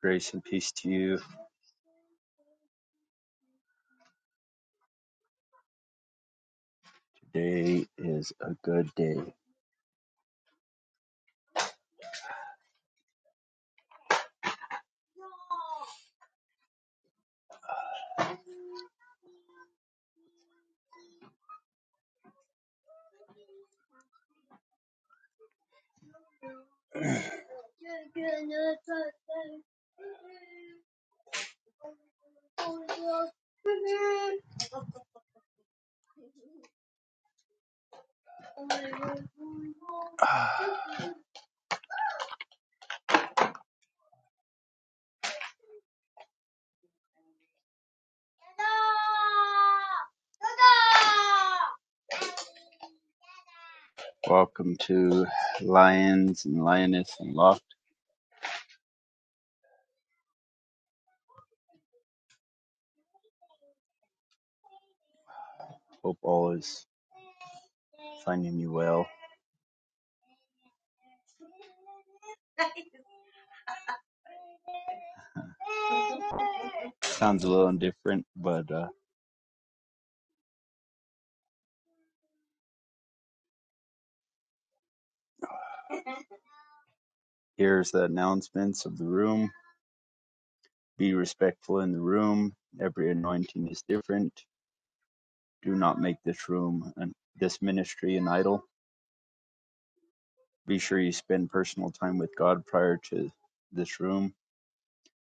Grace and peace to you. Today is a good day. Ah, Welcome to Lions and Lioness and Loft. Hope all is finding you well. Sounds a little indifferent, but uh, here's the announcements of the room. Be respectful in the room. Every anointing is different. Do not make this room and this ministry an idol. Be sure you spend personal time with God prior to this room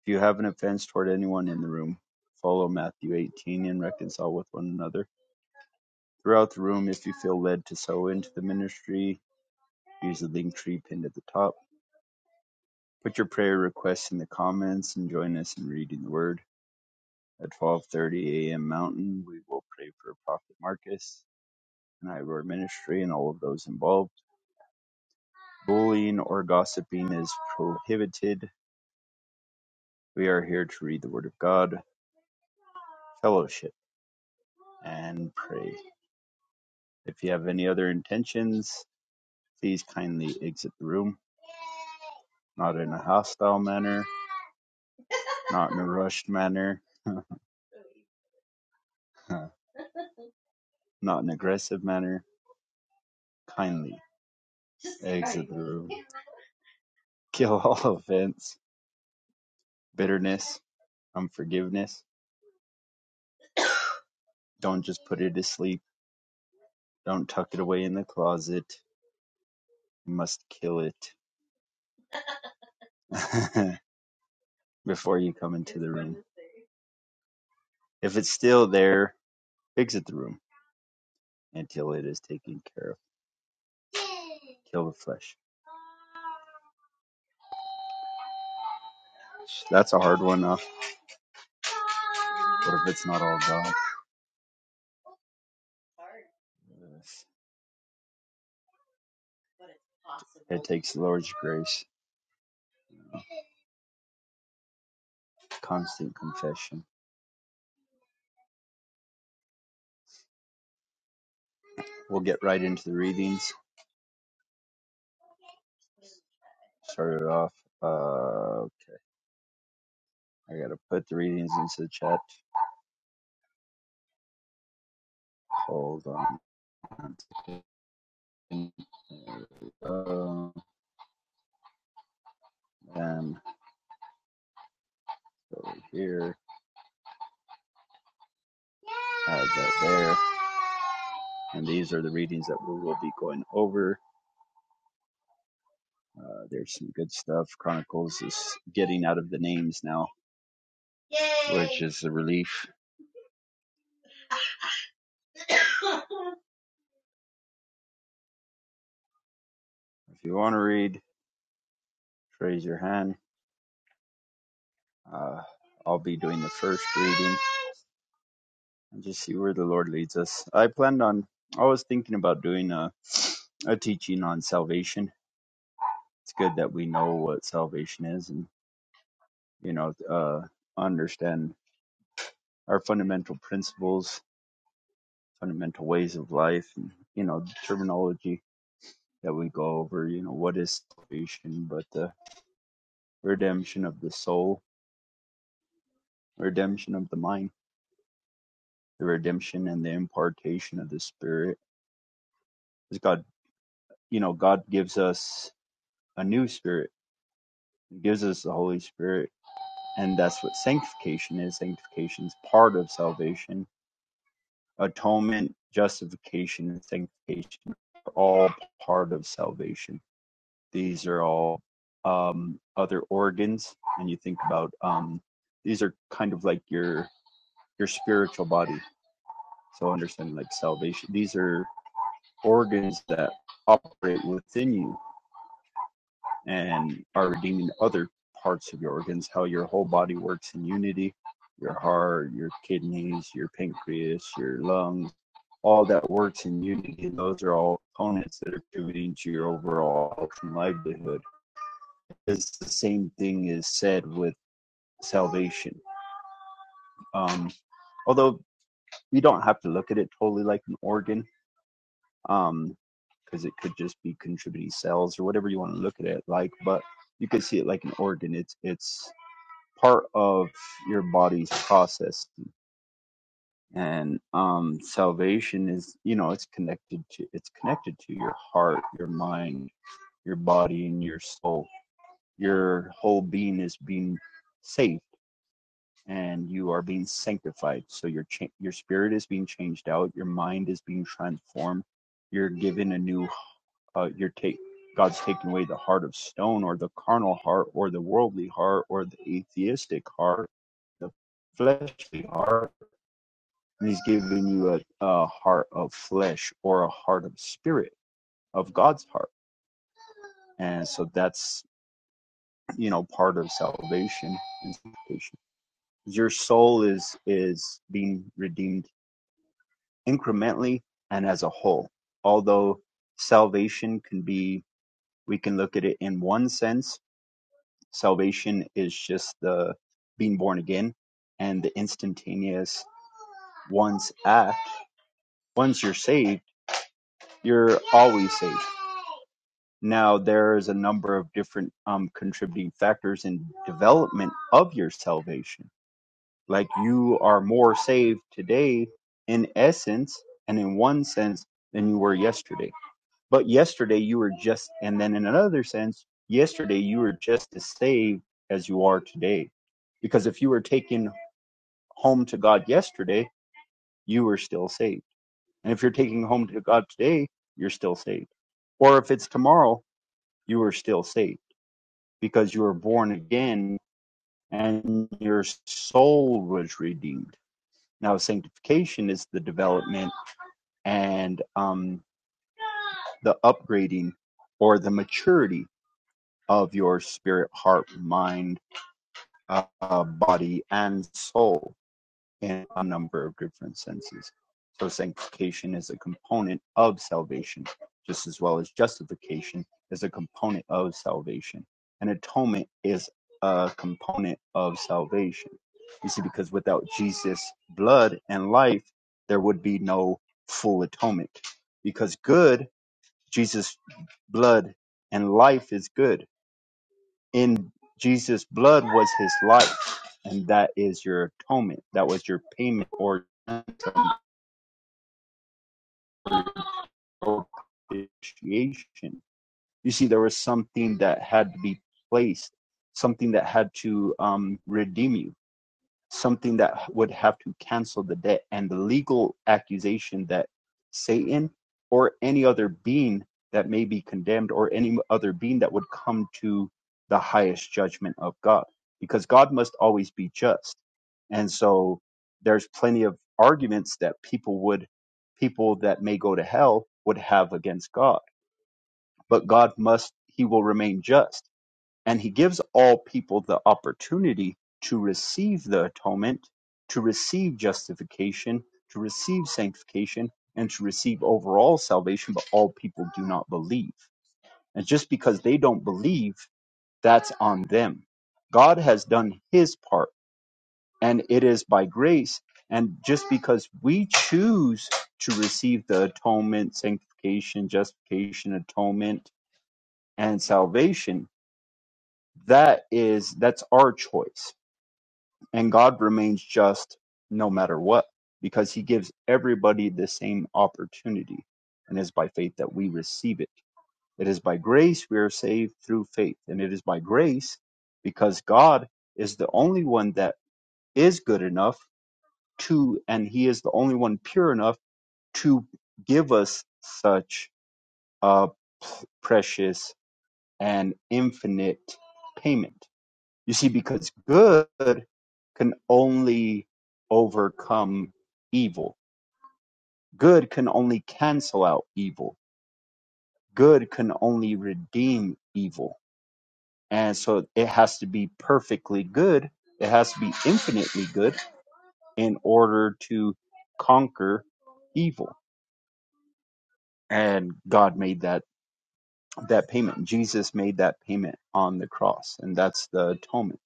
If you have an offense toward anyone in the room, follow Matthew 18 and reconcile with one another. Throughout the room, if you feel led to sow into the ministry, use the link tree pinned at the top. Put your prayer requests in the comments and join us in reading the word. At 12:30 a.m. Mountain, we will pray for Prophet Marcus and Ivor Ministry and all of those involved. Bullying or gossiping is prohibited. We are here to read the Word of God, fellowship, and pray. If you have any other intentions, please kindly exit the room, not in a hostile manner, not in a rushed manner, not an aggressive manner. Kindly exit the room. Kill all offense, bitterness, unforgiveness. Don't just put it to sleep. Don't tuck it away in the closet. You must kill it before you come into the room. If it's still there, exit the room until it is taken care of. Kill the flesh. That's a hard one. Uh, what if it's not all God? It takes the Lord's grace, constant confession. We'll get right into the readings. Started off. Uh, I gotta put the readings into the chat. Hold on. There we go. And over here. Add that there. And these are the readings that we will be going over. Uh, there's some good stuff. Chronicles is getting out of the names now, Yay. which is a relief. If you want to read, raise your hand. Uh, I'll be doing the first reading and just see where the Lord leads us. I planned on, I was thinking about doing a, a teaching on salvation. It's good that we know what salvation is and, you know, uh, understand our fundamental principles, fundamental ways of life, and, you know, terminology that we go over, you know, what is salvation but the redemption of the soul, redemption of the mind, the redemption and the impartation of the spirit. Because God, you know, God gives us a new spirit, He gives us the Holy Spirit, and that's what sanctification is. Sanctification is part of salvation. Atonement, justification, and sanctification are all part of salvation. These are all um, other organs, and you think about um, these are kind of like your your spiritual body. So understand like salvation. These are organs that operate within you and are redeeming other parts of your organs, how your whole body works in unity, your heart, your kidneys, your pancreas, your lungs, all that works in unity. And those are all components that are contributing to your overall health and livelihood. It's the same thing is said with salvation. Um, although you don't have to look at it totally like an organ. Um, because it could just be contributing cells or whatever you want to look at it like but you could see it like an organ it's it's part of your body's process and um salvation is you know it's connected to it's connected to your heart your mind your body and your soul your whole being is being saved and you are being sanctified so your cha- your spirit is being changed out your mind is being transformed you're given a new uh, you take God's taken away the heart of stone or the carnal heart or the worldly heart or the atheistic heart, the fleshly heart, and He's given you a, a heart of flesh or a heart of spirit of God's heart, and so that's you know part of salvation and sanctification. Your soul is is being redeemed incrementally and as a whole, although salvation can be we can look at it in one sense Salvation is just the being born again and the instantaneous once act. Once you're saved, you're always saved. Now, there's a number of different um, contributing factors in development of your salvation. Like you are more saved today, in essence, and in one sense, than you were yesterday But yesterday you were just, and then in another sense, yesterday you were just as saved as you are today. Because if you were taken home to God yesterday, you were still saved. And if you're taking home to God today, you're still saved. Or if it's tomorrow, you are still saved because you were born again and your soul was redeemed. Now, sanctification is the development and um, the upgrading or the maturity of your spirit, heart, mind, uh, uh, body, and soul in a number of different senses. So sanctification is a component of salvation, just as well as justification is a component of salvation. And atonement is a component of salvation. You see, because without Jesus' blood and life, there would be no full atonement. Because good, Jesus' blood and life is good in Jesus' blood was his life, and that is your atonement. That was your payment or propitiation. You see, there was something that had to be placed, something that had to um, redeem you something that would have to cancel the debt and the legal accusation that Satan or any other being that may be condemned or any other being that would come to the highest judgment of God because God must always be just. And so there's plenty of arguments that people would people that may go to hell would have against God, but God must he will remain just and he gives all people the opportunity to receive the atonement, to receive justification, to receive sanctification, and to receive overall salvation, but all people do not believe. And just because they don't believe, that's on them. God has done his part, and it is by grace. And just because we choose to receive the atonement, sanctification, justification, atonement, and salvation, that is that's our choice And God remains just no matter what, because he gives everybody the same opportunity. And it is by faith that we receive it. It is by grace we are saved through faith. And it is by grace because God is the only one that is good enough to, and he is the only one pure enough to give us such a precious and infinite payment you see, because good can only overcome evil. Good can only cancel out evil. Good can only redeem evil. And so it has to be perfectly good. It has to be infinitely good in order to conquer evil. And God made that, that payment. Jesus made that payment on the cross. And that's the atonement.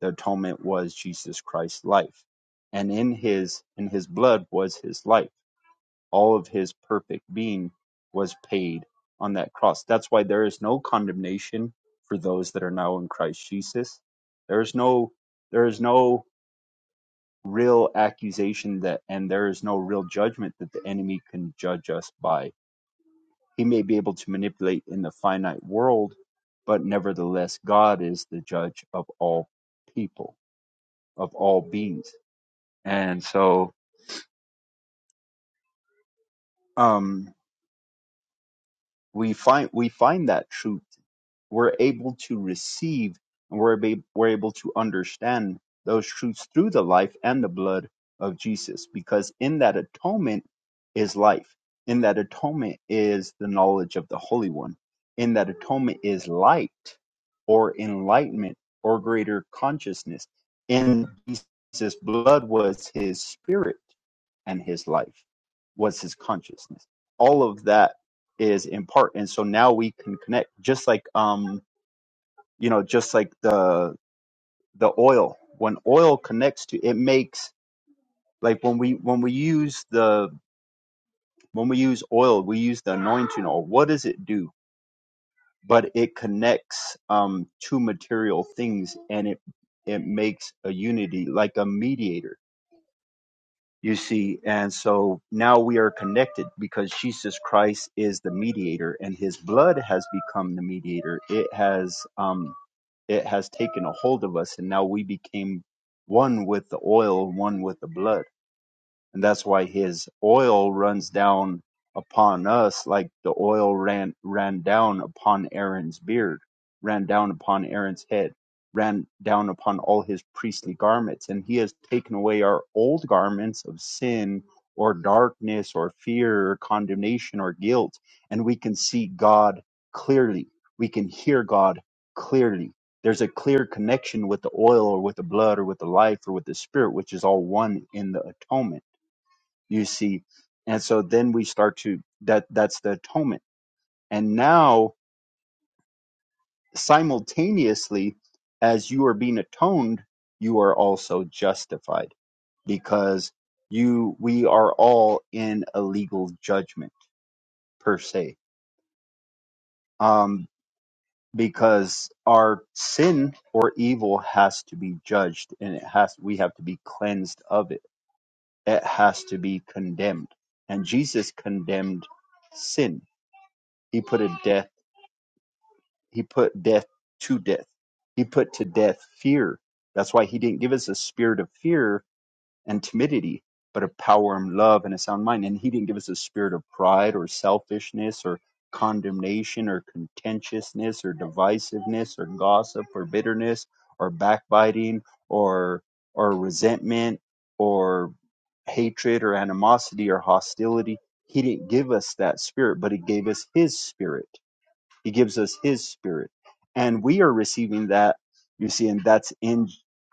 The atonement was Jesus Christ's life, and in his in his blood was his life. All of his perfect being was paid on that cross. That's why there is no condemnation for those that are now in Christ Jesus. There is no there is no real accusation that and there is no real judgment that the enemy can judge us by. He may be able to manipulate in the finite world, but nevertheless God is the judge of all people, of all beings And so um, we find we find that truth we're able to receive and we're, be, we're able to understand those truths through the life and the blood of Jesus, because in that atonement is life. In that atonement is the knowledge of the Holy One. In that atonement is light or enlightenment or greater consciousness. In Jesus' blood was his spirit and his life, was his consciousness. All of that is in part and so now we can connect just like um you know just like the the oil when oil connects to it makes like when we when we use the when we use oil we use the anointing oil what does it do but it connects um two material things and it it makes a unity like a mediator you see and so now we are connected because jesus christ is the mediator and his blood has become the mediator it has um. it has taken a hold of us and now we became one with the oil, one with the blood and that's why his oil runs down upon us like the oil ran ran down upon Aaron's beard, ran down upon Aaron's head, ran down upon all his priestly garments, and he has taken away our old garments of sin or darkness or fear or condemnation or guilt, and we can see God clearly. We can hear God clearly. There's a clear connection with the oil or with the blood or with the life or with the spirit, which is all one in the atonement you see and so then we start to that that's the atonement and now simultaneously as you are being atoned you are also justified because you we are all in a legal judgment per se um because our sin or evil has to be judged and it has we have to be cleansed of it it has to be condemned and jesus condemned sin he put a death he put death to death. He put to death fear. That's why he didn't give us a spirit of fear and timidity, but of power and love and a sound mind. And he didn't give us a spirit of pride or selfishness or condemnation or contentiousness or divisiveness or gossip or bitterness or backbiting or or resentment or hatred or animosity or hostility. He didn't give us that spirit, but he gave us his spirit he gives us his spirit. And we are receiving that, you see, and that's in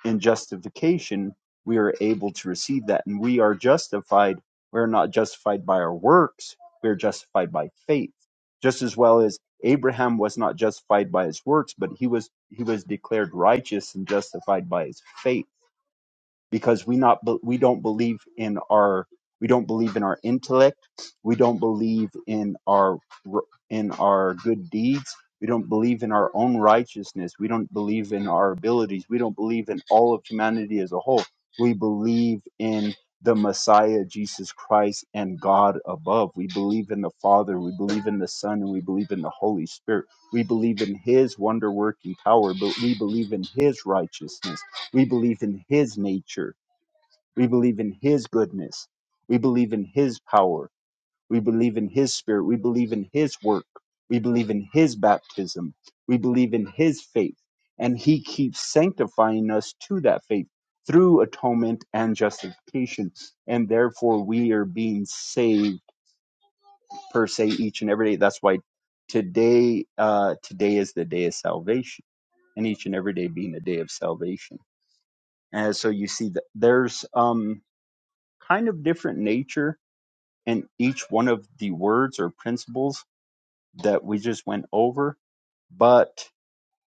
in justification, we are able to receive that. And we are justified. We're not justified by our works, we're justified by faith. Just as well as Abraham was not justified by his works, but he was he was declared righteous and justified by his faith because we not we don't believe in our we don't believe in our intellect we don't believe in our in our good deeds we don't believe in our own righteousness we don't believe in our abilities we don't believe in all of humanity as a whole we believe in the messiah jesus christ and god above we believe in the father we believe in the son and we believe in the holy spirit we believe in his wonder working power but we believe in his righteousness we believe in his nature. We believe in his goodness. We believe in his power. We believe in his spirit. We believe in his work. We believe in his baptism. We believe in his faith. And he keeps sanctifying us to that faith through atonement and justification. And therefore, we are being saved per se each and every day. That's why today uh, today is the day of salvation, and each and every day being a day of salvation. And so you see that there's um, kind of different nature in each one of the words or principles that we just went over, but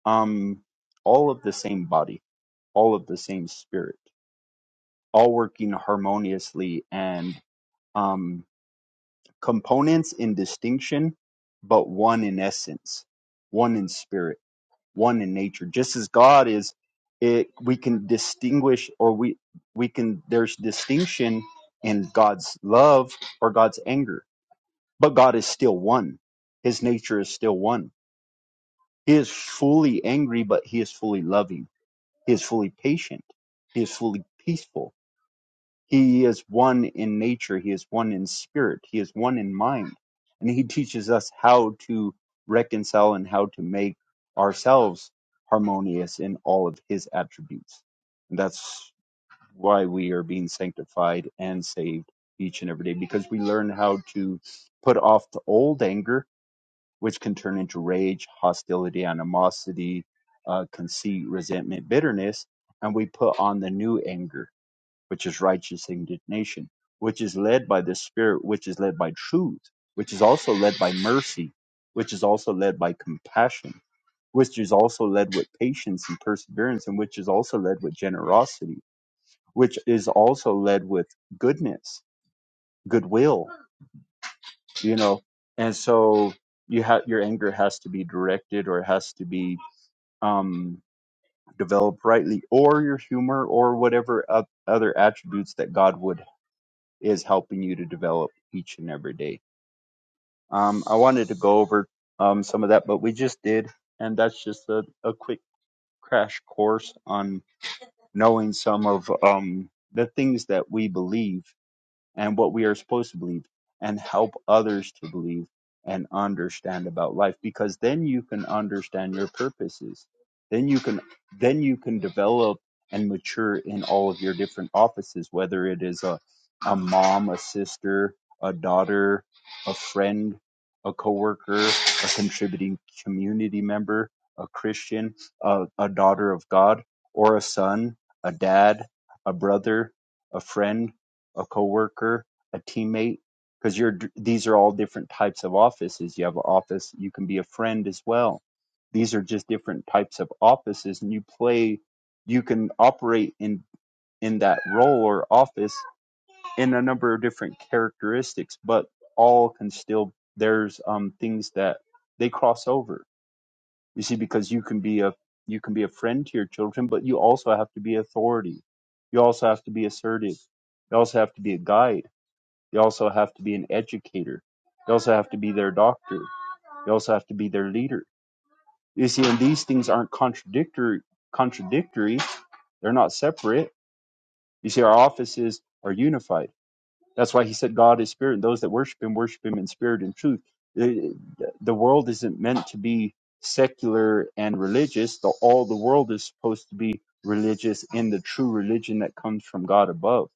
um, all of the same body, all of the same spirit, all working harmoniously and um, components in distinction, but one in essence, one in spirit, one in nature. Just as God is, it we can distinguish, or we we can there's distinction in God's love or God's anger But God is still one. His nature is still one. He is fully angry, but he is fully loving. He is fully patient. He is fully peaceful. He is one in nature. He is one in spirit. He is one in mind. And he teaches us how to reconcile and how to make ourselves harmonious in all of his attributes. And that's why we are being sanctified and saved each and every day because we learn how to put off the old anger which can turn into rage, hostility, animosity, uh, conceit, resentment, bitterness, and we put on the new anger, which is righteous indignation, which is led by the Spirit, which is led by truth, which is also led by mercy, which is also led by compassion, which is also led with patience and perseverance, and which is also led with generosity, which is also led with goodness, goodwill you know and so you have your anger has to be directed or it has to be um developed rightly or your humor or whatever o- other attributes that god would is helping you to develop each and every day um i wanted to go over um some of that but we just did and that's just a, a quick crash course on knowing some of um the things that we believe and what we are supposed to believe and help others to believe and understand about life because then you can understand your purposes then you can then you can develop and mature in all of your different offices whether it is a a mom a sister a daughter a friend a coworker a contributing community member a christian a, a daughter of god or a son a dad a brother a friend a coworker, a teammate, because you're these are all different types of offices. You have an office, you can be a friend as well. These are just different types of offices, and you play, you can operate in in that role or office in a number of different characteristics, but all can still there's um things that they cross over. You see, because you can be a you can be a friend to your children, but you also have to be authority. You also have to be assertive. You also have to be a guide you also have to be an educator. You also have to be their doctor. You also have to be their leader. You see, and these things aren't contradictory. Contradictory. They're not separate. You see, our offices are unified. That's why he said God is spirit, and those that worship Him worship Him in spirit and truth. The, the world isn't meant to be secular and religious. The, all the world is supposed to be religious in the true religion that comes from God above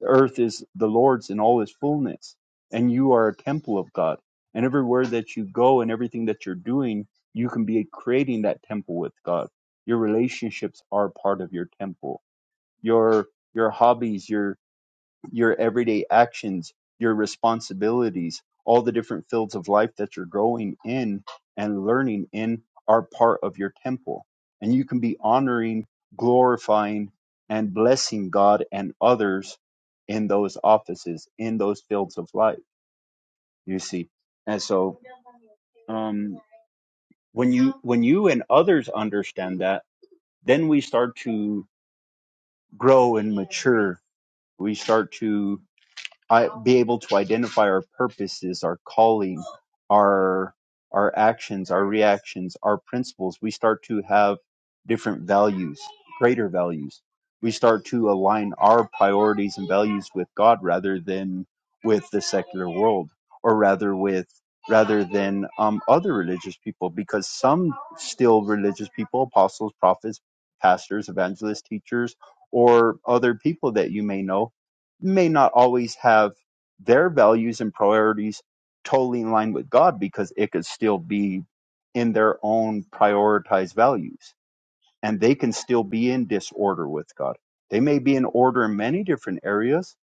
The earth is the Lord's in all its fullness, and you are a temple of God. And everywhere that you go and everything that you're doing, you can be creating that temple with God. Your relationships are part of your temple. Your your hobbies, your your everyday actions, your responsibilities, all the different fields of life that you're growing in and learning in are part of your temple. And you can be honoring, glorifying, and blessing God and others in those offices, in those fields of life, you see. And so um, when you when you and others understand that, then we start to grow and mature. We start to I, be able to identify our purposes, our calling, our our actions, our reactions, our principles. We start to have different values, greater values. We start to align our priorities and values with God rather than with the secular world, or rather with rather than um, other religious people, because some still religious people, apostles, prophets, pastors, evangelists, teachers, or other people that you may know may not always have their values and priorities totally in line with God because it could still be in their own prioritized values and they can still be in disorder with God. They may be in order in many different areas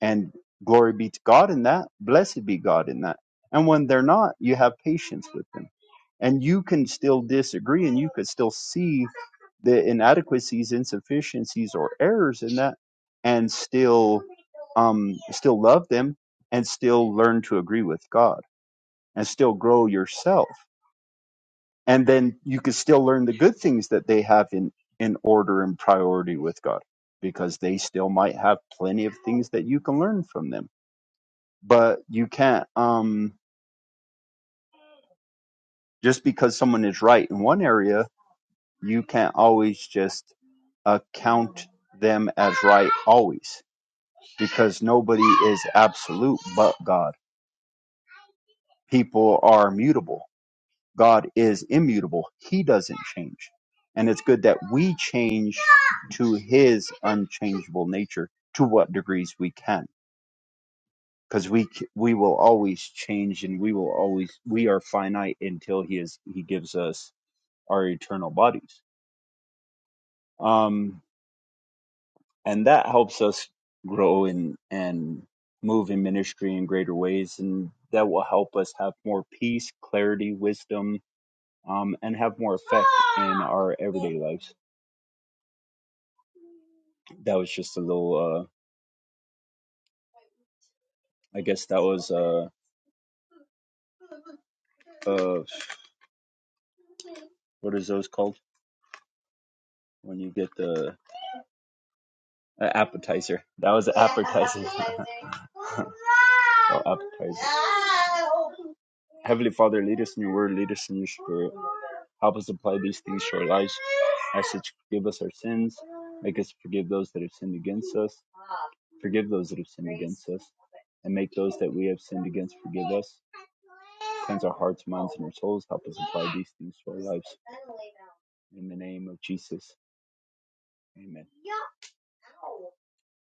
and glory be to God in that, blessed be God in that. And when they're not, you have patience with them and you can still disagree and you could still see the inadequacies insufficiencies or errors in that and still um still love them and still learn to agree with god and still grow yourself and then you could still learn the good things that they have in in order and priority with god because they still might have plenty of things that you can learn from them but you can't um just because someone is right in one area you can't always just account them as right always because nobody is absolute but God. People are mutable. God is immutable. He doesn't change. And it's good that we change to his unchangeable nature to what degrees we can because we c- we will always change and we will always we are finite until he is he gives us our eternal bodies. Um and that helps us grow and and move in ministry in greater ways and that will help us have more peace clarity wisdom um and have more effect in our everyday lives that was just a little uh i guess that was uh uh what is those called when you get the Uh, appetizer. That was an appetizer. oh, appetizer. Heavenly Father, lead us in your word, lead us in your spirit. Help us apply these things to our lives. I You forgive us our sins. Make us forgive those that have sinned against us. Forgive those that have sinned against us. And make those that we have sinned against forgive us. Cleanse our hearts, minds, and our souls. Help us apply these things to our lives. In the name of Jesus. Amen.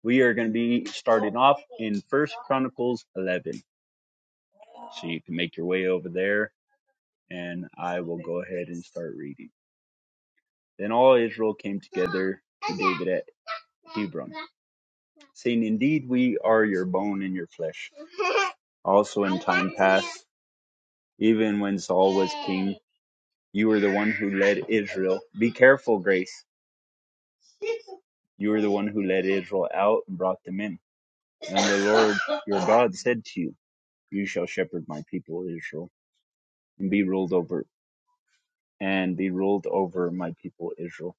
We are going to be starting off in First Chronicles 11. So you can make your way over there, and I will go ahead and start reading. Then all Israel came together to David at Hebron, saying, Indeed, we are your bone and your flesh. Also, in time past, even when Saul was king, you were the one who led Israel. Be careful, Grace. You were the one who led Israel out and brought them in. And the Lord your God said to you, You shall shepherd my people Israel and be ruled over and be ruled over my people Israel.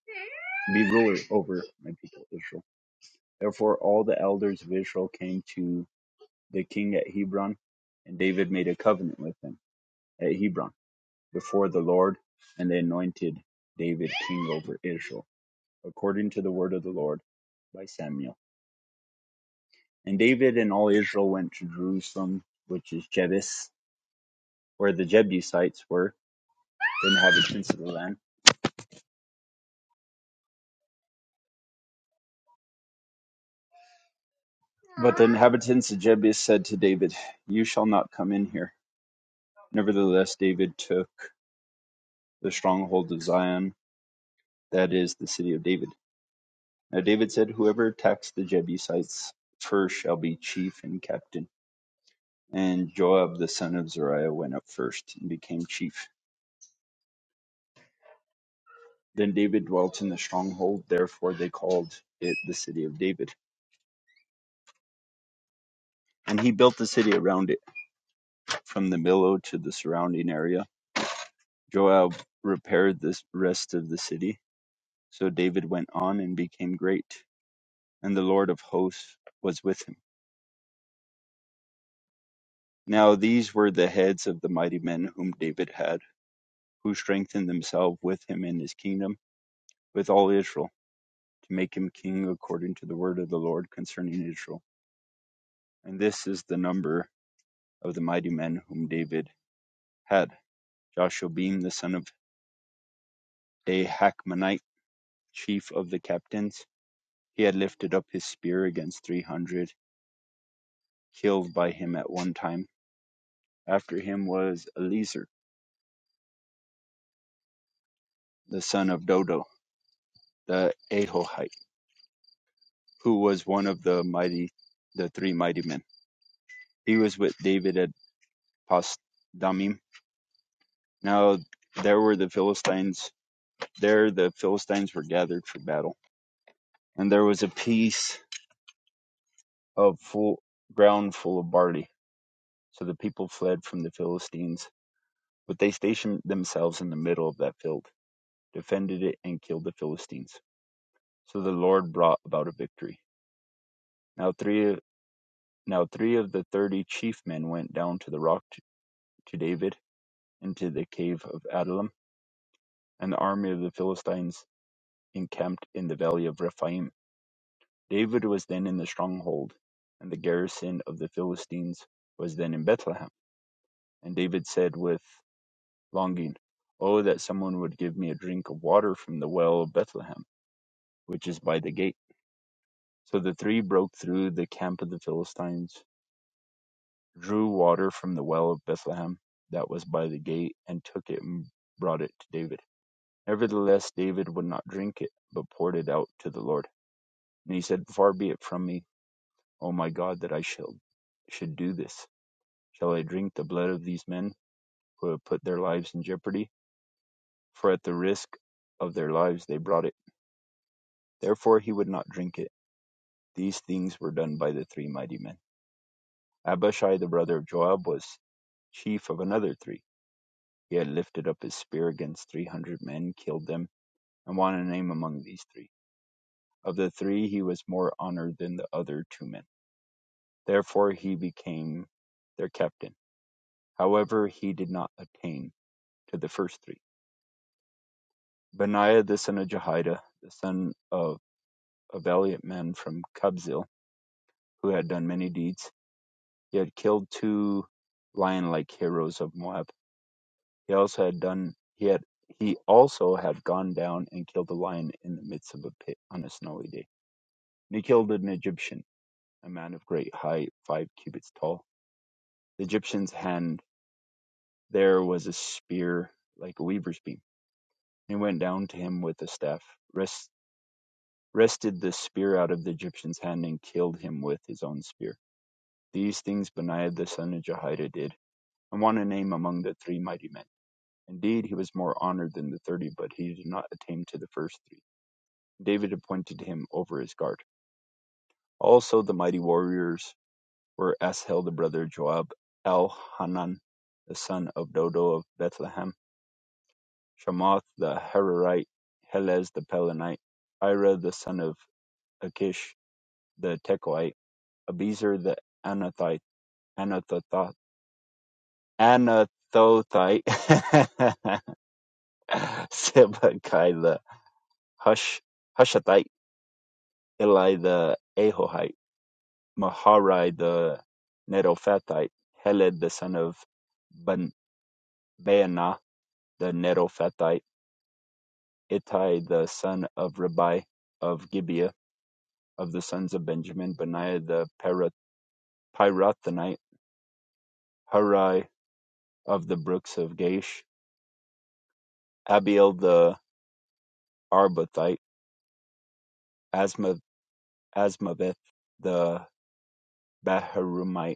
Be ruler over my people Israel. Therefore all the elders of Israel came to the king at Hebron, and David made a covenant with them at Hebron before the Lord, and they anointed David king over Israel, according to the word of the Lord by Samuel. And David and all Israel went to Jerusalem, which is Jebus, where the Jebusites were, the inhabitants of the land But the inhabitants of Jebus said to David, You shall not come in here. Nevertheless, David took the stronghold of Zion, that is, the city of David. Now David said, Whoever attacks the Jebusites first shall be chief and captain. And Joab the son of Zeruiah went up first and became chief. Then David dwelt in the stronghold, therefore they called it the city of David. And he built the city around it, from the millow to the surrounding area. Joab repaired the rest of the city So David went on and became great, and the Lord of hosts was with him. Now these were the heads of the mighty men whom David had, who strengthened themselves with him in his kingdom, with all Israel, to make him king according to the word of the Lord concerning Israel. And this is the number of the mighty men whom David had. Joshua the son of Ahakmonite, chief of the captains, he had lifted up his spear against three hundred, killed by him at one time. After him was Eliezer, the son of Dodo, the Ahohite, who was one of the mighty, the three mighty men. He was with David at Pasdamim. Now there were the Philistines. There the Philistines were gathered for battle, and there was a piece of full ground full of barley. So the people fled from the Philistines, but they stationed themselves in the middle of that field, defended it, and killed the Philistines. So the Lord brought about a victory. Now three Now three of the thirty chief men went down to the rock to David and to the cave of Adullam, and the army of the Philistines encamped in the valley of Rephaim. David was then in the stronghold, and the garrison of the Philistines was then in Bethlehem. And David said with longing, Oh, that someone would give me a drink of water from the well of Bethlehem, which is by the gate. So the three broke through the camp of the Philistines drew water from the well of Bethlehem that was by the gate, and took it and brought it to David. Nevertheless, David would not drink it, but poured it out to the Lord. And he said, Far be it from me, O my God, that I shall, should do this. Shall I drink the blood of these men who have put their lives in jeopardy? For at the risk of their lives they brought it. Therefore he would not drink it. These things were done by the three mighty men. Abishai, the brother of Joab, was chief of another three He had lifted up his spear against three hundred men, killed them, and won a name among these three. Of the three he was more honoured than the other two men. Therefore he became their captain. However, he did not attain to the first three. Benaiah the son of Jehoiada, the son of a valiant man from Kabzeel, who had done many deeds, he had killed two lion-like heroes of Moab. He also had done he had he also had gone down and killed a lion in the midst of a pit on a snowy day. And he killed an Egyptian, a man of great height, five cubits tall. The Egyptian's hand there was a spear like a weaver's beam. He went down to him with a staff, wrest- wrested the spear out of the Egyptian's hand, and killed him with his own spear. These things Benaiah the son of Jehoiada did, and won a name among the three mighty men. Indeed, he was more honored than the thirty, but he did not attain to the first three. David appointed him over his guard. Also the mighty warriors were Asahel the brother of Joab, Elhanan the son of Dodo of Bethlehem, Shamoth the Hararite, Helez the Pelonite, Ira the son of Achish the Tekoite, Abizer the Anathite, Anathothite, Anathothite, Sibbecai the Hush, Hushathite, Eli the Ahohite, Maharai the Netophathite, Heled the son of Ban- the Netophathite, Ittai the son of Ribai of Gibeah, of the sons of Benjamin, Benaiah the Pirath- Pirathonite, Hurai of the brooks of Gaish, Abiel the Arbathite, Asmaveth the Baharumite,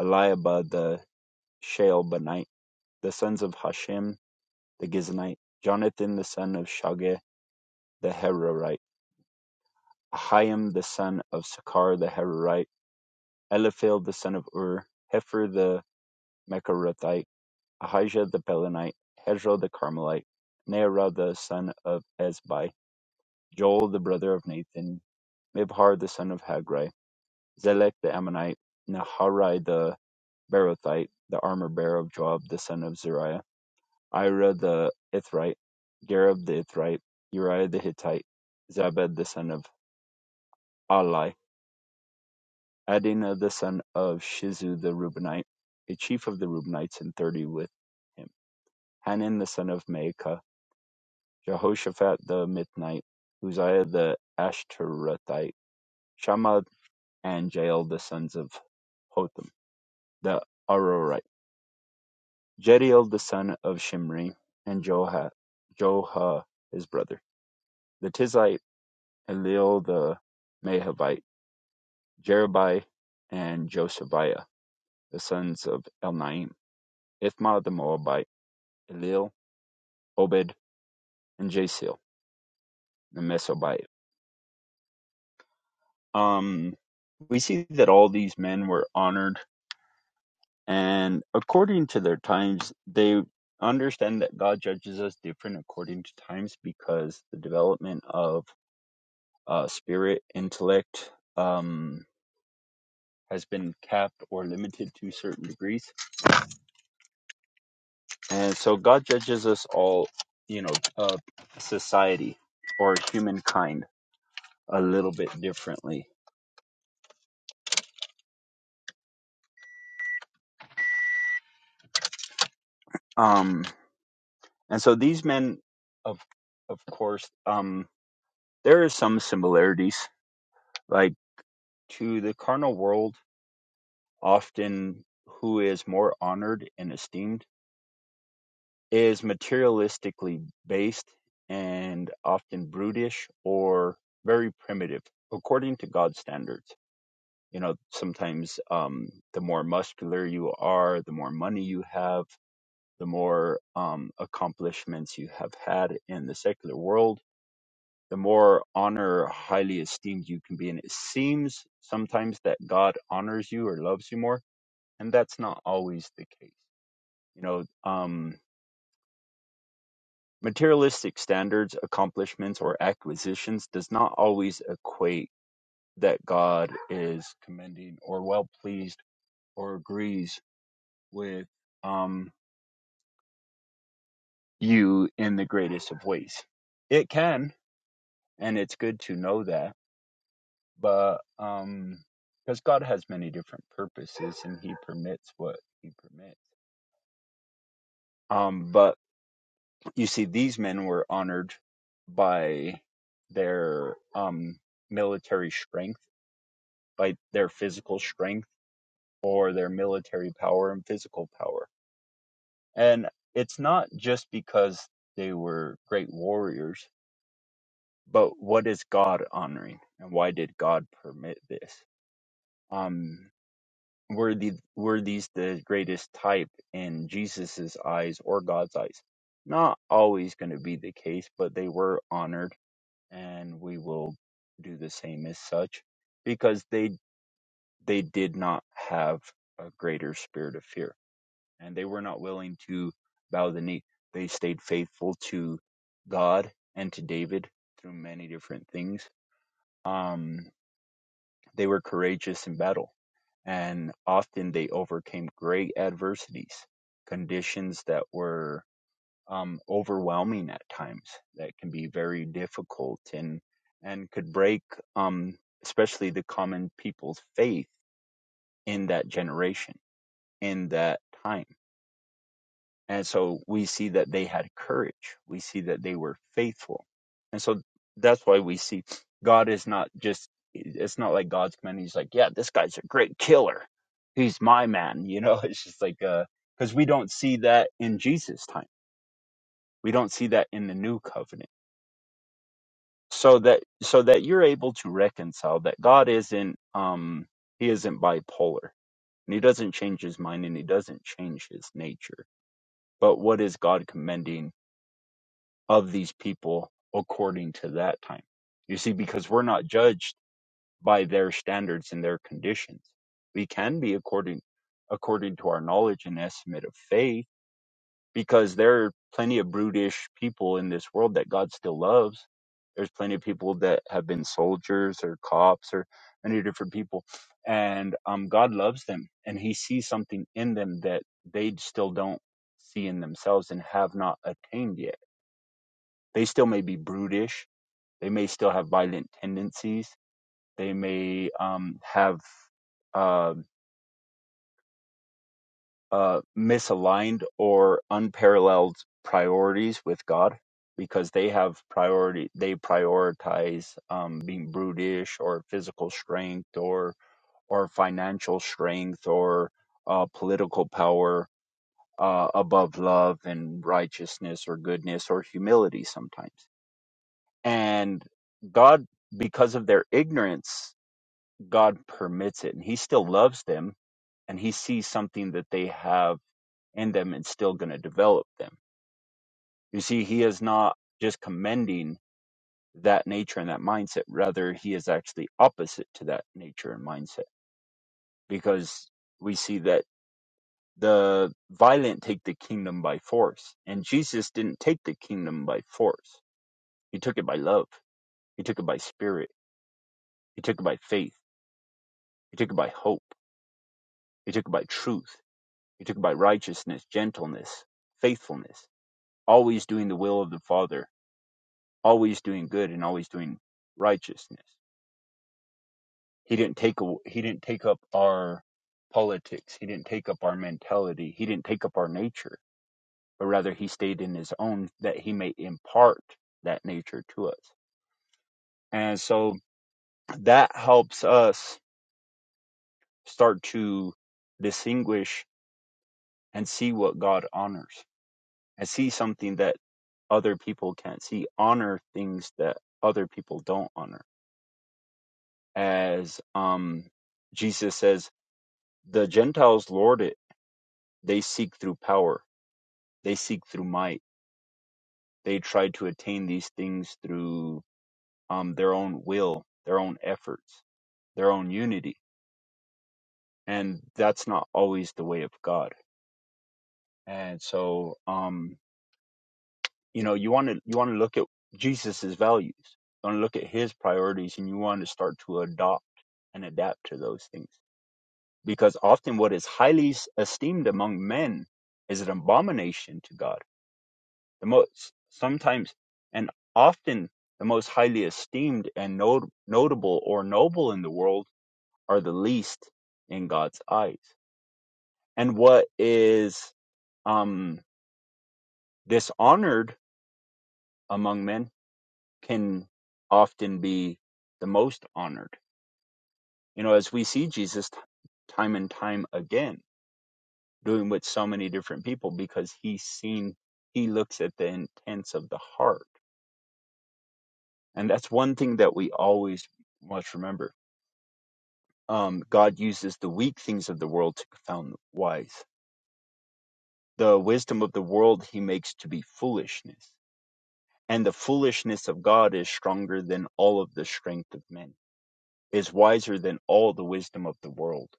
Eliabah the Shealbanite, the sons of Hashem the Gizonite, Jonathan the son of Shageh the Herorite, Ahiam the son of Sakar the Herorite, Eliphel the son of Ur, Hefer the Mecharothite, Ahijah the Pelonite, Hezro the Carmelite, Nearah the son of Ezbai, Joel the brother of Nathan, Mibhar the son of Hagri, Zelek the Ammonite, Naharai the Berothite, the armor bearer of Joab the son of Zeruiah, Ira the Ithrite, Gareb the Ithrite, Uriah the Hittite, Zabed the son of Ali, Adina the son of Shizu the Reubenite, a chief of the Reubenites, and thirty with him, Hanan the son of Maacah, Jehoshaphat the Ammonite, Uzziah the Ashtorethite, Shammah and Jael the sons of Hotham the Arorite, Jediel the son of Shimri, and Joha, Joha his brother, the Tizite, Eliel the Mehavite, Jerubai, and Josephiah, the sons of Elnaim, Ithma the Moabite, Eliel, Obed, and Jasil, the Mesobite. Um, we see that all these men were honored And according to their times, they understand that God judges us different according to times because the development of uh, spirit, intellect, um, has been capped or limited to certain degrees. And so God judges us all, you know, uh, society or humankind a little bit differently. Um, and so these men, of, of course, um, there are some similarities, like to the carnal world often who is more honored and esteemed, is materialistically based and often brutish or very primitive, according to God's standards. You know, sometimes um, the more muscular you are, the more money you have, the more um, accomplishments you have had in the secular world, the more honor, highly esteemed you can be. And it seems sometimes that God honors you or loves you more, and that's not always the case you know um, materialistic standards accomplishments or acquisitions does not always equate that god is commending or well pleased or agrees with um, you in the greatest of ways it can and it's good to know that but um because god has many different purposes and he permits what he permits Um, but. you see these men were honored by their um, military strength by their physical strength or their military power and physical power and it's not just because they were great warriors but what is god honoring and why did god permit this um were the were these the greatest type in jesus's eyes or god's eyes not always going to be the case but they were honored and we will do the same as such because they they did not have a greater spirit of fear and they were not willing to bow the knee they stayed faithful to god and to david through many different things um they were courageous in battle and often they overcame great adversities conditions that were um, overwhelming at times that can be very difficult and and could break um, especially the common people's faith in that generation in that time and so we see that they had courage we see that they were faithful and so that's why we see god is not just it's not like god's command he's like yeah this guy's a great killer he's my man you know it's just like uh because we don't see that in jesus time we don't see that in the new covenant so that so that you're able to reconcile that God isn't um he isn't bipolar and he doesn't change his mind and he doesn't change his nature. But what is God commending of these people according to that time? You see, because we're not judged by their standards and their conditions. We can be according according to our knowledge and estimate of faith because there are plenty of brutish people in this world that God still loves. There's plenty of people that have been soldiers or cops or many different people, and um, God loves them, and He sees something in them that they still don't see in themselves and have not attained yet. They still may be brutish. They may still have violent tendencies. They may um, have uh, uh, misaligned or unparalleled priorities with God because they have priority they prioritize um, being brutish or physical strength or or financial strength or uh, political power uh, above love and righteousness or goodness or humility sometimes and God because of their ignorance God permits it and he still loves them and he sees something that they have in them and still going to develop them. You see, he is not just commending that nature and that mindset, rather, he is actually opposite to that nature and mindset because we see that the violent take the kingdom by force, and Jesus didn't take the kingdom by force, he took it by love, he took it by spirit, he took it by faith, he took it by hope, he took it by truth, he took it by righteousness, gentleness, faithfulness, always doing the will of the Father always doing good and always doing righteousness. He didn't take a, he didn't take up our politics. He didn't take up our mentality. He didn't take up our nature, but rather he stayed in his own that he may impart that nature to us. And so that helps us start to distinguish and see what God honors and see something that other people can't see, honor things that other people don't honor. As um, Jesus says The Gentiles lord it. They seek through power. They seek through might. They try to attain these things through um, their own will, their own efforts, their own unity. And that's not always the way of God. And so, um, you know, you want to you want to look at Jesus's values. You want to look at his priorities, and you want to start to adopt and adapt to those things. Because often, what is highly s- esteemed among men is an abomination to God the most sometimes and often the most highly esteemed and not- notable or noble in the world are the least in God's eyes. And what is um, dishonored among men can often be the most honored. You know, as we see Jesus t- time and time again doing with so many different people because he's seen, he looks at the intents of the heart. And that's one thing that we always must remember um, God uses the weak things of the world to confound the wise. The wisdom of the world he makes to be foolishness. And the foolishness of God is stronger than all of the strength of men, is wiser than all the wisdom of the world.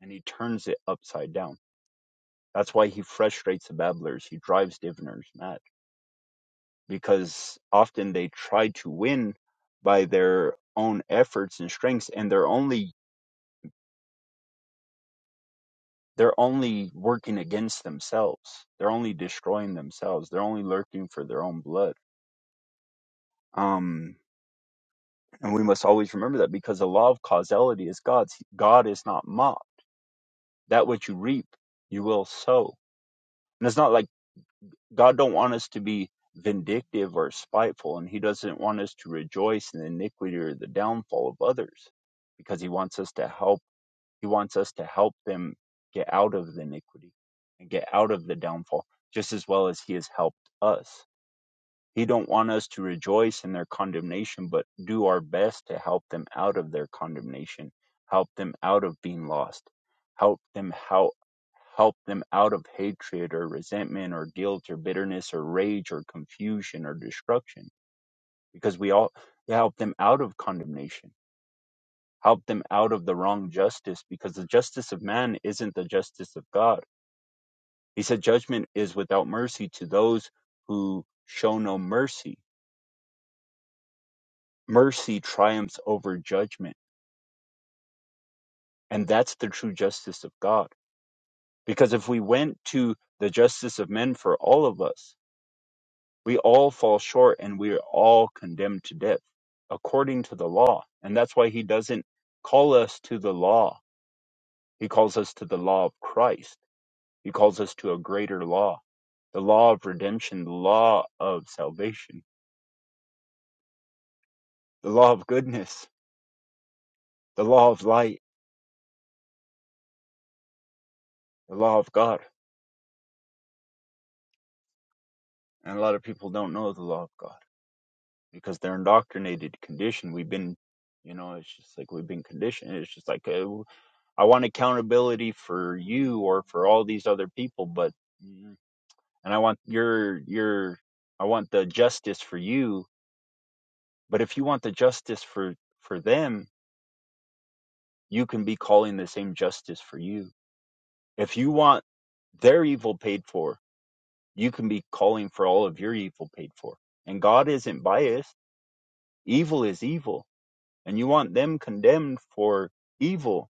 And he turns it upside down. That's why he frustrates the babblers. He drives diviners mad because often they try to win by their own efforts and strengths, and they're only they're only working against themselves. They're only destroying themselves. They're only lurking for their own blood. Um, and we must always remember that because the law of causality is God's. God is not mocked. That which you reap, you will sow. And it's not like God don't want us to be vindictive or spiteful, and He doesn't want us to rejoice in the iniquity or the downfall of others, because He wants us to help He wants us to help them get out of the iniquity and get out of the downfall, just as well as He has helped us. He don't want us to rejoice in their condemnation, but do our best to help them out of their condemnation, help them out of being lost, help them help help them out of hatred or resentment or guilt or bitterness or rage or confusion or destruction. Because we all help them out of condemnation help them out of the wrong justice because the justice of man isn't the justice of God. He said judgment is without mercy to those who show no mercy. Mercy triumphs over judgment. And that's the true justice of God. Because if we went to the justice of men for all of us, we all fall short and we are all condemned to death according to the law. And that's why he doesn't call us to the law. He calls us to the law of Christ. He calls us to a greater law the law of redemption, the law of salvation, the law of goodness, the law of light, the law of God. And a lot of people don't know the law of God because they're indoctrinated, conditioned. We've been, you know, it's just like we've been conditioned. It's just like, uh, I want accountability for you or for all these other people, but, mm, and I want your, your, I want the justice for you. But if you want the justice for, for them, you can be calling the same justice for you. If you want their evil paid for, you can be calling for all of your evil paid for. And God isn't biased. Evil is evil. And you want them condemned for evil,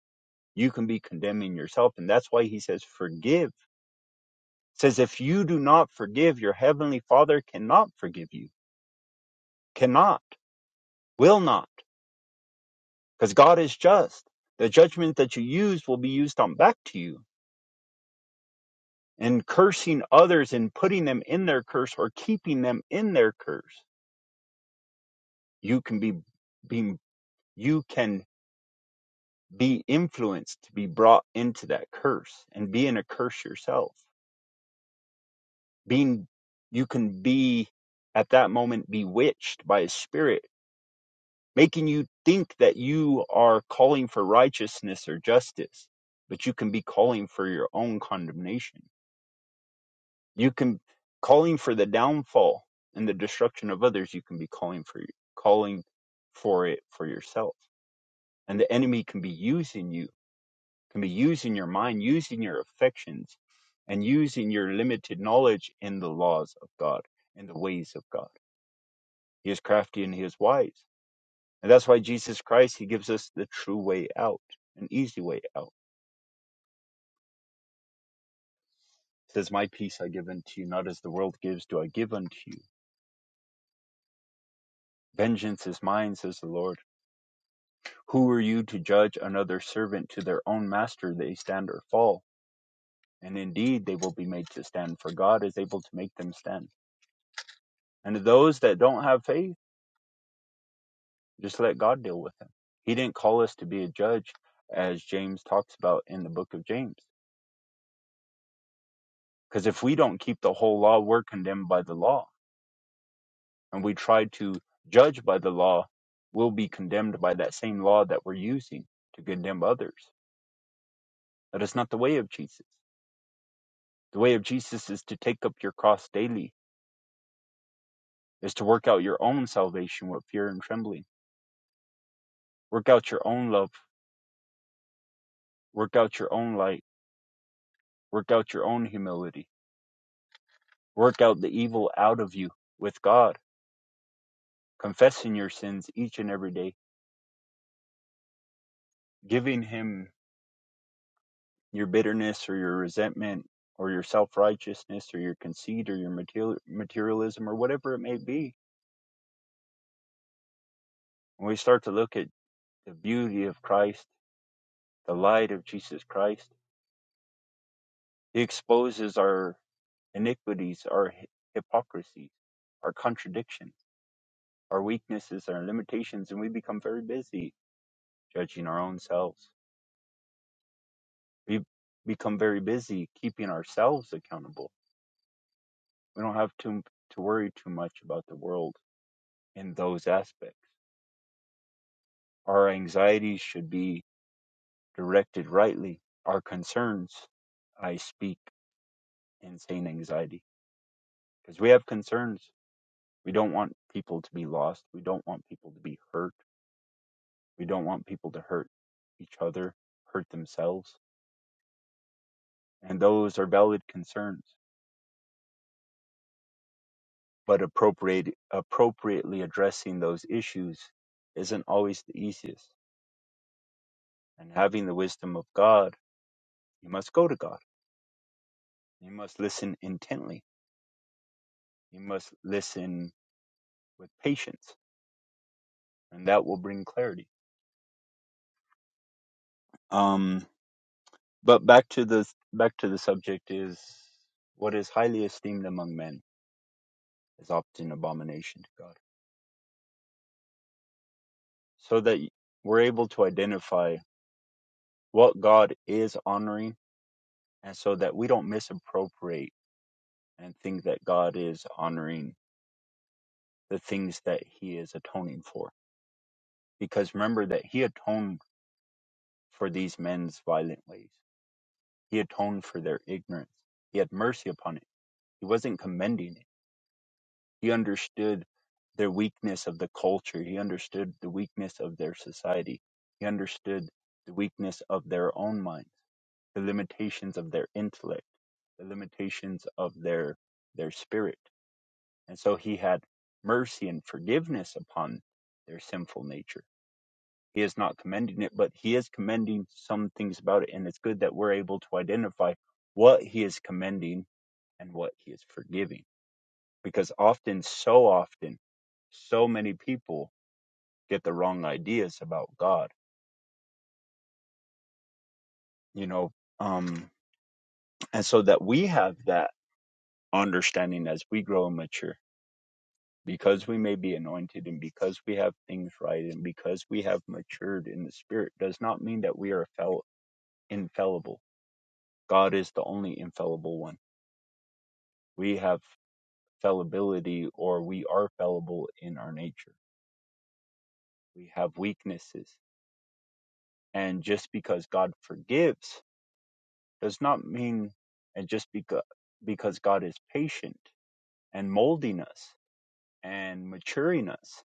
you can be condemning yourself. And that's why he says, forgive. It says, if you do not forgive, your heavenly father cannot forgive you. Cannot. Will not. Because God is just. The judgment that you use will be used on back to you. And cursing others and putting them in their curse or keeping them in their curse, you can be being you can be influenced to be brought into that curse and be in a curse yourself being you can be at that moment bewitched by a spirit making you think that you are calling for righteousness or justice but you can be calling for your own condemnation you can calling for the downfall and the destruction of others you can be calling for calling for it for yourself and the enemy can be using you can be using your mind, using your affections, and using your limited knowledge in the laws of God and the ways of God. He is crafty and he is wise. And that's why Jesus Christ, he gives us the true way out, an easy way out. He says, My peace I give unto you, not as the world gives, do I give unto you. Vengeance is mine, says the Lord. Who are you to judge another servant to their own master? They stand or fall. And indeed, they will be made to stand, for God is able to make them stand. And to those that don't have faith, Just let God deal with him. He didn't call us to be a judge, as James talks about in the book of James. Because if we don't keep the whole law, we're condemned by the law. And we try to judge by the law, we'll be condemned by that same law that we're using to condemn others. That is not the way of Jesus. The way of Jesus is to take up your cross daily, is to work out your own salvation with fear and trembling. Work out your own love, work out your own light, work out your own humility, work out the evil out of you with God confessing your sins each and every day, giving him your bitterness or your resentment or your self righteousness or your conceit or your material, materialism or whatever it may be. When we start to look at the beauty of Christ, the light of Jesus Christ, he exposes our iniquities, our hy- hypocrisies, our contradictions, our weaknesses, our limitations, and we become very busy judging our own selves. We become very busy keeping ourselves accountable We don't have to to worry too much about the world in those aspects. Our anxieties should be directed rightly. Our concerns, I speak insane anxiety because we have concerns. We don't want people to be lost. We don't want people to be hurt. We don't want people to hurt each other, hurt themselves. And those are valid concerns, but appropriate, appropriately addressing those issues isn't always the easiest. And having the wisdom of God You must go to God. You must listen intently. You must listen with patience, and that will bring clarity. Um, but back to the back to the subject is what is highly esteemed among men is often abomination to God, so that we're able to identify what God is honoring, and so that we don't misappropriate and think that God is honoring the things that He is atoning for. Because remember that He atoned for these men's violent ways. He atoned for their ignorance. He had mercy upon it. He wasn't commending it. He understood their weakness of the culture. He understood the weakness of their society. He understood the weakness of their own minds, the limitations of their intellect, the limitations of their their spirit. And so he had mercy and forgiveness upon their sinful nature. He is not commending it, but he is commending some things about it. And it's good that we're able to identify what he is commending and what he is forgiving. Because often, so often, so many people get the wrong ideas about God, you know, um, and so that we have that understanding as we grow and mature because we may be anointed and because we have things right and because we have matured in the spirit does not mean that we are fel- infallible. God is the only infallible one. We have fallibility or we are fallible in our nature. We have weaknesses And just because God forgives does not mean, and just because, because God is patient and molding us and maturing us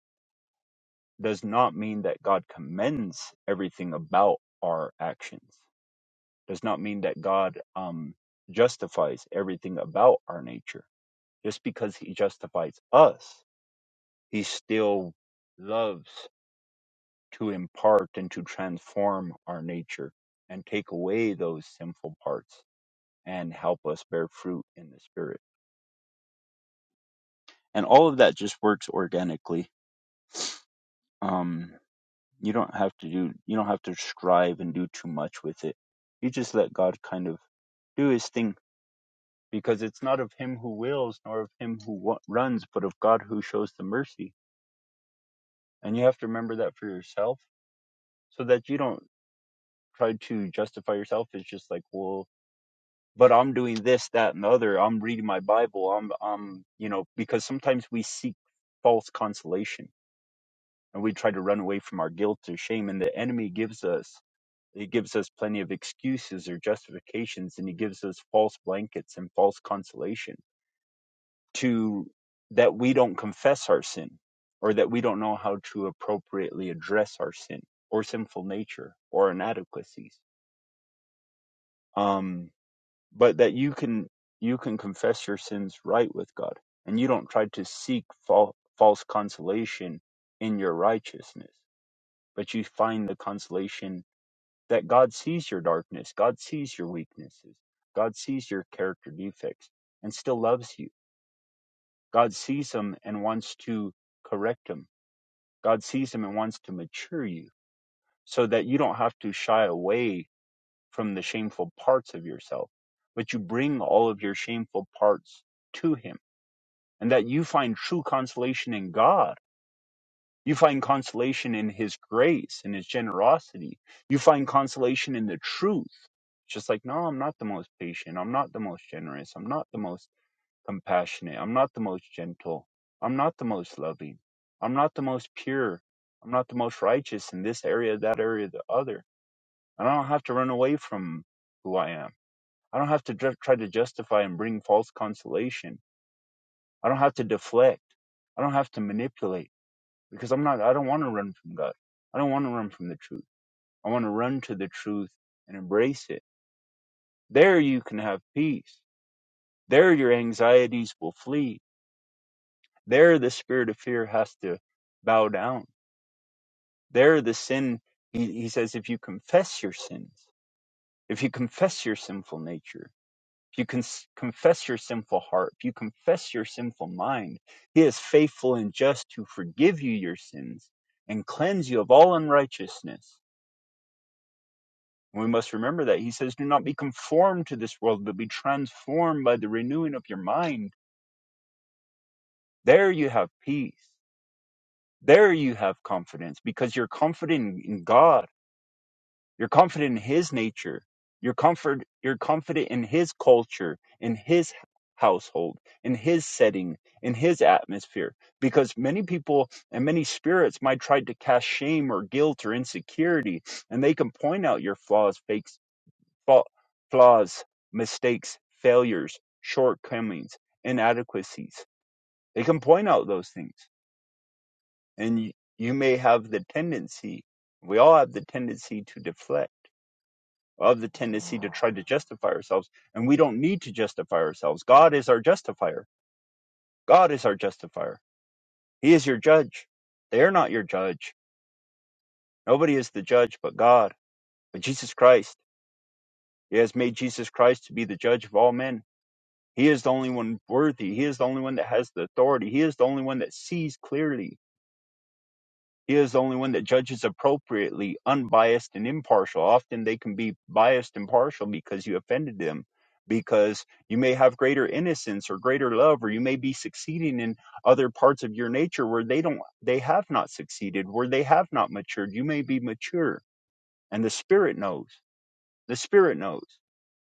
does not mean that God commends everything about our actions, does not mean that God um, justifies everything about our nature. Just because He justifies us, He still loves to impart and to transform our nature and take away those sinful parts and help us bear fruit in the spirit. And all of that just works organically. Um, you don't have to do, you don't have to strive and do too much with it. You just let God kind of do his thing because it's not of him who wills nor of him who wa- runs, but of God who shows the mercy. And you have to remember that for yourself so that you don't try to justify yourself. It's just like, well, but I'm doing this, that, and the other. I'm reading my Bible. I'm, I'm, you know, because sometimes we seek false consolation and we try to run away from our guilt or shame and the enemy gives us he gives us plenty of excuses or justifications and he gives us false blankets and false consolation to that we don't confess our sin or that we don't know how to appropriately address our sin or sinful nature or inadequacies um but that you can you can confess your sins right with god and you don't try to seek fal- false consolation in your righteousness but you find the consolation that God sees your darkness, God sees your weaknesses, God sees your character defects and still loves you. God sees them and wants to correct them. God sees them and wants to mature you so that you don't have to shy away from the shameful parts of yourself, but you bring all of your shameful parts to Him and that you find true consolation in God You find consolation in his grace and his generosity. You find consolation in the truth. It's just like, no, I'm not the most patient. I'm not the most generous. I'm not the most compassionate. I'm not the most gentle. I'm not the most loving. I'm not the most pure. I'm not the most righteous in this area, that area, the other. And I don't have to run away from who I am. I don't have to dr- try to justify and bring false consolation. I don't have to deflect. I don't have to manipulate because I'm not, I don't want to run from God. I don't want to run from the truth. I want to run to the truth and embrace it. There you can have peace. There your anxieties will flee. There the spirit of fear has to bow down. There the sin, he, he says, if you confess your sins, if you confess your sinful nature, if you con- confess your sinful heart, if you confess your sinful mind, he is faithful and just to forgive you your sins and cleanse you of all unrighteousness. And we must remember that. He says, Do not be conformed to this world, but be transformed by the renewing of your mind. There you have peace. There you have confidence because you're confident in God. You're confident in His nature. You're, comfort, you're confident in His culture, in His household, in His setting, in His atmosphere. Because many people and many spirits might try to cast shame or guilt or insecurity, and they can point out your flaws, fakes. fa- flaws, mistakes, failures, shortcomings, inadequacies. They can point out those things. And you, you may have the tendency, we all have the tendency to deflect, all the tendency to try to justify ourselves. And we don't need to justify ourselves. God is our justifier. God is our justifier. He is your judge. They are not your judge. Nobody is the judge but God, but Jesus Christ. He has made Jesus Christ to be the judge of all men He is the only one worthy. He is the only one that has the authority. He is the only one that sees clearly. He is the only one that judges appropriately, unbiased and impartial. Often they can be biased and partial because you offended them, because you may have greater innocence or greater love, or you may be succeeding in other parts of your nature where they don't, they have not succeeded, where they have not matured. You may be mature, and the Spirit knows. The Spirit knows.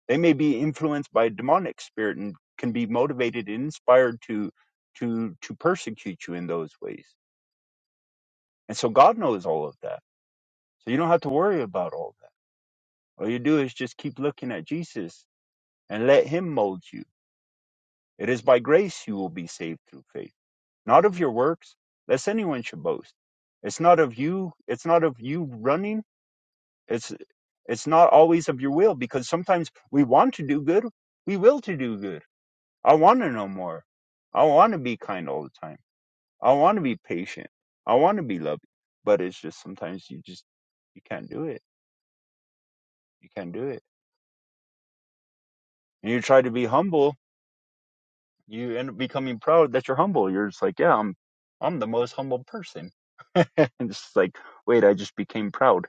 They may be influenced by a demonic spirit and can be motivated and inspired to to to persecute you in those ways. And so God knows all of that. So you don't have to worry about all that. All you do is just keep looking at Jesus and let him mold you. It is by grace you will be saved through faith, not of your works, lest anyone should boast. It's not of you, it's not of you running. It's it's not always of your will because sometimes we want to do good, we will to do good I want to know more. I want to be kind all the time. I want to be patient. I want to be loving. But it's just sometimes you just you can't do it. You can't do it. And you try to be humble, you end up becoming proud that you're humble. You're just like, yeah, I'm I'm the most humble person. and it's just like, wait, I just became proud.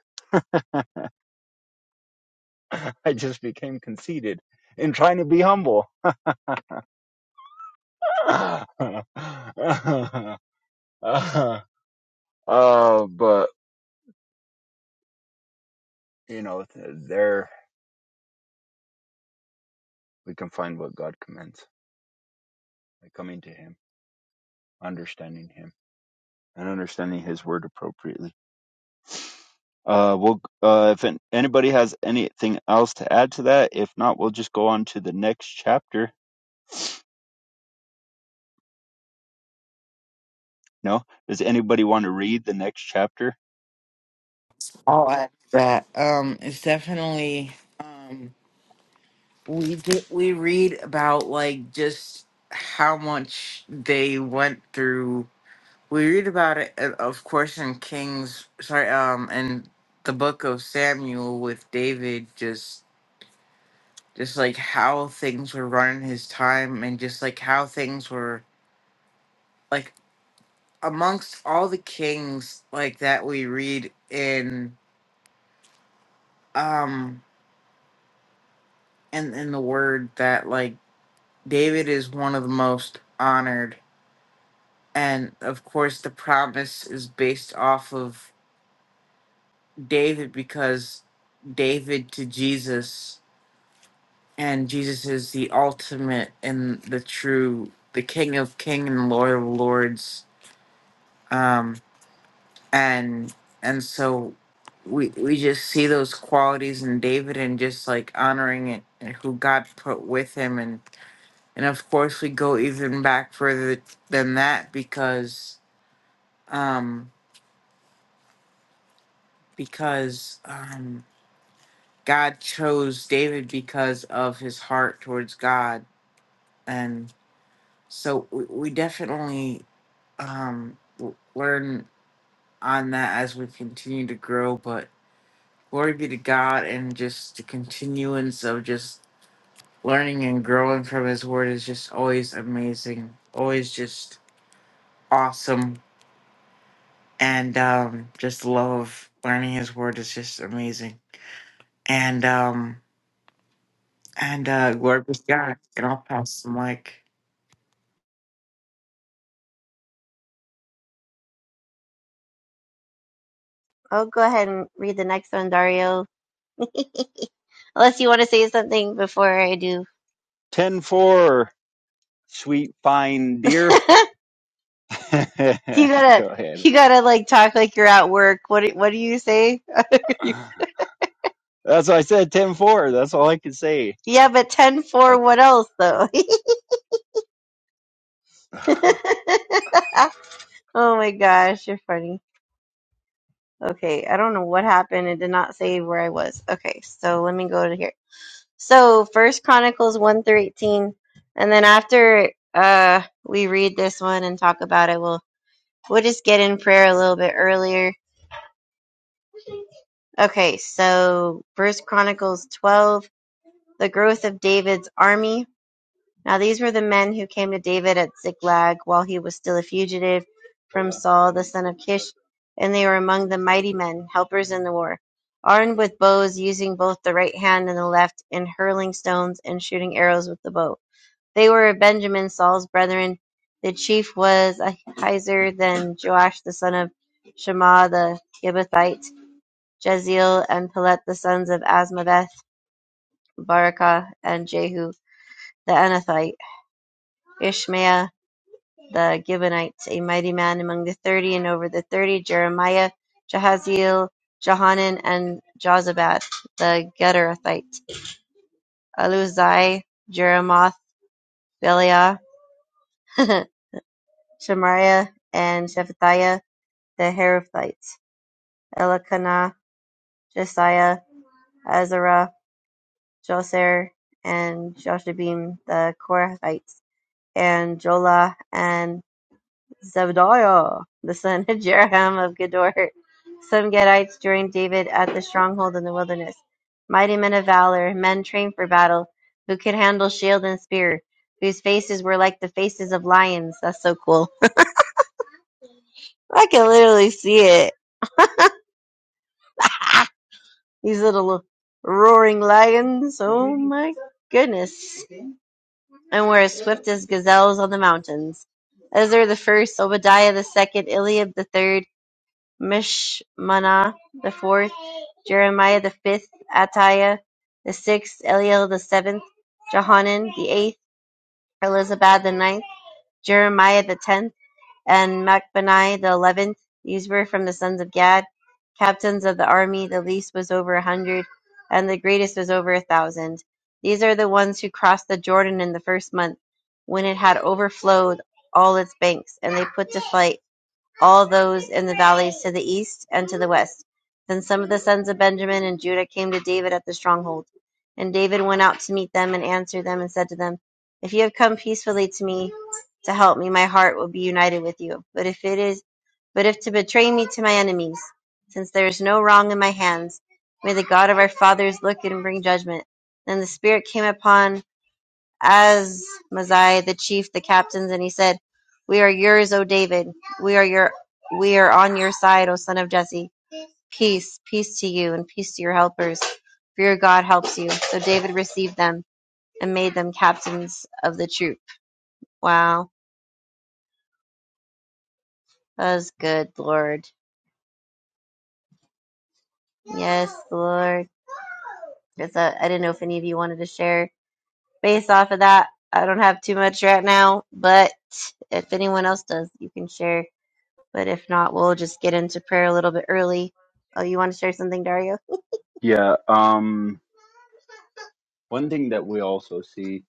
I just became conceited in trying to be humble. uh, but you know, there we can find what God commands by coming to Him, understanding Him, and understanding His Word appropriately. Uh, we'll, uh, if anybody has anything else to add to that, if not, we'll just go on to the next chapter. No, does anybody want to read the next chapter? I'll add to that. Um, it's definitely um, we did we read about like just how much they went through. We read about it, uh, of course, in Kings. Sorry, um, in the book of Samuel with David, just just like how things were running his time, and just like how things were like amongst all the kings like that we read in um and in in the word that like David is one of the most honored. And of course, the promise is based off of David because David to Jesus, and Jesus is the ultimate and the true, the King of King and Lord of Lords. Um, and and so we we just see those qualities in David and just like honoring it and who God put with him and and of course we go even back further than that because um, because um, God chose David because of his heart towards God, and so we, we definitely um, w- learn on that as we continue to grow. But glory be to God, and just the continuance of just learning and growing from His Word is just always amazing, always just awesome, and um, just love learning His Word is just amazing, and um, And uh, glory be to God. And I'll pass the mic. Ten four, sweet fine dear. go ahead. That's what I said. Ten four. That's all I can say. That's yeah. Um, one thing that we also see.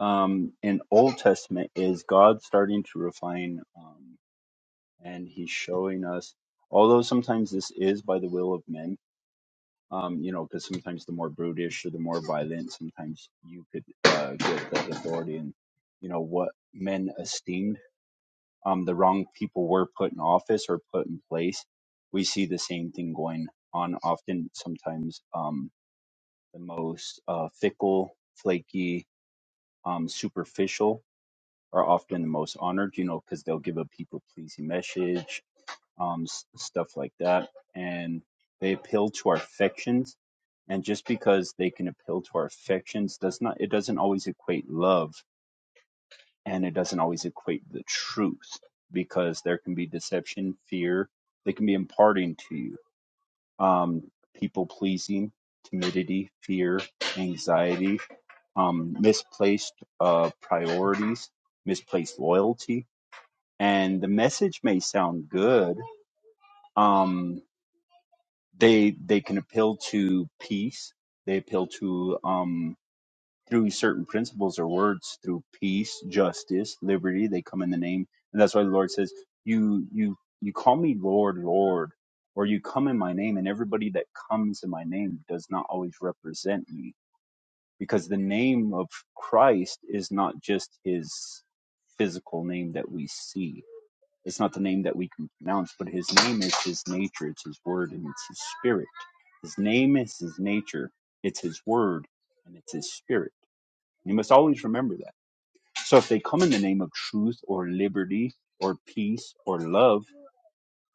um, in Old Testament is God starting to refine, um, and He's showing us. Although sometimes this is by the will of men, um, you know, because sometimes the more brutish or the more violent, sometimes you could uh, get that authority and you know what men esteemed. Um, the wrong people were put in office or put in place. We see the same thing going on often. Sometimes um, the most uh, fickle, flaky, um, superficial are often the most honored, you know, because they'll give a people pleasing message, um, s- stuff like that. And they appeal to our affections. And just because they can appeal to our affections does not, it doesn't always equate love and it doesn't always equate the truth because there can be deception, fear, they can be imparting to you, um, people pleasing, timidity, fear, anxiety, um, misplaced uh, priorities, misplaced loyalty and the message may sound good. Um, they they can appeal to peace. They appeal to um, through certain principles or words through peace, justice, liberty. They come in the name, and that's why the Lord says, "You you you call me Lord, Lord." Or you come in my name, and everybody that comes in my name does not always represent me, because the name of Christ is not just his physical name that we see It's not the name that we can pronounce, but his name is his nature, it's his word, and it's his spirit. His name is his nature, it's his word, and it's his spirit. You must always remember that. So if they come in the name of truth or liberty or peace or love,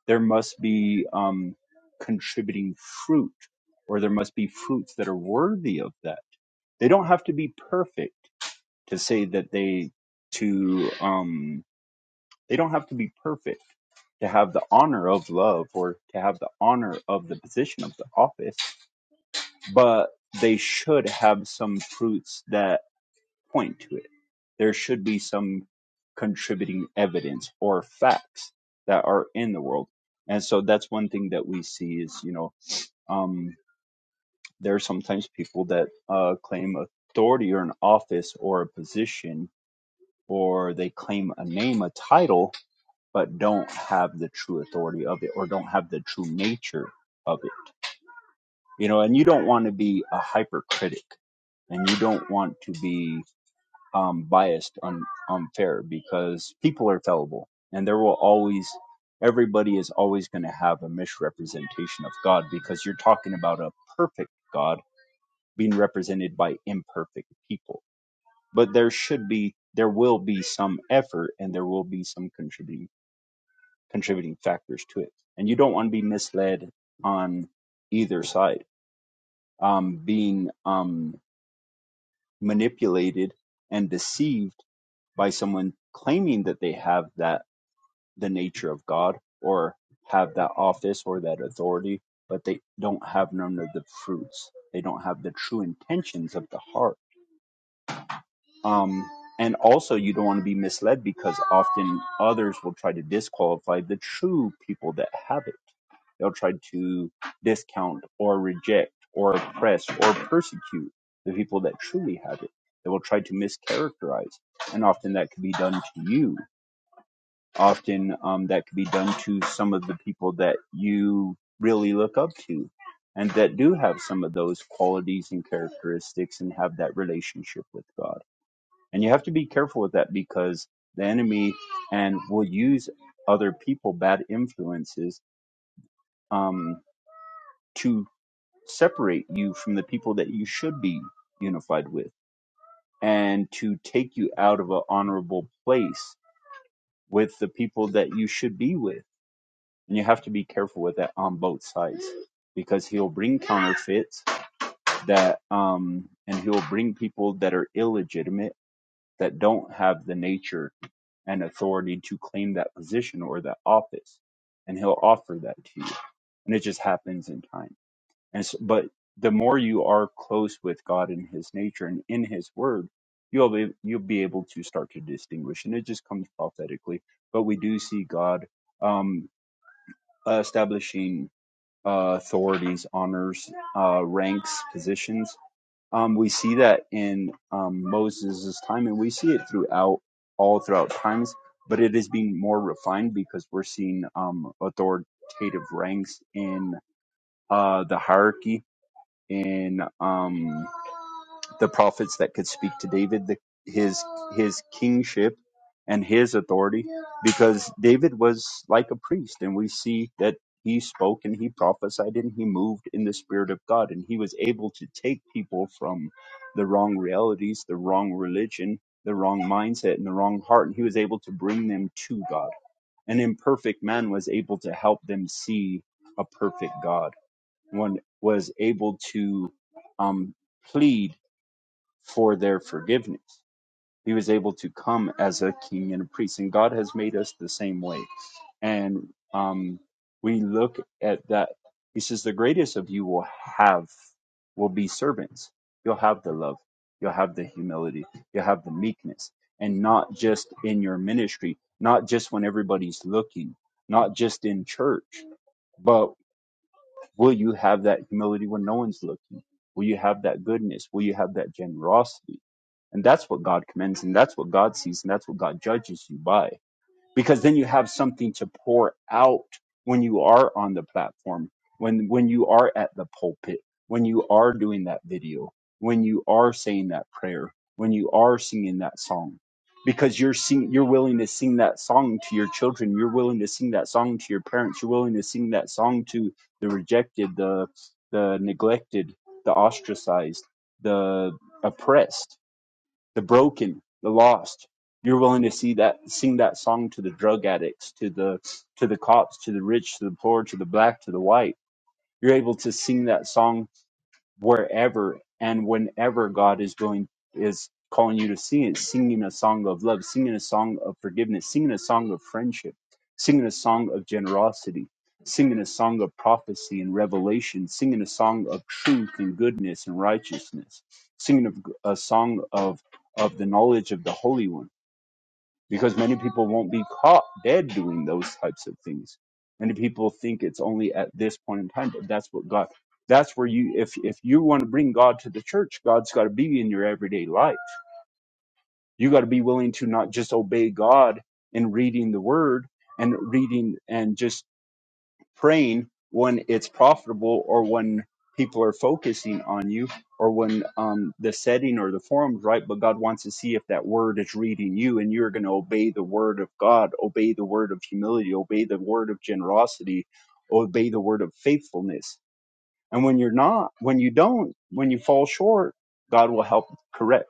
there must be um, contributing fruit, or there must be fruits that are worthy of that. They don't have to be perfect to say that they to um they don't have to be perfect to have the honor of love or to have the honor of the position of the office, but they should have some fruits that point to it. There should be some contributing evidence or facts that are in the world. And so that's one thing that we see is, you know, um, there are sometimes people that uh, claim authority or an office or a position, or they claim a name, a title, but don't have the true authority of it or don't have the true nature of it you know and you don't want to be a hypercritic and you don't want to be um, biased un- unfair because people are fallible and there will always everybody is always going to have a misrepresentation of god because you're talking about a perfect god being represented by imperfect people but there should be there will be some effort and there will be some contributing contributing factors to it. And you don't want to be misled on either side, um, being um, manipulated and deceived by someone claiming that they have that the nature of God or have that office or that authority, but they don't have none of the fruits. They don't have the true intentions of the heart Um, and also, you don't want to be misled because often others will try to disqualify the true people that have it. They'll try to discount or reject or oppress or persecute the people that truly have it. They will try to mischaracterize. And often that could be done to you. Often um, that could be done to some of the people that you really look up to and that do have some of those qualities and characteristics and have that relationship with God and you have to be careful with that because the enemy and will use other people, bad influences, um, to separate you from the people that you should be unified with and to take you out of an honorable place with the people that you should be with. And you have to be careful with that on both sides because he'll bring counterfeits that, um, and he'll bring people that are illegitimate that don't have the nature and authority to claim that position or that office and he'll offer that to you and it just happens in time and s but the more you are close with god in his nature and in his word you'll be you'll be able to start to distinguish and it just comes prophetically but we do see god um establishing uh, authorities honors uh ranks positions um, we see that in um, Moses' time, and we see it throughout all throughout times, but it is being more refined because we're seeing um, authoritative ranks in uh, the hierarchy in um, the prophets that could speak to David, the, his his kingship and his authority, because David was like a priest, and we see that he spoke and he prophesied and he moved in the spirit of God, and he was able to take people from the wrong realities, the wrong religion, the wrong mindset, and the wrong heart, and he was able to bring them to God. An imperfect man was able to help them see a perfect God one was able to um, plead for their forgiveness. He was able to come as a king and a priest, and God has made us the same way. And um, we look at that. He says, "The greatest of you will have will be servants. You'll have the love, you'll have the humility, you'll have the meekness, and not just in your ministry, not just when everybody's looking, not just in church, but." Will you have that humility when no one's looking? Will you have that goodness? Will you have that generosity? And that's what God commends, and that's what God sees, and that's what God judges you by because then you have something to pour out when you are on the platform when when you are at the pulpit when you are doing that video when you are saying that prayer when you are singing that song because you're sing, you're willing to sing that song to your children you're willing to sing that song to your parents you're willing to sing that song to the rejected the the neglected the ostracized the oppressed the broken, the lost. You're willing to see that, sing that song to the drug addicts, to the to the cops, to the rich, to the poor, to the black, to the white. You're able to sing that song wherever and whenever God is going is calling you to sing it, singing a song of love, singing a song of forgiveness, singing a song of friendship, singing a song of generosity, singing a song of prophecy and revelation, singing a song of truth and goodness and righteousness, singing a, a song of of the knowledge of the Holy One because many people won't be caught dead doing those types of things. Many people think it's only at this point in time, but that's what God. That's where you, if if you want to bring God to the church, God's got to be in your everyday life. You got to be willing to not just obey God in reading the Word and reading and just praying when it's profitable or when people are focusing on you or when um, the setting or the forum's right but god wants to see if that word is reading you and you're going to obey the word of god obey the word of humility obey the word of generosity obey the word of faithfulness and when you're not when you don't when you fall short god will help correct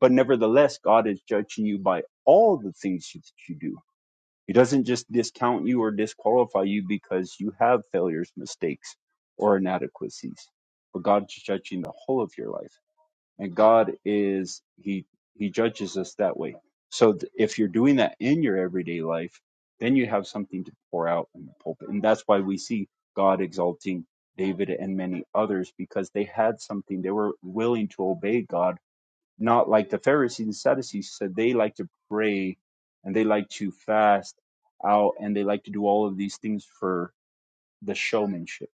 but nevertheless god is judging you by all the things that you do he doesn't just discount you or disqualify you because you have failures, mistakes, or inadequacies. But God's judging the whole of your life. And God is he he judges us that way. So th- if you're doing that in your everyday life, then you have something to pour out in the pulpit. And that's why we see God exalting David and many others because they had something. They were willing to obey God not like the Pharisees and Sadducees said they like to pray and they like to fast out and they like to do all of these things for the showmanship,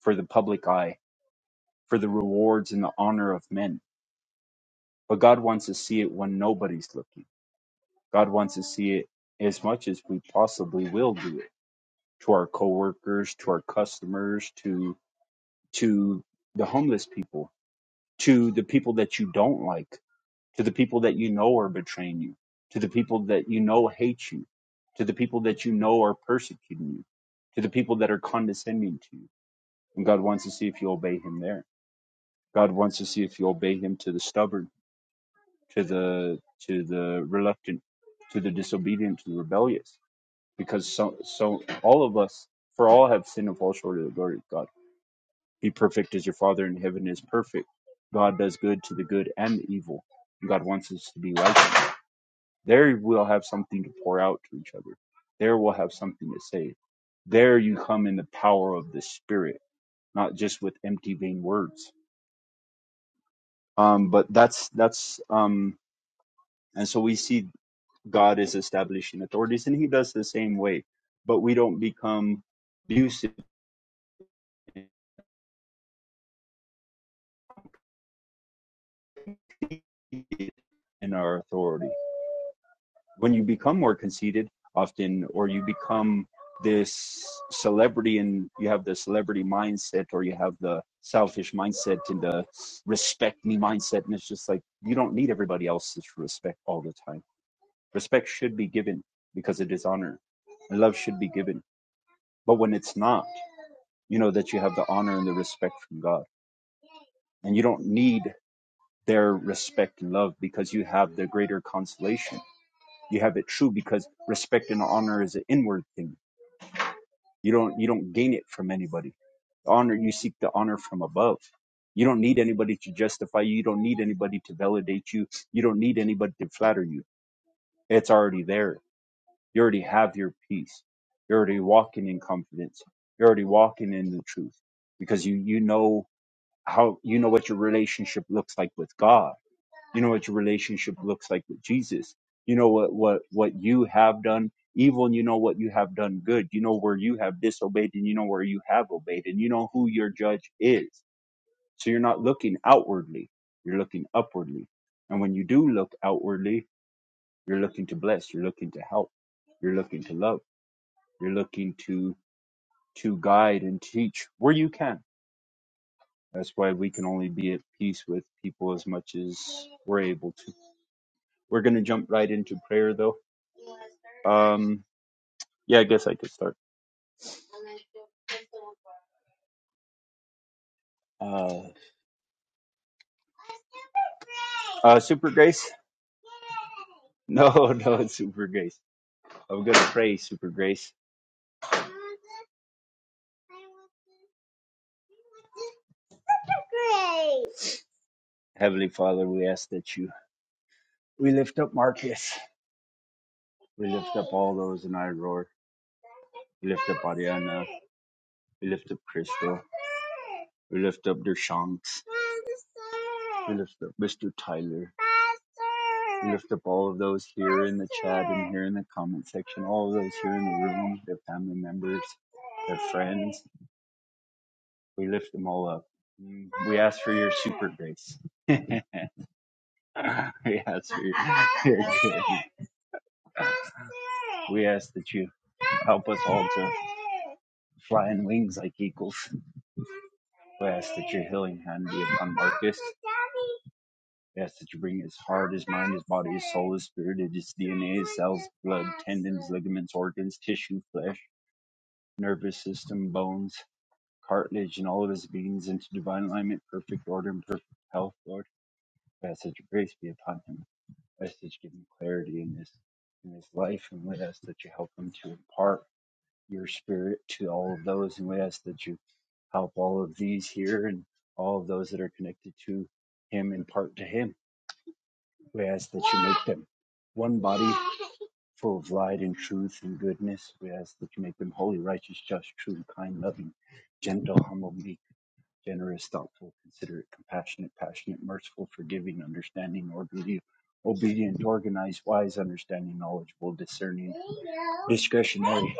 for the public eye, for the rewards and the honor of men. But God wants to see it when nobody's looking. God wants to see it as much as we possibly will do it to our coworkers, to our customers, to to the homeless people, to the people that you don't like to the people that you know are betraying you, to the people that you know hate you, to the people that you know are persecuting you, to the people that are condescending to you. And God wants to see if you obey him there. God wants to see if you obey him to the stubborn, to the to the reluctant, to the disobedient, to the rebellious. Because so so all of us, for all have sinned and fall short of the glory of God. Be perfect as your Father in heaven is perfect. God does good to the good and the evil. God wants us to be righteous. There we'll have something to pour out to each other. There we'll have something to say. There you come in the power of the Spirit, not just with empty, vain words. Um, but that's that's um, and so we see God is establishing authorities, and He does the same way. But we don't become abusive in our authority. when you become more conceited often or you become this celebrity and you have the celebrity mindset or you have the selfish mindset and the respect me mindset and it's just like you don't need everybody else's respect all the time respect should be given because it is honor and love should be given but when it's not you know that you have the honor and the respect from god and you don't need their respect and love because you have the greater consolation you have it true because respect and honor is an inward thing You don't you don't gain it from anybody. Honor you seek the honor from above. You don't need anybody to justify you. You don't need anybody to validate you. You don't need anybody to flatter you. It's already there. You already have your peace. You're already walking in confidence. You're already walking in the truth because you you know how you know what your relationship looks like with God you know what your relationship looks like with Jesus. You know what what what you have done evil and you know what you have done good. You know where you have disobeyed and you know where you have obeyed and you know who your judge is. So you're not looking outwardly, you're looking upwardly. And when you do look outwardly, you're looking to bless, you're looking to help, you're looking to love, you're looking to to guide and teach where you can. That's why we can only be at peace with people as much as we're able to. We're going to jump right into prayer, though. Um, yeah, I guess I could start. Uh, uh, Super Grace? No, no, it's Super Grace. I'm going to pray, Super Grace. Heavenly Father, we ask that you. We lift up Marcus. We lift up all those in our roar. We lift up Ariana. We lift up Crystal. We lift up Dershanks. We lift up Mr. Tyler. We lift up all of those here in the chat and here in the comment section, all of those here in the room, their family members, their friends. We lift them all up. Mm, We ask for your super grace. we ask for your, your grace. We ask that you help us all to fly in wings like eagles. We ask that your healing hand be upon Marcus. We ask that you bring his heart, his mind, his body, his soul, his spirit, and his DNA, his cells, blood, tendons, ligaments, organs, tissue, flesh, nervous system, bones, cartilage, and all of his beings into divine alignment, perfect order, and perfect health, Lord. We ask that your grace be upon him. We ask that you give him clarity in this in his life, and we ask that you help him to impart your spirit to all of those. And we ask that you help all of these here and all of those that are connected to him and part to him. We ask that you make them one body full of light and truth and goodness. We ask that you make them holy, righteous, just, true, kind, loving, gentle, humble, meek, generous, thoughtful, considerate, compassionate, passionate, merciful, forgiving, understanding, orderly, obedient, organized, wise, understanding, knowledgeable, discerning, discretionary,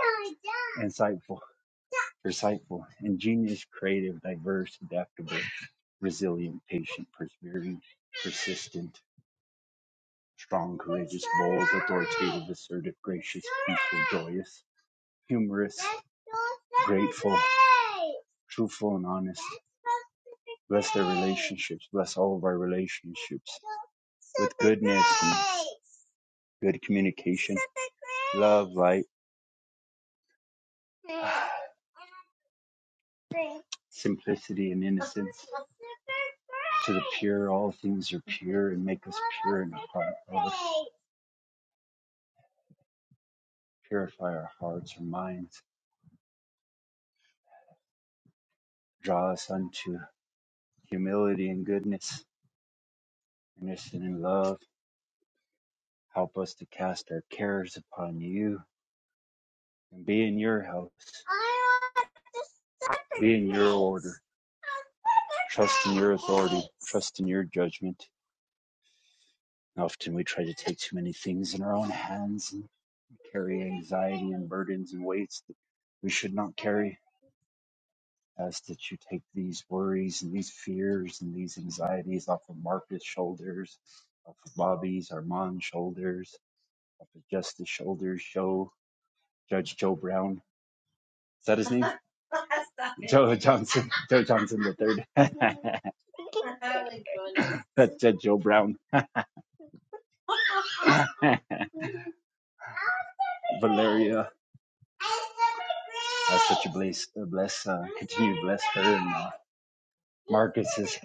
insightful Recycle, ingenious, creative, diverse, adaptable, resilient, patient, persevering, persistent, strong, courageous, bold, authoritative, assertive, gracious, peaceful, joyous, humorous, grateful, truthful, and honest. Bless their relationships. Bless all of our relationships with goodness and good communication, love, light. simplicity and innocence. To the pure, all things are pure and make us pure in our heart. Let us purify our hearts and minds. Draw us unto humility and goodness, earnest and in love. Help us to cast our cares upon you and be in your house, be in your order. Trust in your authority, trust in your judgment. And often we try to take too many things in our own hands and carry anxiety and burdens and weights that we should not carry As that you take these worries and these fears and these anxieties off of Marcus' shoulders, off of Bobby's, Armand's shoulders, off of Justice shoulders, Joe, Judge Joe Brown. Is that his name? Joe Johnson. Joe Johnson the third. That's Judge Joe Brown. Valeria. Ask that you bless, uh, bless, uh, continue to bless her and uh, Marcus's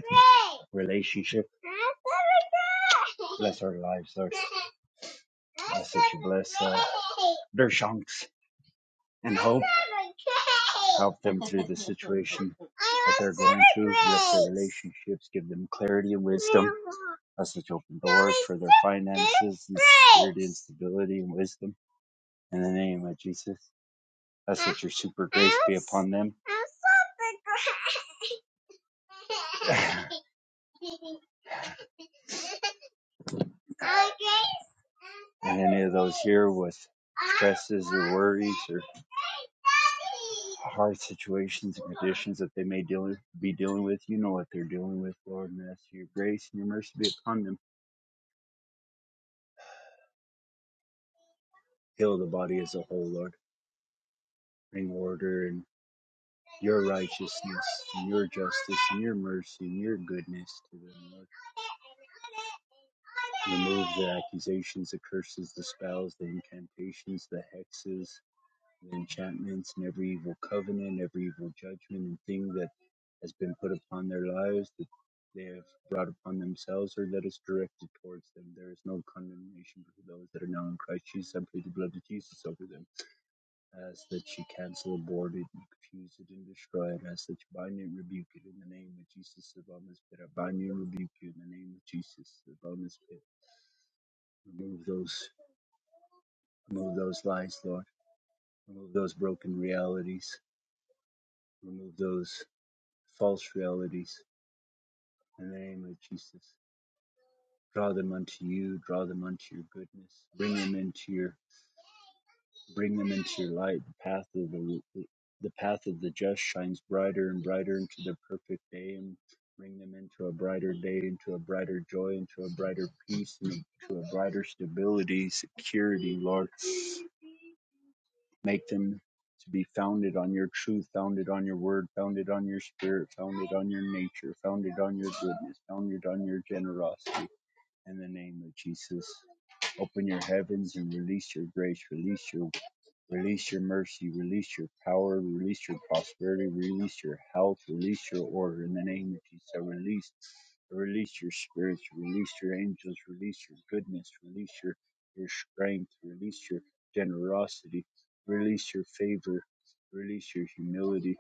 relationship. Bless our lives, Lord. Ask that you bless uh, their shanks and hope. Help them through the situation that they're going through. Bless their relationships. Give them clarity and wisdom. Ask that you open doors for their finances and security and stability and wisdom. In the name of Jesus. Ask that your super grace be upon them. and any of those here with stresses or worries or hard situations and conditions that they may deal, be dealing with. You know what they're dealing with, Lord, and ask your grace and your mercy be upon them. Heal the body as a whole, Lord. Bring order and your righteousness and your justice and your mercy and your goodness to them, Lord. Remove the accusations, the curses, the spells, the incantations, the hexes, and enchantments and every evil covenant, every evil judgment and thing that has been put upon their lives that they have brought upon themselves or that is directed towards them. There is no condemnation for those that are now in Christ Jesus. I plead the blood of Jesus over them. I ask that you cancel, abort it, and confuse it, and destroy it. I ask that you bind it and rebuke it in the name of Jesus of Almas Pit. I bind you and rebuke you in the name of Jesus of Almas Pit. Remove those, remove those lies, Lord. Remove those broken realities. Remove those false realities in the name of Jesus. Draw them unto you, draw them unto your goodness. Bring them into your bring them into your light. The path of the the path of the just shines brighter and brighter into the perfect day and bring them into a brighter day, into a brighter joy, into a brighter peace, into a brighter stability, security, Lord. Make them to be founded on your truth, founded on your word, founded on your spirit, founded on your nature, founded on your goodness, founded on your generosity. In the name of Jesus, open your heavens and release your grace, release your Release your mercy, release your power, release your prosperity, release your health, release your order in the name of Jesus. I Release, release your spirits, release your angels, release your goodness, release your, your strength, release your generosity, release your favor, release your humility,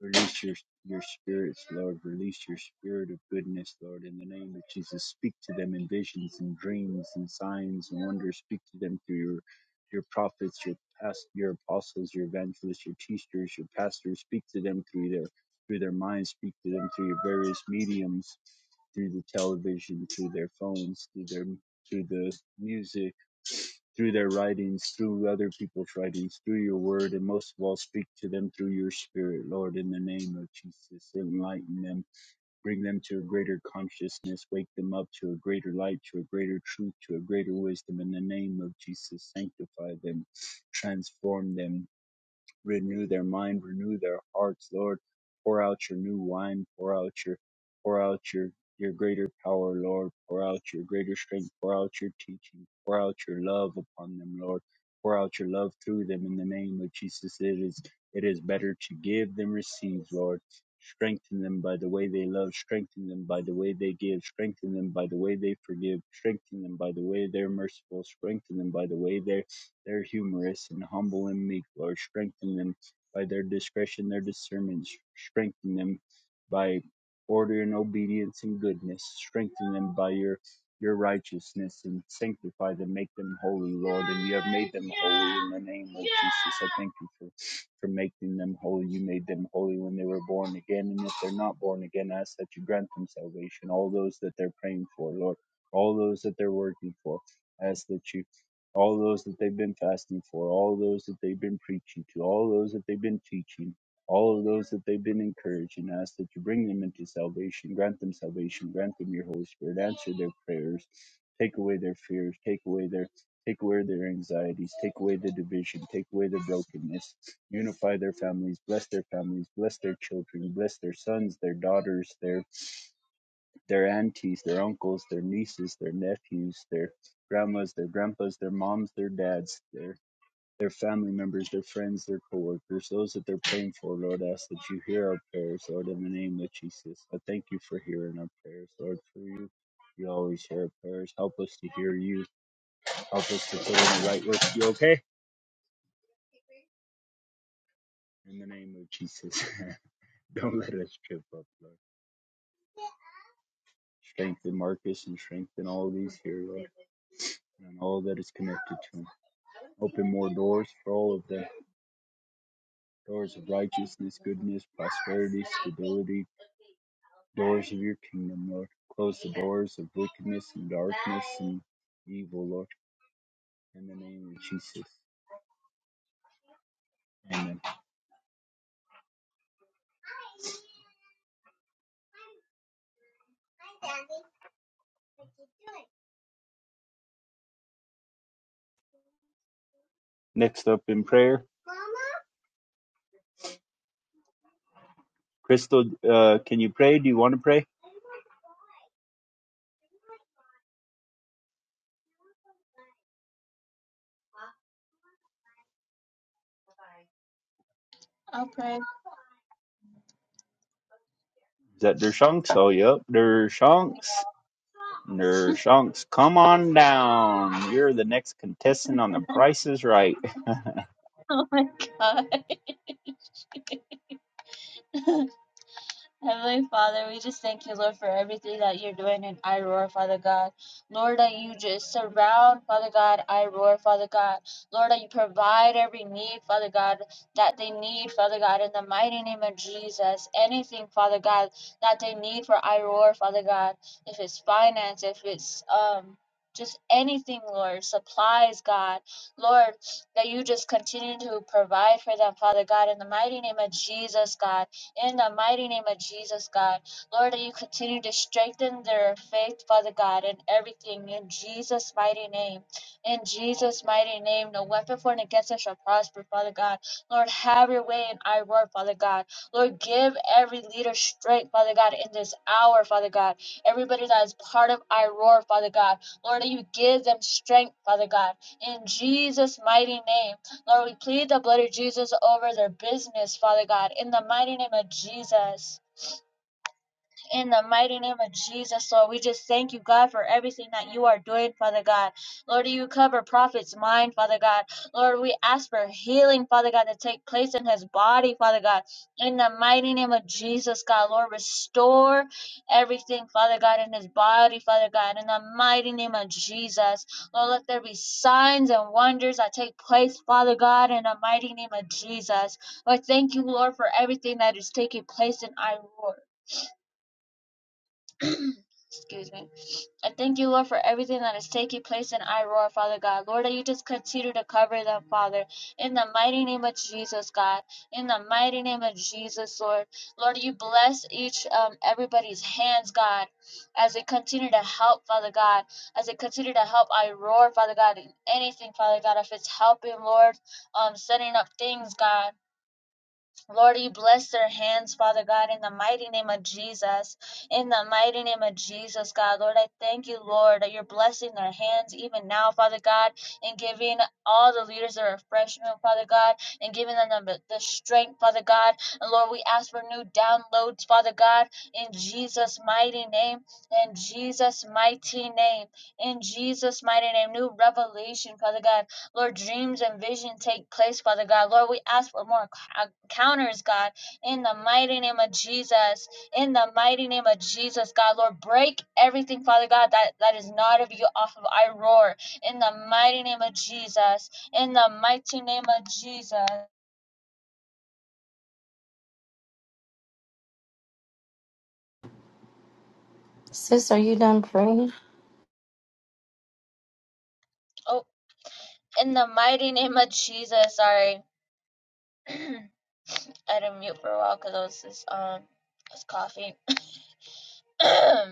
Release your, your spirits, Lord. Release your spirit of goodness, Lord, in the name of Jesus. Speak to them in visions and dreams and signs and wonders. Speak to them through your, your prophets, your past, your apostles, your evangelists, your teachers, your pastors. Speak to them through their through their minds. Speak to them through your various mediums, through the television, through their phones, through their through the music through their writings, through other people's writings, through your word, and most of all, speak to them through your spirit, Lord, in the name of Jesus. Enlighten them, bring them to a greater consciousness, wake them up to a greater light, to a greater truth, to a greater wisdom, in the name of Jesus. Sanctify them, transform them renew their mind, renew their hearts, Lord. Pour out your new wine, pour out your pour out your your greater power, Lord. Pour out your greater strength, pour out your teaching, pour out your love upon them, Lord. Pour out your love through them in the name of Jesus. It is it is better to give than receive, Lord. Strengthen them by the way they love, strengthen them by the way they give, strengthen them by the way they forgive, strengthen them by the way they're merciful, strengthen them by the way they're they're humorous and humble and meek, Lord. Strengthen them by their discretion, their discernment. Strengthen them by order and obedience and goodness. Strengthen them by your your righteousness and sanctify them, make them holy, Lord. And you have made them holy in the name of Jesus. I thank you for, for making them holy. You made them holy when they were born again. And if they're not born again, I ask that you grant them salvation. All those that they're praying for, Lord. All those that they're working for. I ask that you all those that they've been fasting for, all those that they've been preaching to, all those that they've been teaching, all of those that they've been encouraging, ask that you bring them into salvation, grant them salvation, grant them your Holy Spirit, answer their prayers, take away their fears, take away their take away their anxieties, take away the division, take away the brokenness, unify their families, bless their families, bless their children, bless their sons, their daughters, their their aunties, their uncles, their nieces, their nephews, their grandmas, their grandpas, their moms, their dads, their their family members, their friends, their coworkers, those that they're praying for, Lord, I ask that you hear our prayers, Lord, in the name of Jesus. I thank you for hearing our prayers, Lord, for you. You always hear our prayers. Help us to hear you. Help us to put in the right work. You okay? In the name of Jesus. Don't let us trip up, Lord. Strengthen Marcus and strengthen all these here, Lord. and all that is connected to him. Open more doors for all of the doors of righteousness, goodness, prosperity, stability, doors of your kingdom, Lord. Close the doors of wickedness and darkness and evil, Lord, in the name of Jesus. Amen. Next up in prayer, Crystal, uh, can you pray? Do you want to pray? I pray. Is that Dershanks? Oh, yep, Dershanks. Dershanks, come on down. You're the next contestant on The Price is Right. Oh my God. Heavenly Father, we just thank you, Lord, for everything that you're doing in I Roar, Father God. Lord, that you just surround, Father God, I Roar, Father God. Lord, that you provide every need, Father God, that they need, Father God, in the mighty name of Jesus. Anything, Father God, that they need for I Roar, Father God. If it's finance, if it's um just anything, Lord, supplies, God. Lord, that you just continue to provide for them, Father God, in the mighty name of Jesus, God. In the mighty name of Jesus, God. Lord, that you continue to strengthen their faith, Father God, in everything. In Jesus' mighty name. In Jesus' mighty name, no weapon formed against us shall prosper, Father God. Lord, have your way in our word, Father God. Lord, give every leader strength, Father God, in this hour, Father God. Everybody that is part of our roar, Father God. Lord, that you give them strength, Father God. In Jesus' mighty name. Lord, we plead the blood of Jesus over their business, Father God, in the mighty name of Jesus. In the mighty name of Jesus, Lord, we just thank you, God, for everything that you are doing, Father God. Lord, you cover Prophet's mind, Father God. Lord, we ask for healing, Father God, to take place in his body, Father God. In the mighty name of Jesus, God, Lord, restore everything, Father God, in his body, Father God. In the mighty name of Jesus, Lord, let there be signs and wonders that take place, Father God, in the mighty name of Jesus. Lord, thank you, Lord, for everything that is taking place in Iroh. Excuse me. I thank you, Lord, for everything that is taking place in Iroar, Father God. Lord, that you just continue to cover them, Father. In the mighty name of Jesus, God. In the mighty name of Jesus, Lord. Lord, you bless each um everybody's hands, God, as they continue to help, Father God. As they continue to help Iroar, Father God, in anything, Father God, if it's helping, Lord, um, setting up things, God. Lord, you bless their hands, Father God, in the mighty name of Jesus. In the mighty name of Jesus, God. Lord, I thank you, Lord, that you're blessing their hands even now, Father God, and giving all the leaders a refreshment, Father God, and giving them the, the strength, Father God. And Lord, we ask for new downloads, Father God, in Jesus' mighty name, in Jesus' mighty name, in Jesus' mighty name, new revelation, Father God Lord, dreams and vision take place, Father God. Lord, we ask for more encounters, God, in the mighty name of Jesus. In the mighty name of Jesus, God, Lord, break everything, Father God, that, that is not of you off of I roar. In the mighty name of Jesus. In the mighty name of Jesus. Sis, are you done praying? Oh, in the mighty name of Jesus. Sorry. I didn't mute for a while because I was just um I was coughing.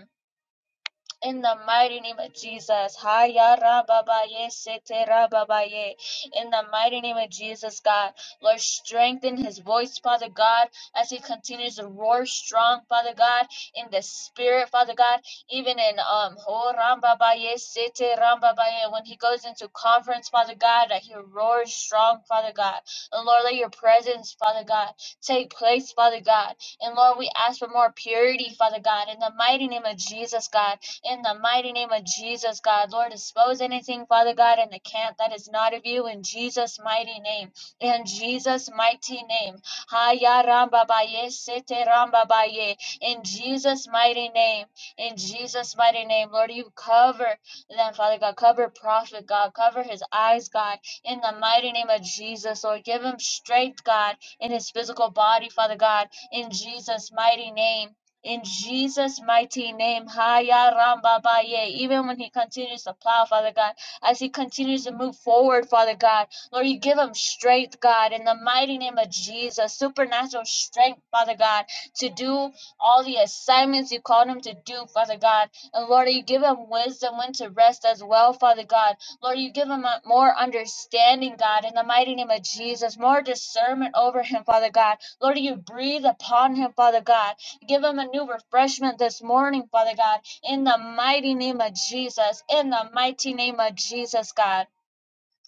In the mighty name of Jesus. Haya rababaye, sete rababaye. In the mighty name of Jesus, God. Lord, strengthen his voice, Father God, as he continues to roar strong, Father God, in the spirit, Father God, even in um ho rambabaye, sete rambabaye. When he goes into conference, Father God, that he roars strong, Father God. And Lord, let your presence, Father God, take place, Father God. And Lord, we ask for more purity, Father God, in the mighty name of Jesus, God in the mighty name of Jesus, God. Lord, expose anything, Father God, in the camp that is not of you in Jesus' mighty name. In Jesus' mighty name. Haya ramba baye, sete ramba baye. In Jesus' mighty name. In Jesus' mighty name. Lord, you cover them, Father God. Cover prophet, God. Cover his eyes, God. In the mighty name of Jesus, Lord. Give him strength, God, in his physical body, Father God. In Jesus' mighty name in Jesus' mighty name, Haya Ramba Baye. Even when he continues to plow, Father God, as he continues to move forward, Father God, Lord, you give him strength, God, in the mighty name of Jesus, supernatural strength, Father God, to do all the assignments you called him to do, Father God. And Lord, you give him wisdom when to rest as well, Father God. Lord, you give him more understanding, God, in the mighty name of Jesus, more discernment over him, Father God. Lord, you breathe upon him, Father God. Give them a new refreshment this morning, Father God, in the mighty name of Jesus. In the mighty name of Jesus, God.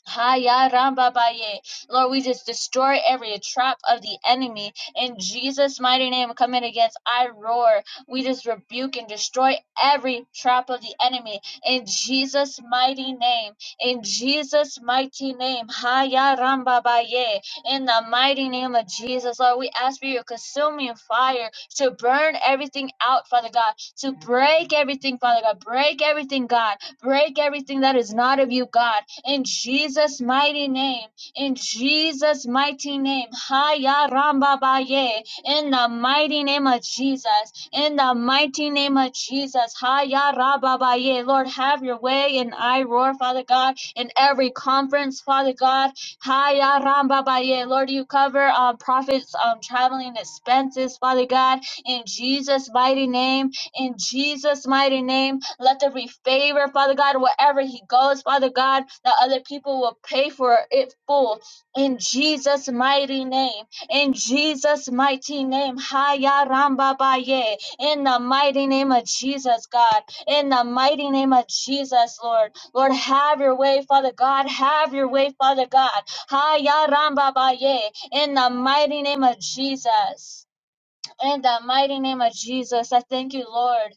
Haya ramba baye. Lord, we just destroy every trap of the enemy. In Jesus' mighty name, coming against I roar. We just rebuke and destroy every trap of the enemy. In Jesus' mighty name. In Jesus' mighty name. Haya ramba baye. In the mighty name of Jesus, Lord, we ask for your consuming fire to burn everything out, Father God. To break everything, Father God. Break everything, God. Break everything that is not of you, God in Jesus' mighty name, in Jesus' mighty name. Haya Ramba Baye, in the mighty name of Jesus, in the mighty name of Jesus. Haya Rabba Baye, Lord, have your way in I Roar, Father God, in every conference, Father God. Haya Ramba Baye, Lord, you cover um, prophets' um, traveling expenses, Father God, in Jesus' mighty name, in Jesus' mighty name. Let there be favor, Father God, wherever he goes, Father God, that other people will pay for it full. In Jesus' mighty name. In Jesus' mighty name. Haya Ramba Baye. In the mighty name of Jesus, God. In the mighty name of Jesus, Lord. Lord, have your way, Father God. Have your way, Father God. Haya Ramba Baye. In the mighty name of Jesus. In the mighty name of Jesus, I thank you, Lord.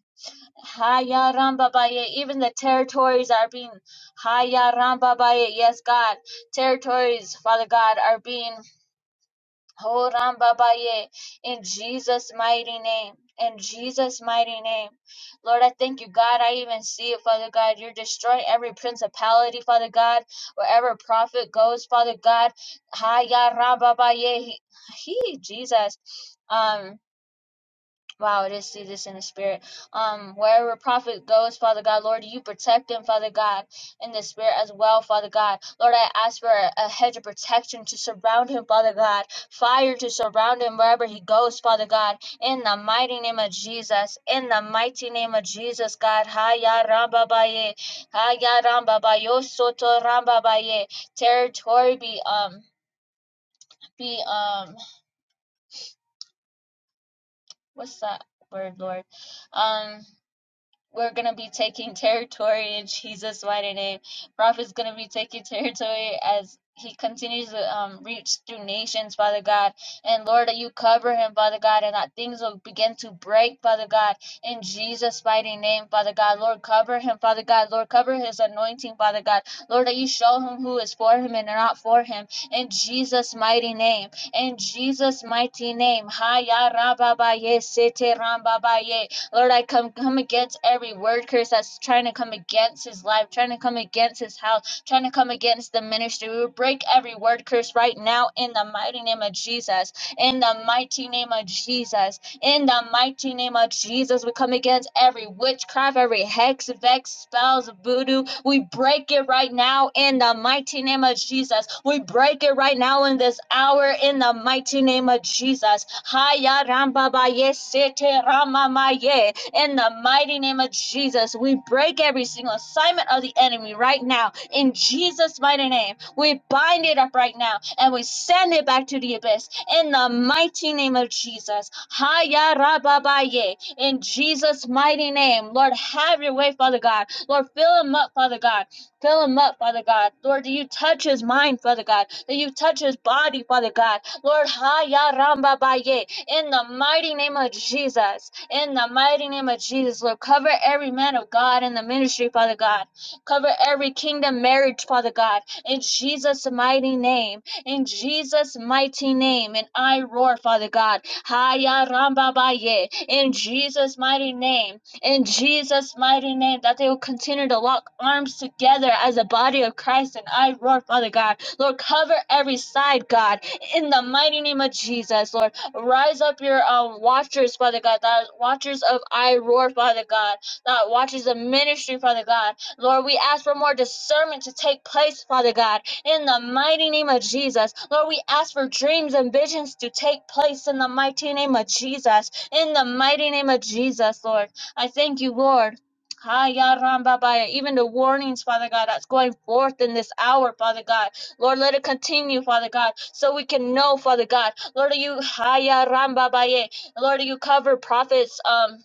Hayarambabaye. Even the territories are being Hayarambabaye. Yes, God. Territories, Father God, are being Horambabaye in Jesus' mighty name. In Jesus' mighty name. Lord, I thank you, God. I even see it, Father God. You're destroying every principality, Father God. Wherever prophet goes, Father God. Hayarambabaye. He, he Jesus. um. Wow, it is, it is in the spirit. Um, wherever prophet goes, Father God, Lord, you protect him, Father God, in the spirit as well, Father God. Lord, I ask for a, a hedge of protection to surround him, Father God. Fire to surround him wherever he goes, Father God. In the mighty name of Jesus. In the mighty name of Jesus, God. Haya rambabaye. Haya rambabayo soto rambabaye. Territory be um be um what's that word, Lord? Um we're going to be taking territory in Jesus' mighty name. Prophet's going to be taking territory as he continues to um, reach through nations, Father God. And Lord, that you cover him, Father God, and that things will begin to break, Father God, in Jesus' mighty name, Father God. Lord, cover him, Father God. Lord, cover his anointing, Father God. Lord, that you show him who is for him and not for him. In Jesus' mighty name. In Jesus' mighty name. Haya rababaye, sete rambabaye. Lord, I come come against every word curse that's trying to come against his life, trying to come against his house, trying to come against the ministry. We break every word curse right now in the mighty name of Jesus. In the mighty name of Jesus. In the mighty name of Jesus, we come against every witchcraft, every hex, vex, spells, voodoo. We break it right now in the mighty name of Jesus. We break it right now in this hour in the mighty name of Jesus. Haya ramba ba sete rama ma In. In the mighty name of Jesus, we break every single assignment of the enemy right now. In Jesus' mighty name, we bind it up right now and we send it back to the abyss. In the mighty name of Jesus. Haya rababaye. In Jesus' mighty name, Lord, have your way, Father God. Lord, fill him up, Father God. Fill him up, Father God. Lord, that you touch his mind, Father God. That you touch his body, Father God. Lord, Haya Ramba Baye. In the mighty name of Jesus, in the mighty name of Jesus, Lord, cover every man of God in the ministry, Father God. Cover every kingdom marriage, Father God. In Jesus' mighty name, in Jesus' mighty name, and I roar, Father God. Haya ramba baye. In Jesus' mighty name, in Jesus' mighty name, that they will continue to lock arms together as a body of Christ. And I roar, Father God. Lord, cover every side, God, in the mighty name of Jesus, Lord. Rise up your um watchers, Father God, that watchers of I Roar, Father God, that watchers of ministry, Father God. Lord, we ask for more discernment to take place, Father God, in the mighty name of Jesus. Lord, we ask for dreams and visions to take place in the mighty name of Jesus. In the mighty name of Jesus, Lord. I thank you, Lord. Hiya, Ramba, Baya. Even the warnings, Father God, that's going forth in this hour, Father God. Lord, let it continue, Father God, so we can know, Father God. Lord, you haya ramba baye. Lord, you cover prophets. Um,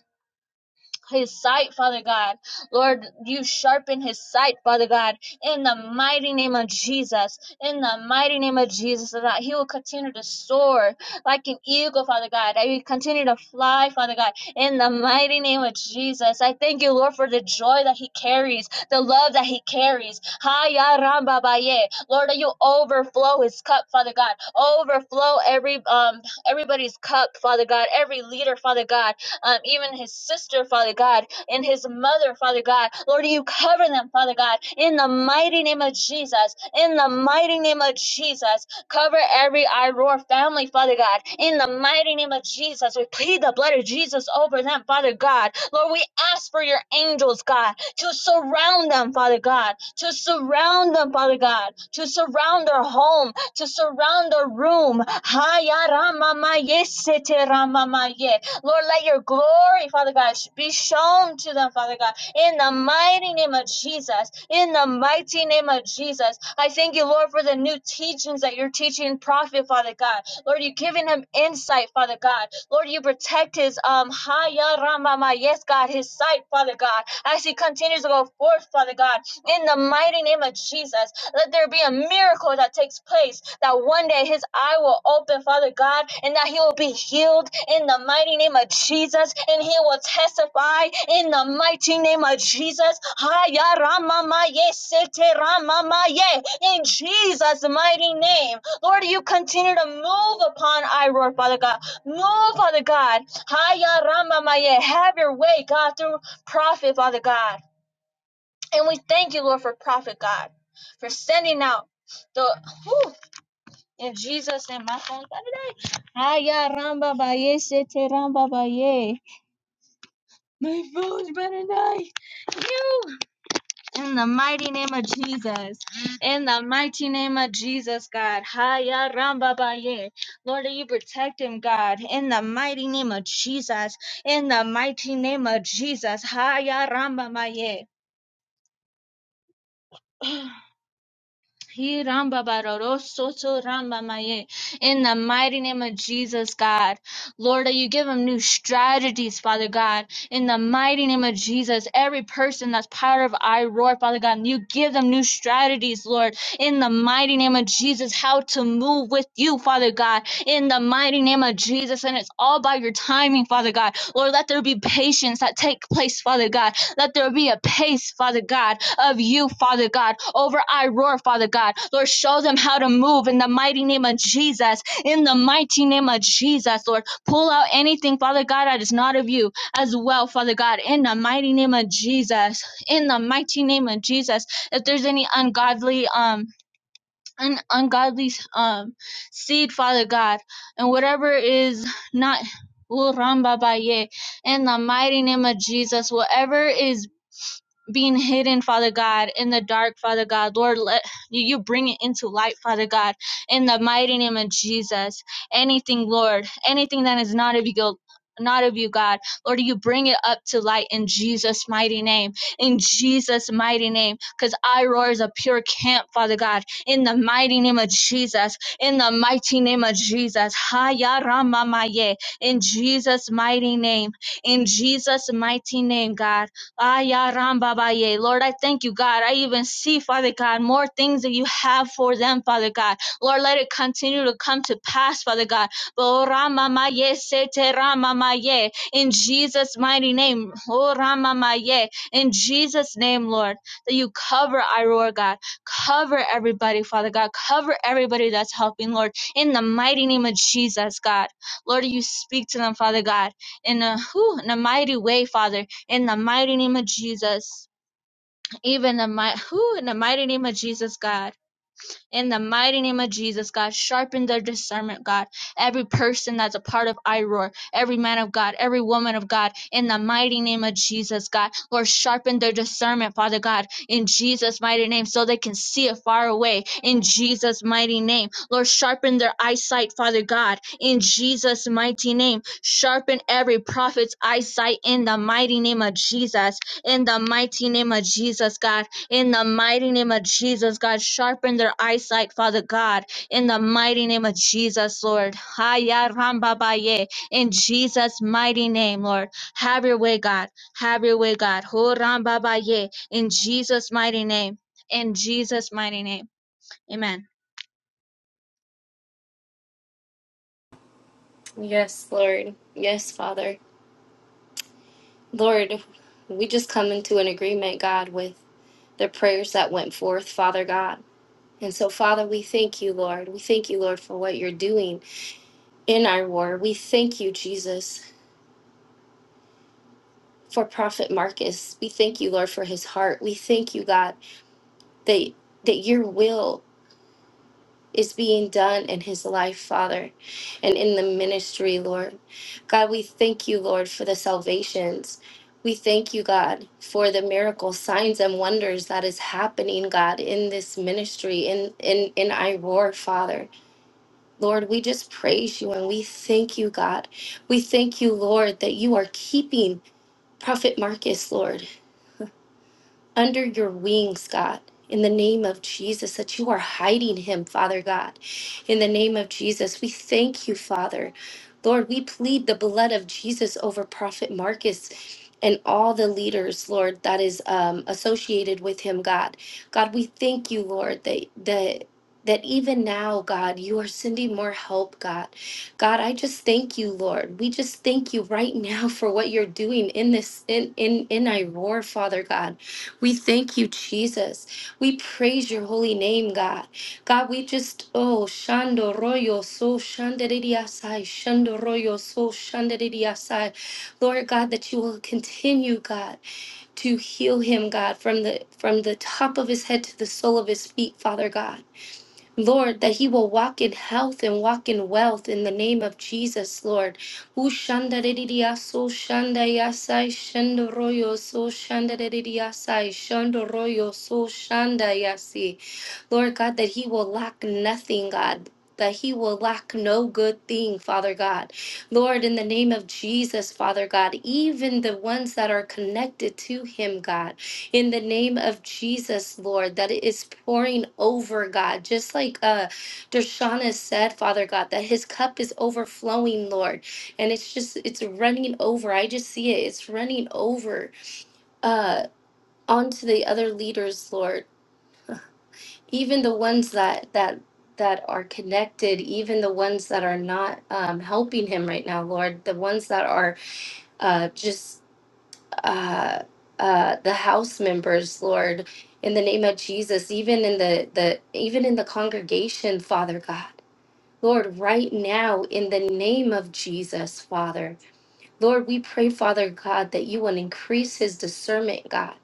his sight, Father God. Lord, you sharpen his sight, Father God, in the mighty name of Jesus. In the mighty name of Jesus, so that he will continue to soar like an eagle, Father God. That he will continue to fly, Father God, in the mighty name of Jesus. I thank you, Lord, for the joy that he carries, the love that he carries. Haya ramba baye. Lord, that you overflow his cup, Father God. Overflow every um everybody's cup, Father God, every leader, Father God um, even his sister, Father God, and his mother, Father God. Lord, you cover them, Father God, in the mighty name of Jesus. In the mighty name of Jesus, cover every Iroar family, Father God. In the mighty name of Jesus, we plead the blood of Jesus over them, Father God. Lord, we ask for your angels, God, to surround them, Father God, to surround them, Father God, to surround their home, to surround their room. Hayaramayesiteramamaye. Lord, let your glory, Father God, be shown to them, Father God, in the mighty name of Jesus. In the mighty name of Jesus. I thank you, Lord, for the new teachings that you're teaching prophet, Father God. Lord, you're giving him insight, Father God. Lord, you protect his um Haya Ramama, yes, God, his sight, Father God, as he continues to go forth, Father God, in the mighty name of Jesus. Let there be a miracle that takes place that one day his eye will open, Father God, and that he will be healed in the mighty name of Jesus, and he will testify in the mighty name of Jesus. Haya ramamaye, sete ramamaye, In Jesus' mighty name. Lord, you continue to move upon Iroar, Father God. Move, Father God. Haya ramamaye. Have your way, God, through prophet, Father God. And we thank you, Lord, for Prophet God, for sending out the whew, in Jesus and my phone today. Aya ramba baye sete ramba baye. My phone's better die. You in the mighty name of Jesus. In the mighty name of Jesus, God. Haya ramba baye. Lord, that you protect him, God. In the mighty name of Jesus. In the mighty name of Jesus. Haya ramba baye. He ramba baroro soto ramba maye. In the mighty name of Jesus, God. Lord, that you give them new strategies, Father God. In the mighty name of Jesus, every person that's part of I Roar, Father God, you give them new strategies, Lord. In the mighty name of Jesus, how to move with you, Father God. In the mighty name of Jesus, and it's all by your timing, Father God. Lord, let there be patience that take place, Father God. Let there be a pace, Father God of you, Father God, over Iroar, Father God. Lord, show them how to move in the mighty name of Jesus. In the mighty name of Jesus, Lord, pull out anything, Father God, that is not of you as well, Father God. In the mighty name of Jesus. In the mighty name of Jesus. If there's any ungodly, um, an ungodly um seed, Father God, and whatever is not Uramba Baye, in the mighty name of Jesus, whatever is being hidden, Father God, in the dark, Father God. Lord, let you bring it into light, Father God, in the mighty name of Jesus. Anything, Lord, anything that is not of you, go- not of you, God, Lord, you bring it up to light in Jesus' mighty name, in Jesus' mighty name, because I roar is a pure camp, Father God, in the mighty name of Jesus, in the mighty name of Jesus, Haya Ramamaye, in Jesus' mighty name, in Jesus' mighty name, God. Ah, ya Ram Baba Ye. Lord, I thank you, God. I even see, Father God, more things that you have for them, Father God. Lord, let it continue to come to pass, Father God. Bo Rama Ma Ye Se Te Rama Ma Ye. In Jesus' mighty name. Oh Rama Ma Ye. In Jesus' name, Lord, that you cover Iroar, God. Cover everybody, Father God. Cover everybody that's helping, Lord. In the mighty name of Jesus, God. Lord, you speak to them, Father God, in a, whew, in a mighty way, Father in the mighty name of Jesus, even the mi- who in the mighty name of Jesus, God. In the mighty name of Jesus, God, sharpen their discernment, God. Every person that's a part of IROAR, every man of God, every woman of God, in the mighty name of Jesus, God. Lord, sharpen their discernment, Father God, in Jesus' mighty name, so they can see it far away, in Jesus' mighty name. Lord, sharpen their eyesight, Father God, in Jesus' mighty name. Sharpen every prophet's eyesight in the mighty name of Jesus, in the mighty name of Jesus, God in the mighty name of Jesus, God, sharpen their eyesight, Father God. In the mighty name of Jesus, Lord. Haya ramba baye. In Jesus' mighty name, Lord. Have your way, God. Have your way, God. Ho ramba baye. In Jesus' mighty name. In Jesus' mighty name. Amen. Yes, Lord. Yes, Father. Lord, we just come into an agreement, God, with the prayers that went forth, Father God. And so, Father, we thank you, Lord. We thank you, Lord, for what you're doing in our war. We thank you, Jesus, for Prophet Marcus. We thank you, Lord, for his heart. We thank you, God, that that your will is being done in his life, Father, and in the ministry, Lord. God, we thank you, Lord, for the salvations. We thank you, God, for the miracle signs, and wonders that is happening, God, in this ministry, in in in I roar, Father. Lord, we just praise you and we thank you, God. We thank you, Lord, that you are keeping Prophet Marcus, Lord under your wings, God. In the name of Jesus, that you are hiding him, Father God. In the name of Jesus, we thank you, Father. Lord, we plead the blood of Jesus over Prophet Marcus and all the leaders, Lord, that is um, associated with him, God. God, we thank you, Lord, that that that even now, God, you are sending more help, God. God, I just thank you, Lord. We just thank you right now for what you're doing in this in in in Iroar, Father God. We thank you, Jesus. We praise your holy name, God. God, we just, oh, shando royo so shanderidiasai, shando royo so shanderidiasai. Lord God, that you will continue, God, to heal him, God, from the from the top of his head to the sole of his feet, Father God. Lord, that he will walk in health and walk in wealth in the name of Jesus, Lord. Ushandaredidiaso shandayasai shandoroyo so shandaredidiasai shandoroyo so shandayasi. Lord God, that he will lack nothing, God. That he will lack no good thing, Father God. Lord, in the name of Jesus, Father God, even the ones that are connected to him, God, in the name of Jesus, Lord, that it is pouring over, God, just like uh, Dershana said, Father God, that his cup is overflowing, Lord, and it's just, it's running over. I just see it, it's running over uh, onto the other leaders, Lord even the ones that that that are connected even the ones that are not um, helping him right now lord the ones that are uh, just uh, uh, the house members lord in the name of jesus even in the the even in the congregation father god lord right now in the name of jesus father Lord, we pray, Father God, that you will increase his discernment, God.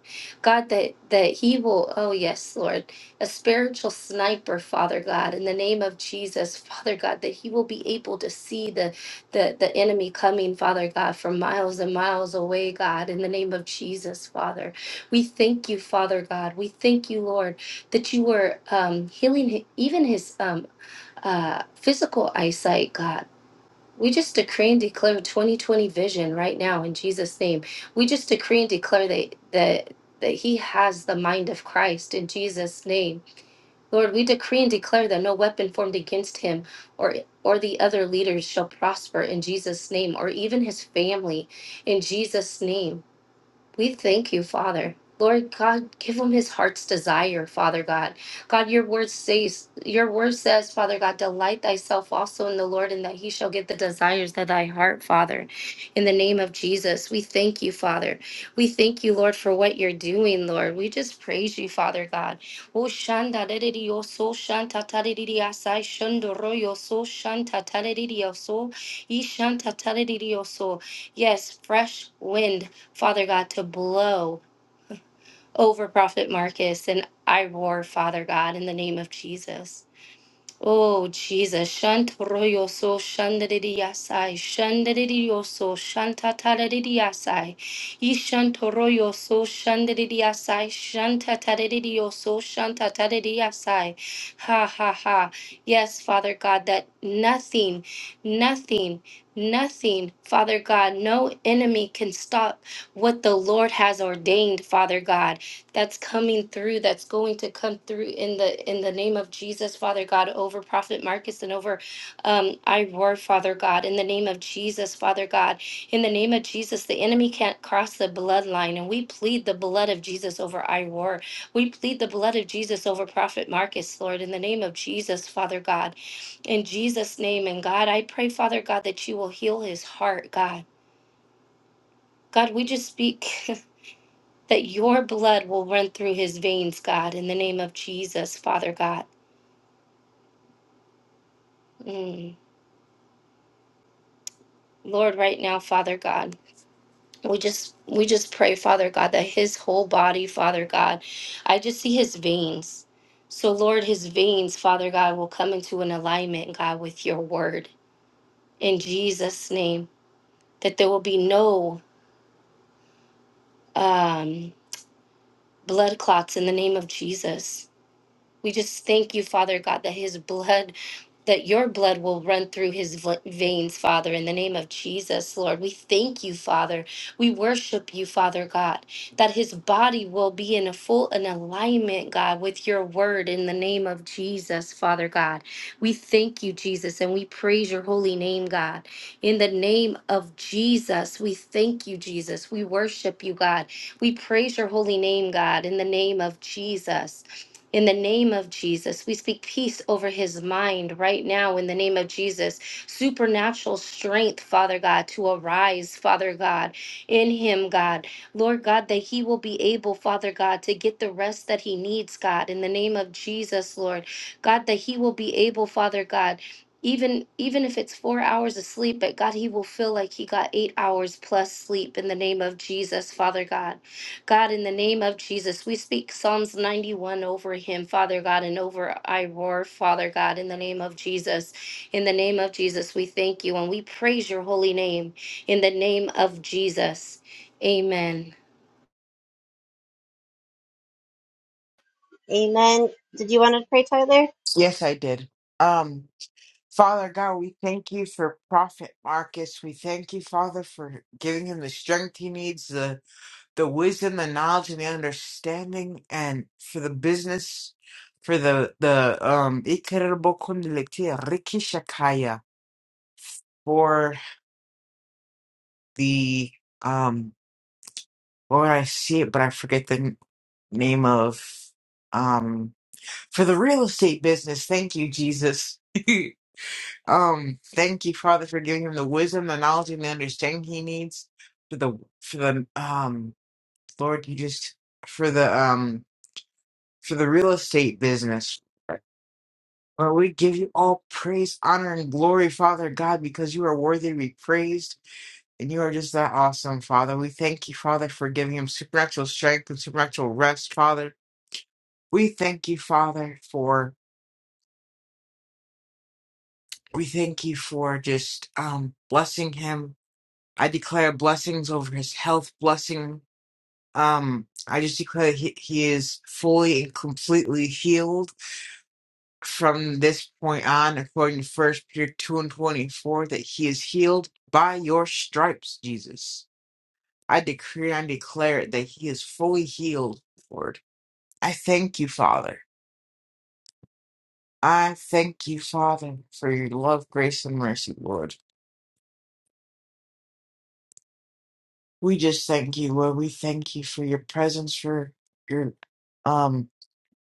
God, that, that he will, oh yes, Lord, a spiritual sniper, Father God, in the name of Jesus, Father God, that he will be able to see the, the, the enemy coming, Father God, from miles and miles away, God, in the name of Jesus, Father. We thank you, Father God. We thank you, Lord, that you were um, healing hi- even his um, uh, physical eyesight, God. We just decree and declare 2020 vision right now in Jesus' name. We just decree and declare that that that he has the mind of Christ in Jesus' name. Lord, we decree and declare that no weapon formed against him or or the other leaders shall prosper in Jesus' name or even his family in Jesus' name. We thank you, Father. Lord God, give him his heart's desire, Father God. God, your word says, your word says, Father God, delight thyself also in the Lord, and that he shall give the desires of thy heart, Father. In the name of Jesus, we thank you, Father. We thank you, Lord, for what you're doing, Lord. We just praise you, Father God. Oh, shanda da da dee, oh, so shanta ta da dee dee, asai shundo ro, yo, so shanta ta da dee dee, oh, so, ee shanta ta da dee dee, oh, so. Yes, fresh wind Father God, to blow over Prophet Marcus and I roar, Father God, in the name of Jesus. Oh Jesus, shant royo so shandedidiasai, shandedidio so shantatadidiasai, ishant royo so shandedidiasai, shantatadidio so shantatadidiasai. Ha ha ha. Yes, Father God, that nothing, nothing, nothing, Father God, no enemy can stop what the Lord has ordained, Father God that's coming through that's going to come through in the in the name of jesus father god over prophet marcus and over um i roar father god in the name of jesus father god in the name of jesus the enemy can't cross the bloodline and we plead the blood of jesus over i roar we plead the blood of jesus over prophet marcus lord in the name of jesus father god in jesus name and god i pray father god that you will heal his heart god god we just speak that your blood will run through his veins, God, in the name of Jesus, Father God. Mm. Lord, right now, Father God. We just we just pray, Father God, that his whole body, Father God, I just see his veins. So Lord, his veins, Father God, will come into an alignment, God, with your word. In Jesus' name. That there will be no um blood clots in the name of Jesus. We just thank you, Father God, that his blood that your blood will run through his v- veins, Father, in the name of Jesus, Lord. We thank you, Father. We worship you, Father God, that his body will be in a full in alignment, God, with your word in the name of Jesus, Father God. We thank you, Jesus, and we praise your holy name, God. In the name of Jesus, we thank you, Jesus. We worship you, God. We praise your holy name, God, in the name of Jesus. In the name of Jesus, we speak peace over his mind right now. In the name of Jesus, supernatural strength, Father God, to arise, Father God, in him, God. Lord God, that he will be able, Father God, to get the rest that he needs, God. In the name of Jesus, Lord. God, that he will be able, Father God, even even if it's four hours of sleep, but God, he will feel like he got eight hours plus sleep in the name of Jesus, Father God. God, in the name of Jesus, we speak Psalms 91 over him, Father God, and over I Father God, in the name of Jesus. In the name of Jesus, we thank you and we praise your holy name in the name of Jesus. Amen. Yes, I did. Um, Father God, we thank you for Prophet Marcus. We thank you, Father, for giving him the strength he needs, the the wisdom, the knowledge, and the understanding, and for the business, for the the um Ikerabokundeletia Shakaya, for the um Lord, I see it, but I forget the n- name of. um, for the real estate business. Thank you, Jesus. um, thank you, Father, for giving him the wisdom, the knowledge, and the understanding he needs for the for the um Lord, you just for the um for the real estate business. Lord, we give you all praise, honor, and glory, Father God, because you are worthy to be praised, and you are just that awesome, Father. We thank you, Father, for giving him supernatural strength and supernatural rest, Father. We thank you, Father, for We thank you for just um blessing him. I declare blessings over his health, blessing um I just declare he, he is fully and completely healed from this point on, according to first Peter two and twenty four, that he is healed by your stripes, Jesus. I decree and declare it that he is fully healed, Lord. I thank you, Father. I thank you, Father, for your love, grace, and mercy, Lord. We just thank you, Lord. We thank you for your presence, for your um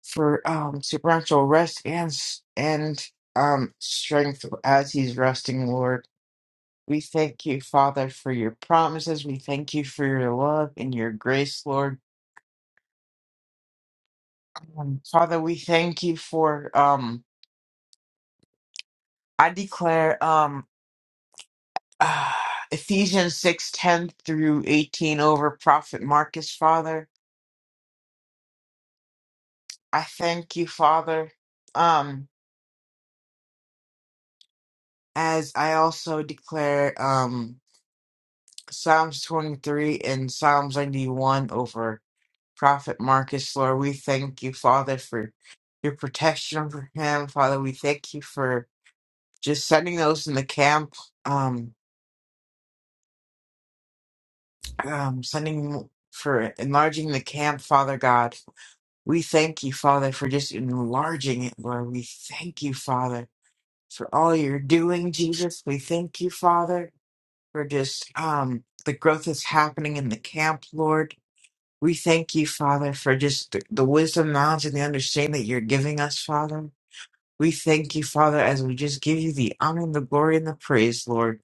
for um supernatural rest and s- and um strength as he's resting, Lord. We thank you, Father, for your promises. We thank you for your love and your grace, Lord. Um, Father, we thank you for um I declare um Ephesians six ten through eighteen over Prophet Marcus, Father. I thank you, Father. Um As I also declare um, Psalms 23 and Psalms 91 over Prophet Marcus, Lord, we thank you, Father, for your protection over him. Father, we thank you for just sending those in the camp, um, um, sending for enlarging the camp, Father God. We thank you, Father, for just enlarging it, Lord. We thank you, Father, for all you're doing, Jesus. We thank you, Father. for just um, the growth that's happening in the camp, Lord. We thank you, Father, for just the, the wisdom, knowledge, and the understanding that you're giving us, Father. We thank you, Father, as we just give you the honor and the glory and the praise, Lord.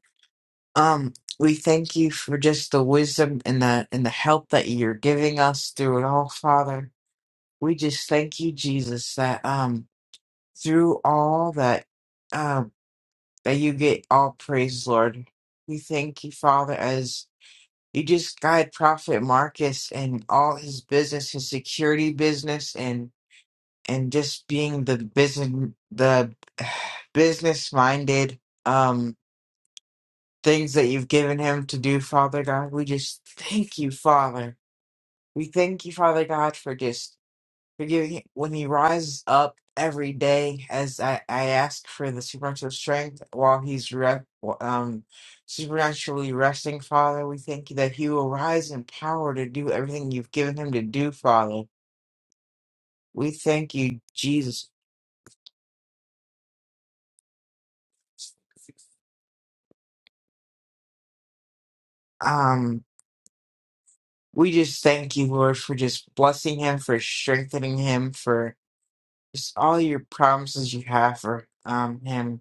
Um, we thank you for just the wisdom and the and the help that you're giving us through it all, Father. We just thank you, Jesus, that um through all that um that you get all praise, Lord. We thank you, Father, as You just guide Prophet Marcus and all his business, his security business, and and just being the business, the business minded um things that you've given him to do, Father God. We just thank you, Father. We thank you, Father God, for just Forgiving him when he rises up every day as I, I ask for the supernatural strength while he's re- um, supernaturally resting, Father. We thank you that he will rise in power to do everything you've given him to do, Father. We thank you, Jesus. Um, we just thank you, Lord, for just blessing him, for strengthening him, for just all your promises you have for um him.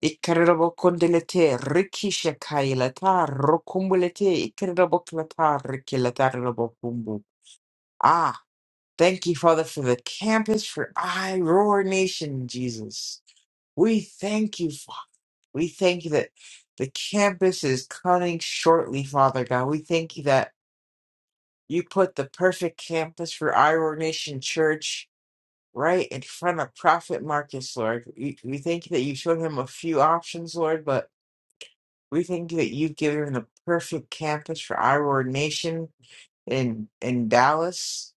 Ikarabokondilete rikisha kailata rokumbulete ikaraboklata rikilata rabokumbu. Ah, thank you, Father, for the campus for I Roar Nation, Jesus. We thank you, Father. We thank you that the campus is coming shortly, Father God. We thank you that you put the perfect campus for I Roar Nation Church right in front of Prophet Marcus, Lord. We, we thank you that you showed him a few options, Lord, but We think that you've given the perfect campus for our nation in in Dallas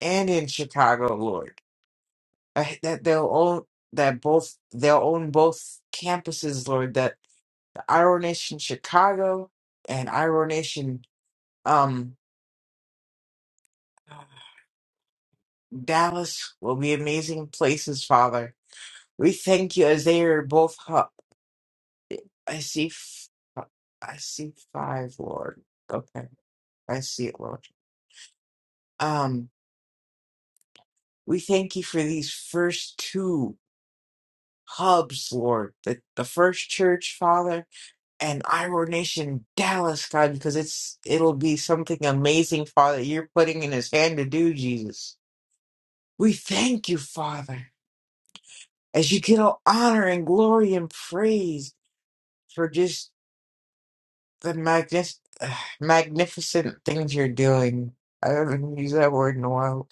and in Chicago, Lord. I, that they'll own that both they'll own both campuses, Lord. That our nation Chicago and our nation um Dallas will be amazing places, Father. We thank you as they are both. Hu- I see, f- I see five, Lord. Okay, I see it, Lord. Um, We thank you for these first two hubs, Lord, the, the first church, Father, and Iowa Nation Dallas, God, because it's it'll be something amazing, Father, you're putting in his hand to do, Jesus. We thank you, Father, as you get all honor and glory and praise for just the magnis- uh, magnificent things you're doing. I haven't used that word in a while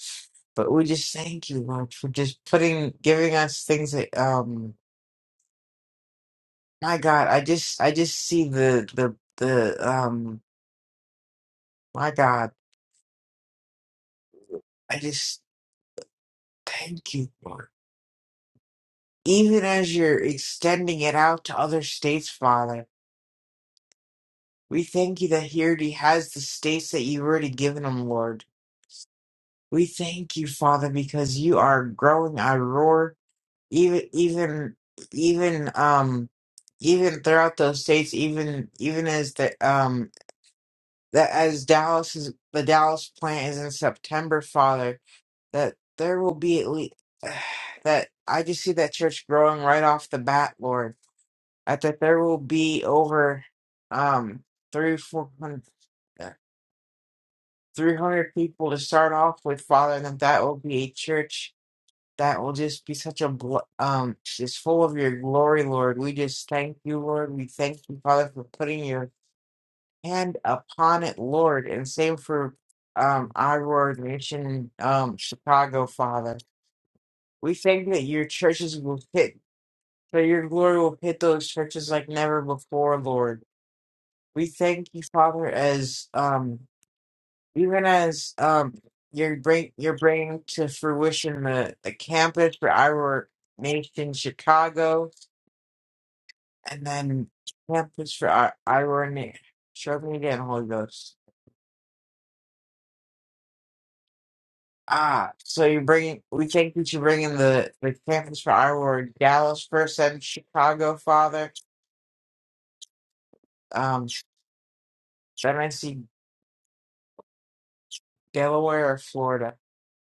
but we just thank you, Lord, for just putting, giving us things that um My God, I just I just see the the the um my God, I just thank you, Lord. Even as you're extending it out to other states, Father, we thank you that he already has the states that you've already given him, Lord. We thank you, Father, because you are growing our roar, even even even um even throughout those states, even even as the um that as Dallas is the Dallas plant is in September, Father. that there will be at least that I just see that church growing right off the bat, Lord. That that there will be over um three four hundred three hundred people to start off with, Father, and that that will be a church that will just be such a bl- um just full of your glory, Lord. We just thank you, Lord. We thank you, Father, for putting your hand upon it, Lord, and same for um our Nation, um Chicago, Father. We thank that your churches will hit, that your glory will hit those churches like never before, Lord. We thank you, Father, as um, even as um, you're bring you're bringing to fruition the, the campus for our nation, Chicago, and then campus for our our nation. Show me again, Holy Ghost. Ah, so you're bringing. We thank you to bring in the the campus for our Dallas first and Chicago, Father. Um, then I see. Delaware, or Florida.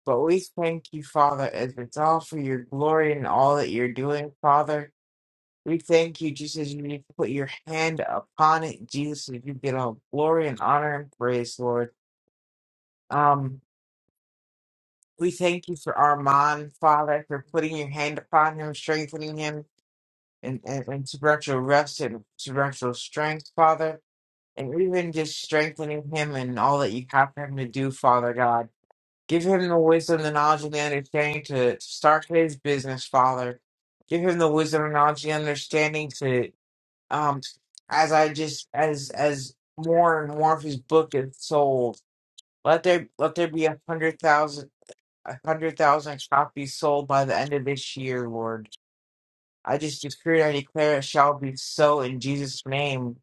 But we thank you, Father, as it's all for your glory and all that you're doing, Father. We thank you, just as you need to put your hand upon it, Jesus, as you get all glory and honor and praise, Lord. Um, we thank you for Armand, Father, for putting your hand upon him, strengthening him, and, and, and supernatural rest and supernatural strength, Father, and even just strengthening him and all that you have for him to do, Father God. Give him the wisdom, the knowledge, and the understanding to start his business, Father. Give him the wisdom, the knowledge, and understanding to, um, as I just as as more and more of his book is sold, let there let there be a hundred thousand a hundred thousand copies sold by the end of this year, Lord. I just decree and I declare it shall be so in Jesus' name.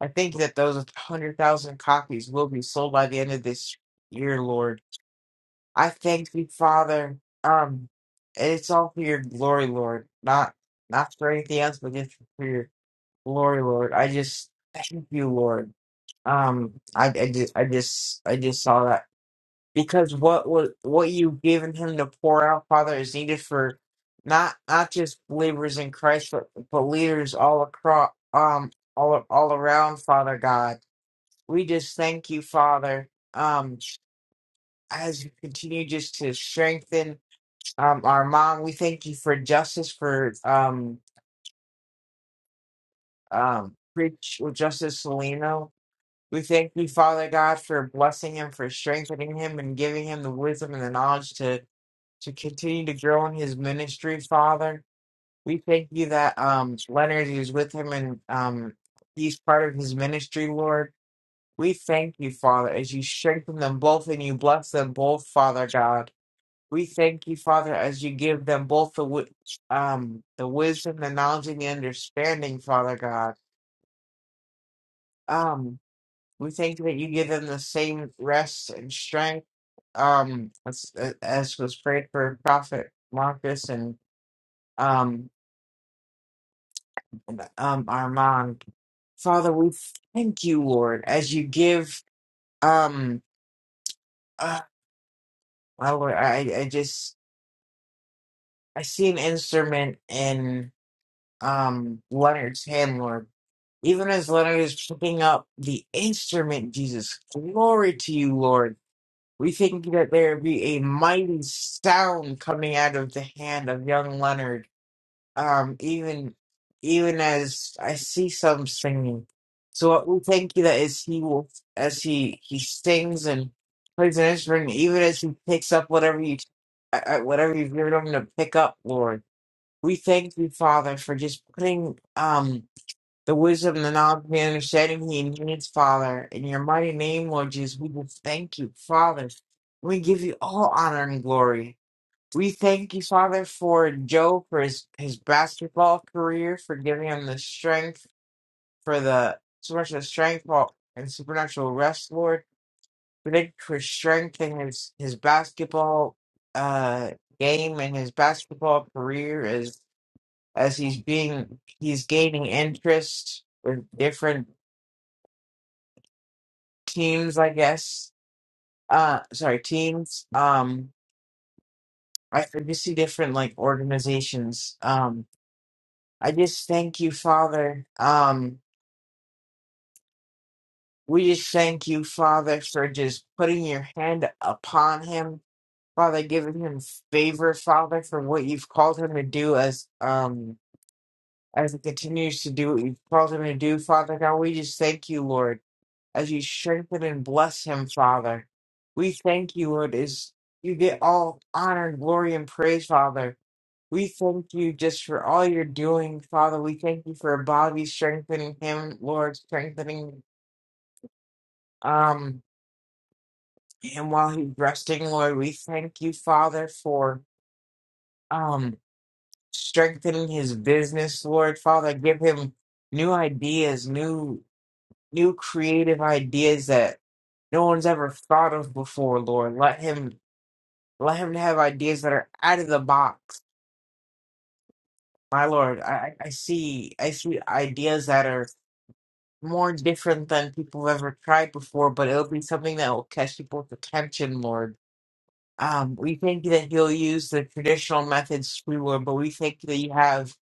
I think that those hundred thousand copies will be sold by the end of this year, Lord. I thank you, Father. Um, and it's all for your glory, Lord. Not not for anything else, but just for your glory, Lord. I just thank you, Lord. Um, I, I just I just I just saw that because what was what you've given him to pour out, Father, is needed for not not just believers in Christ, but but leaders all across um all all around, Father God. We just thank you, Father. Um, as you continue just to strengthen um, our mom, we thank you for justice for um um preach well, Justice Salino. We thank you, Father God, for blessing him, for strengthening him, and giving him the wisdom and the knowledge to to continue to grow in his ministry, Father. We thank you that um Leonard is with him and um he's part of his ministry, Lord. We thank you, Father, as you strengthen them both and you bless them both, Father God. We thank you, Father, as you give them both the wi- um the wisdom, the knowledge, and the understanding, Father God. Um, we thank you that you give them the same rest and strength, um, as, as was prayed for Prophet Marcus and um and, um Armand. Father, we thank you, Lord, as you give um. Uh, my Lord, I I just I see an instrument in um Leonard's hand, Lord. Even as Leonard is picking up the instrument, Jesus, glory to you, Lord. We think that there be a mighty sound coming out of the hand of young Leonard. Um, even even as I see some singing. So what we thank you that is he will as he he sings and plays an instrument, even as he picks up whatever you uh, uh, whatever you've given him to pick up, Lord. We thank you, Father, for just putting um the wisdom, the knowledge, the understanding he needs, Father. In your mighty name, Lord Jesus, we just thank you, Father. We give you all honor and glory. We thank you, Father, for Joe, for his, his basketball career, for giving him the strength, for the so much of the strength Lord, and supernatural rest, Lord. We thank you for strength in his, his basketball uh, game and his basketball career as as he's being he's gaining interest with different teams, I guess. Uh, sorry, teams. Um, I, I just see different like organizations. Um, I just thank you, Father. Um, we just thank you, Father, for just putting your hand upon him, Father, giving him favor, Father, for what you've called him to do as um as he continues to do what you've called him to do, Father God. We just thank you, Lord. as you strengthen and bless him, Father. We thank you, Lord, as you get all honor, glory, and praise, Father. We thank you just for all you're doing, Father. We thank you for Bobby strengthening him, Lord, strengthening um him while he's resting, Lord. We thank you, Father, for um strengthening his business, Lord. Father, give him new ideas, new new creative ideas that no one's ever thought of before, Lord. Let him Let him to have ideas that are out of the box. My lord, I, I I see I see ideas that are more different than people have ever tried before, but it'll be something that will catch people's attention, Lord. Um, we thank you that you'll use the traditional methods we would, but we thank you that you have,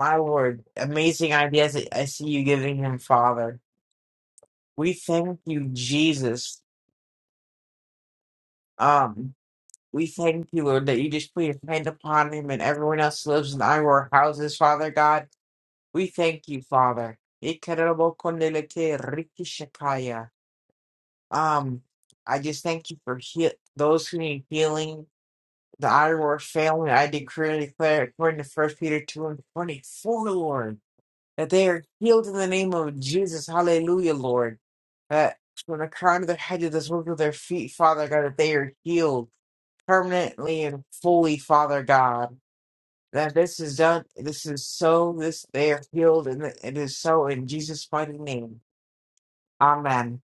my Lord, amazing ideas that I see you giving him, Father. We thank you, Jesus. Um, we thank you, Lord, that you just put your hand upon him and everyone else who lives in our houses, Father God. We thank you, Father. Ikerebokondelete rikishakaya. Um, I just thank you for heal- those who need healing, the Irish family. I decree and declare, according to First Peter 2 and 24, Lord, that they are healed in the name of Jesus. Hallelujah, Lord. That from the crown of their head to the soles of their feet, Father God, that they are healed permanently and fully, Father God that this is done. This is so. This they are healed, and it is so in Jesus' mighty name. Amen.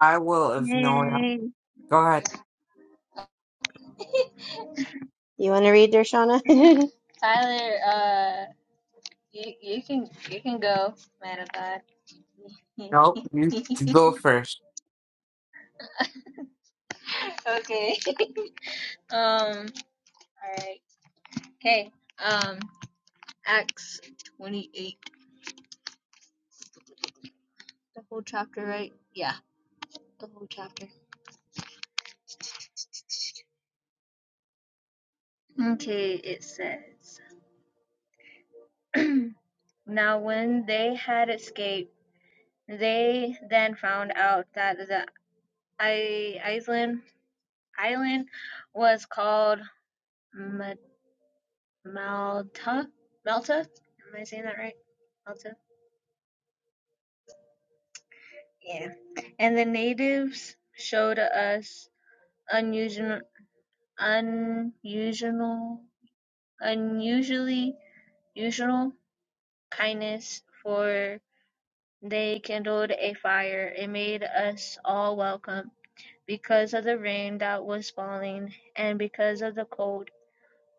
I will ignore. Yay. Go ahead. Tyler, uh, you, you can you can go, man of God. Nope, you go first. okay. Um. All right. Okay. Um. Acts 28. The whole chapter, right? Yeah, the whole chapter. Okay, it says. now, when they had escaped, they then found out that the I- island island was called Malta. Malta. Am I saying that right? Malta. Yeah. And the natives showed us unusual, unusual, unusually usual kindness, for they kindled a fire and made us all welcome, because of the rain that was falling and because of the cold.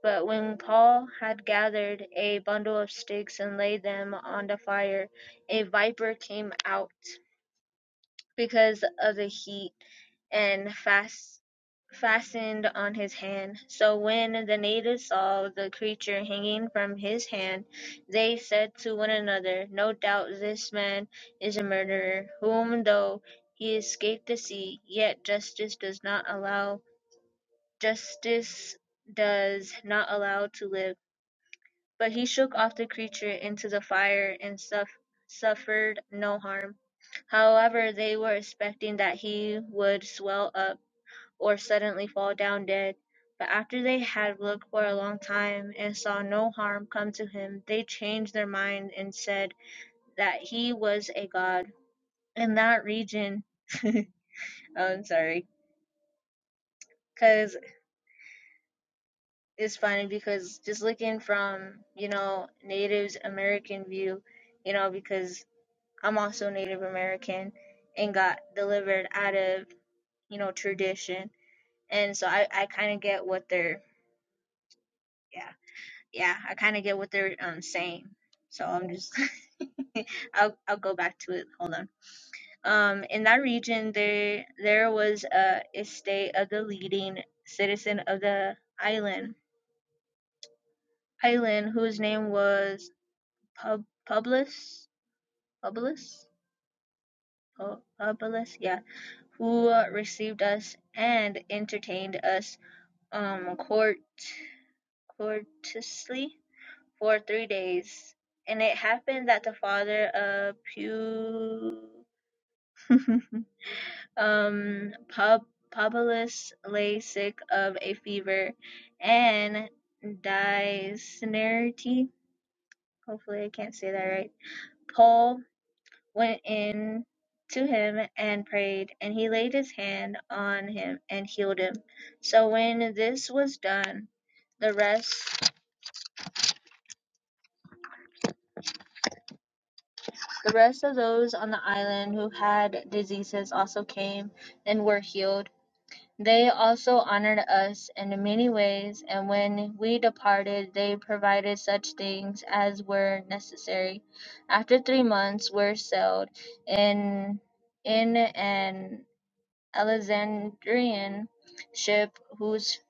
But when Paul had gathered a bundle of sticks and laid them on the fire, a viper came out because of the heat and fast fastened on his hand. So when the natives saw the creature hanging from his hand, they said to one another, No doubt this man is a murderer, whom though he escaped the sea, yet justice does not allow justice does not allow to live. But he shook off the creature into the fire and suff- suffered no harm. However, they were expecting that he would swell up or suddenly fall down dead. But after they had looked for a long time and saw no harm come to him, they changed their mind and said that he was a god. In that region, Oh, I'm sorry, because it's funny because just looking from, you know, Native American view, you know, because I'm also Native American and got delivered out of, you know, tradition. And so I, I kind of get what they're, yeah. yeah, I kind of get what they're um saying. So I'm just I'll I'll go back to it. Hold on. Um, in that region, there there was a estate of the leading citizen of the island island whose name was Pub Publius Publius Pu- Publius yeah who uh, received us and entertained us um court courteously for three days. And it happened that the father of Pu um Pub Publius lay sick of a fever and dysentery. Hopefully I can't say that right. Paul went in to him and prayed, and he laid his hand on him and healed him. So when this was done, the rest The rest of those on the island who had diseases also came, and were healed. They also honored us in many ways, and when we departed, they provided such things as were necessary. After three months, we sailed in in an Alexandrian ship whose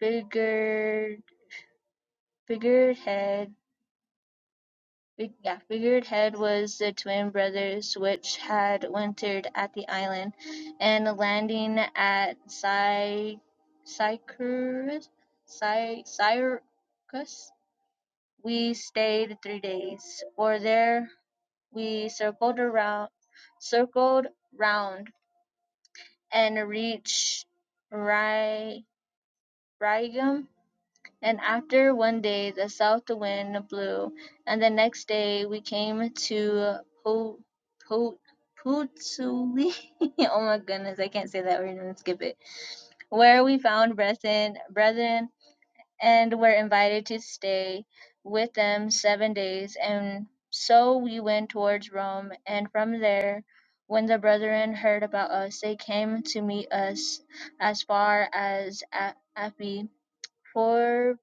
figured, figurehead Big, yeah, Figured Head was the twin brothers which had wintered at the island, and landing at Cy- Cycurus, Cy- Syracuse, we stayed three days, for there we circled around, circled round, and reached Ry- Rhegium And after one day the south wind blew, and the next day we came to Po Po Putsuli. oh my goodness, I can't say that word. I'm gonna skip it. Where we found brethren, brethren, and were invited to stay with them seven days. And so we went towards Rome, and from there, when the brethren heard about us, they came to meet us as far as A- Appii. for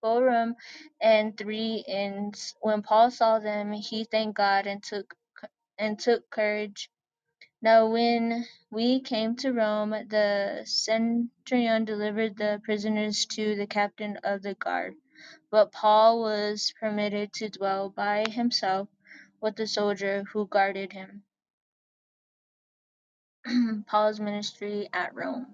Forum and three inns. When Paul saw them, he thanked God and took and took courage. Now when we came to Rome, the centurion delivered the prisoners to the captain of the guard. But Paul was permitted to dwell by himself with the soldier who guarded him. Paul's ministry at Rome.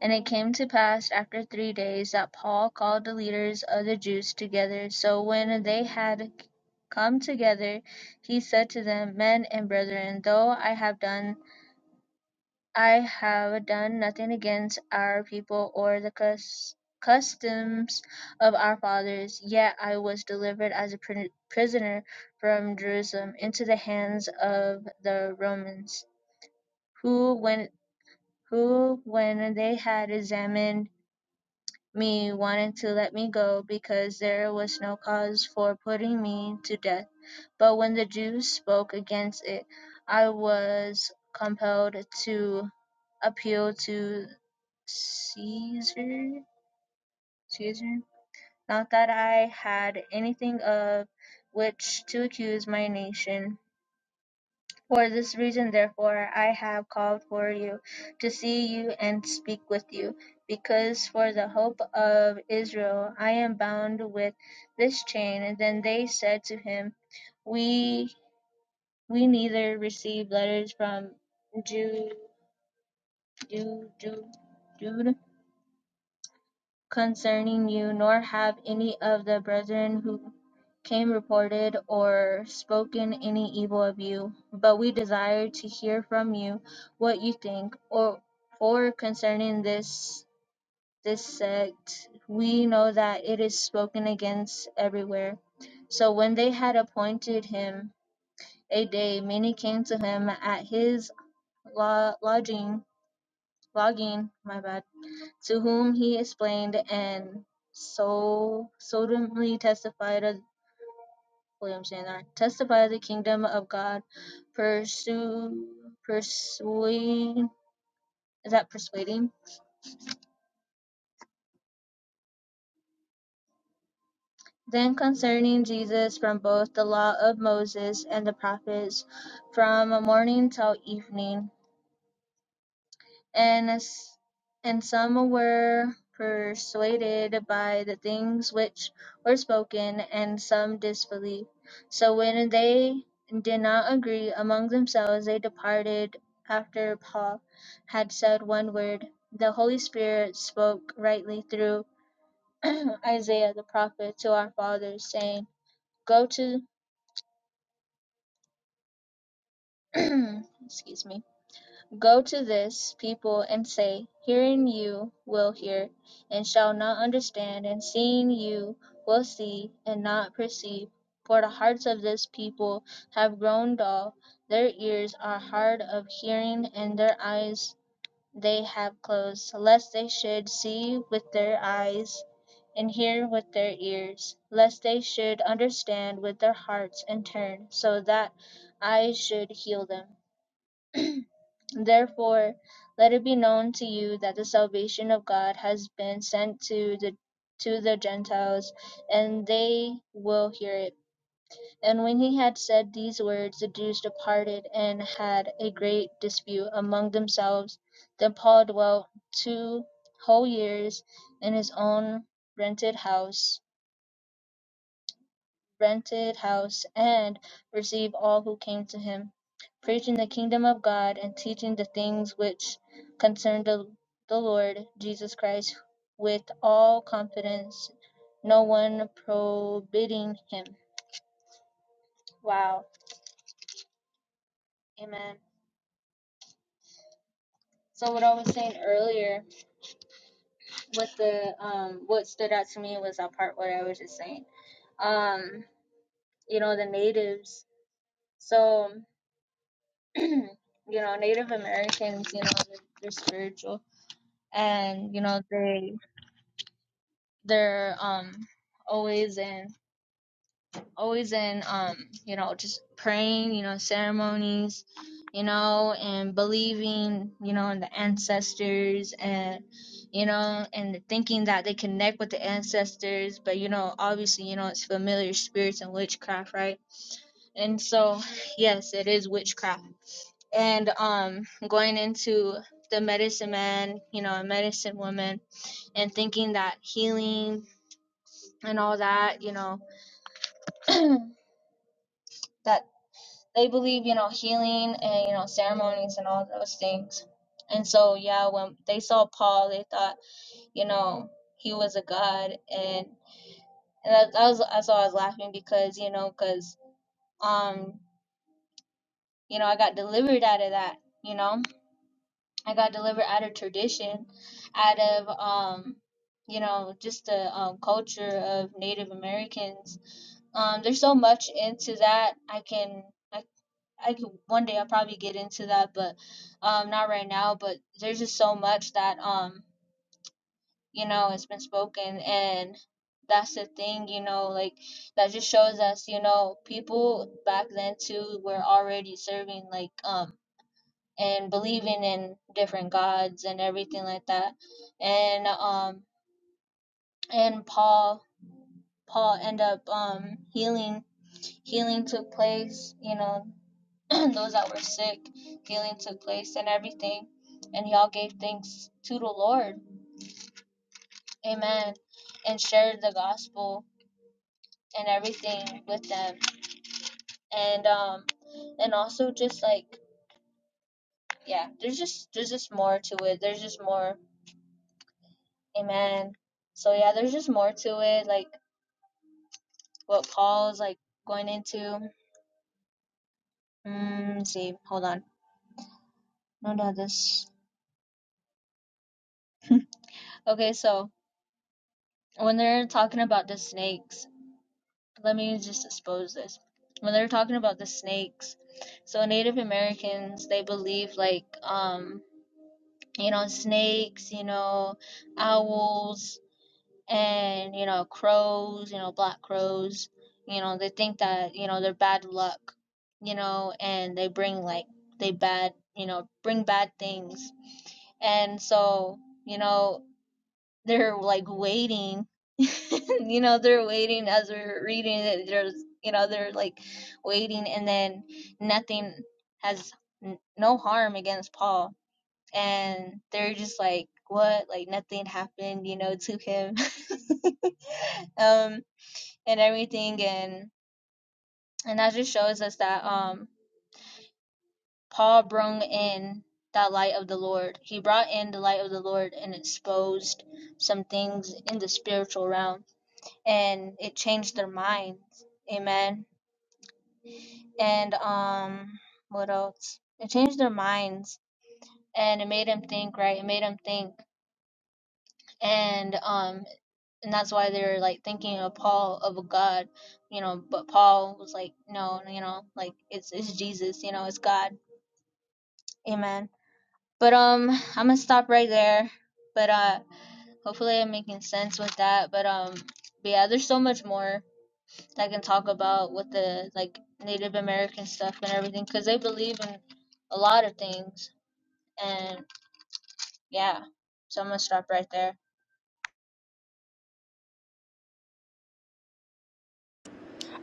And it came to pass after three days, that Paul called the leaders of the Jews together. So when they had come together, he said to them, Men and brethren, though I have done, I have done nothing against our people or the cus- customs of our fathers, yet I was delivered as a pr- prisoner from Jerusalem into the hands of the Romans, who when who when they had examined me wanted to let me go because there was no cause for putting me to death. But when the Jews spoke against it, I was compelled to appeal to Caesar. Caesar? Not that I had anything of which to accuse my nation, For this reason therefore I have called for you, to see you and speak with you, because for the hope of Israel I am bound with this chain. And then they said to him, We we neither received letters from Jude, Jude, Jude, Jude concerning you, nor have any of the brethren who came reported or spoken any evil of you, but we desire to hear from you what you think or for concerning this this sect. We know that it is spoken against everywhere. So when they had appointed him a day, many came to him at his lo- lodging lodging, my bad, to whom he explained and so solemnly testified of William Sandler, testify the kingdom of God, pursue, pursuing, is that persuading? Then concerning Jesus from both the law of Moses and the prophets, from morning till evening, and as, and some were persuaded by the things which were spoken, and some disbelieved. So when they did not agree among themselves, they departed after Paul had said one word. The Holy Spirit spoke rightly through Isaiah the prophet to our fathers, saying, Go to excuse me Go to this people and say, Hearing you will hear, and shall not understand, and seeing you will see, and not perceive. For the hearts of this people have grown dull, their ears are hard of hearing, and their eyes they have closed, lest they should see with their eyes, and hear with their ears, lest they should understand with their hearts, and turn, so that I should heal them. Therefore let it be known to you that the salvation of God has been sent to the to the Gentiles, and they will hear it. And when he had said these words, the Jews departed and had a great dispute among themselves. Then Paul dwelt two whole years in his own rented house, rented house, and receive all who came to him, preaching the kingdom of God and teaching the things which concern the, the Lord Jesus Christ with all confidence, no one prohibiting him. Wow. Amen. So what I was saying earlier, what the um what stood out to me was that part what I was just saying. Um, you know, the natives. So you know, Native Americans, you know, they're, they're spiritual and you know they they're um always in always in um you know just praying you know ceremonies you know and believing you know in the ancestors and you know and thinking that they connect with the ancestors but you know obviously you know it's familiar spirits and witchcraft right and so yes it is witchcraft and um going into the medicine man you know a medicine woman and thinking that healing and all that, you know, that they believe, you know, healing and, you know, ceremonies and all those things. And so, yeah, when they saw Paul, they thought, you know, he was a god. And, and that, that was, that's why I was laughing because, you know, because, um, you know, I got delivered out of that, you know, I got delivered out of tradition, out of, um, you know, just the um, culture of Native Americans Um, there's so much into that. I can, I, I could one day I'll probably get into that, but um, not right now. But there's just so much that um, you know, it has been spoken, and that's the thing, you know, like that just shows us, you know, people back then too were already serving like um and believing in different gods and everything like that, and um and Paul Paul end up um healing healing took place, you know, those that were sick, healing took place, and everything. And y'all gave thanks to the Lord. Amen. And shared the gospel and everything with them. And um and also just like yeah, there's just there's just more to it. There's just more. Amen. So yeah, there's just more to it, like what Paul's like going into. Mm, let's see, hold on. No, no, this. Okay, so when they're talking about the snakes, let me just expose this. When they're talking about the snakes, so Native Americans they believe like um you know snakes, you know owls and you know crows, you know black crows. You know they think that you know they're bad luck, you know, and they bring like they bad you know bring bad things and so you know they're like waiting you know they're waiting as we're reading it there's you know they're like waiting and then nothing has n- no harm against paul and they're just like what like nothing happened you know to him um and everything and and that just shows us that um paul brought in that light of the lord he brought in the light of the lord and exposed some things in the spiritual realm and it changed their minds amen and um what else it changed their minds and it made them think right it made them think and um and that's why they're like thinking of paul of a god you know but paul was like no you know like it's it's jesus you know it's god amen but um i'm gonna stop right there but uh hopefully i'm making sense with that but um but yeah there's so much more that i can talk about with the like native american stuff and everything because they believe in a lot of things And yeah, so I'm gonna stop right there.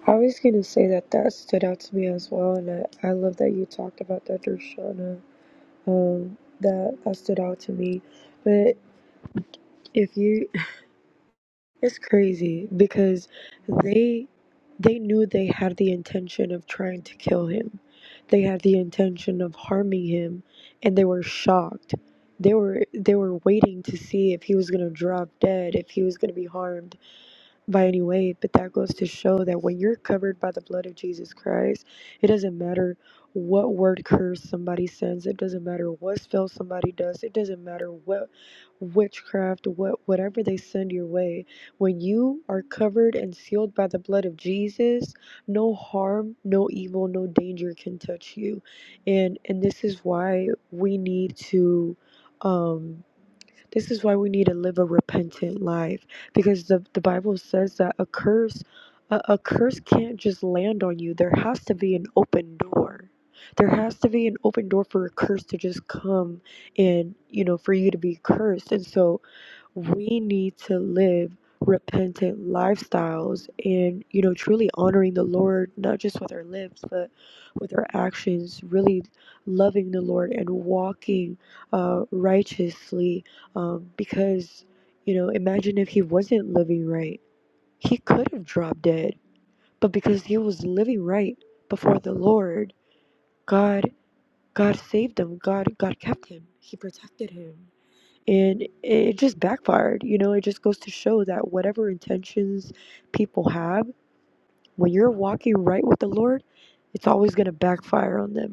I was going to say that that stood out to me as well, and I, I love that you talked about that, Darshana. Um, that that stood out to me. But if you, it's crazy because they they knew they had the intention of trying to kill him. They had the intention of harming him, and they were shocked. They were they were waiting to see if he was going to drop dead, if he was going to be harmed, by any way, but that goes to show that when you're covered by the blood of Jesus Christ, it doesn't matter what word curse somebody sends, it doesn't matter what spell somebody does, it doesn't matter what witchcraft, what whatever they send your way. When you are covered and sealed by the blood of Jesus, no harm, no evil, no danger can touch you. And and this is why we need to um this is why we need to live a repentant life because the, the Bible says that a curse a, a curse can't just land on you. There has to be an open door. There has to be an open door for a curse to just come and you know for you to be cursed. And so we need to live repentant lifestyles and you know truly honoring the lord not just with our lips but with our actions really loving the lord and walking uh, righteously um, because you know imagine if he wasn't living right he could have dropped dead but because he was living right before the lord god god saved him god god kept him he protected him and it just backfired you know it just goes to show that whatever intentions people have when you're walking right with the lord it's always going to backfire on them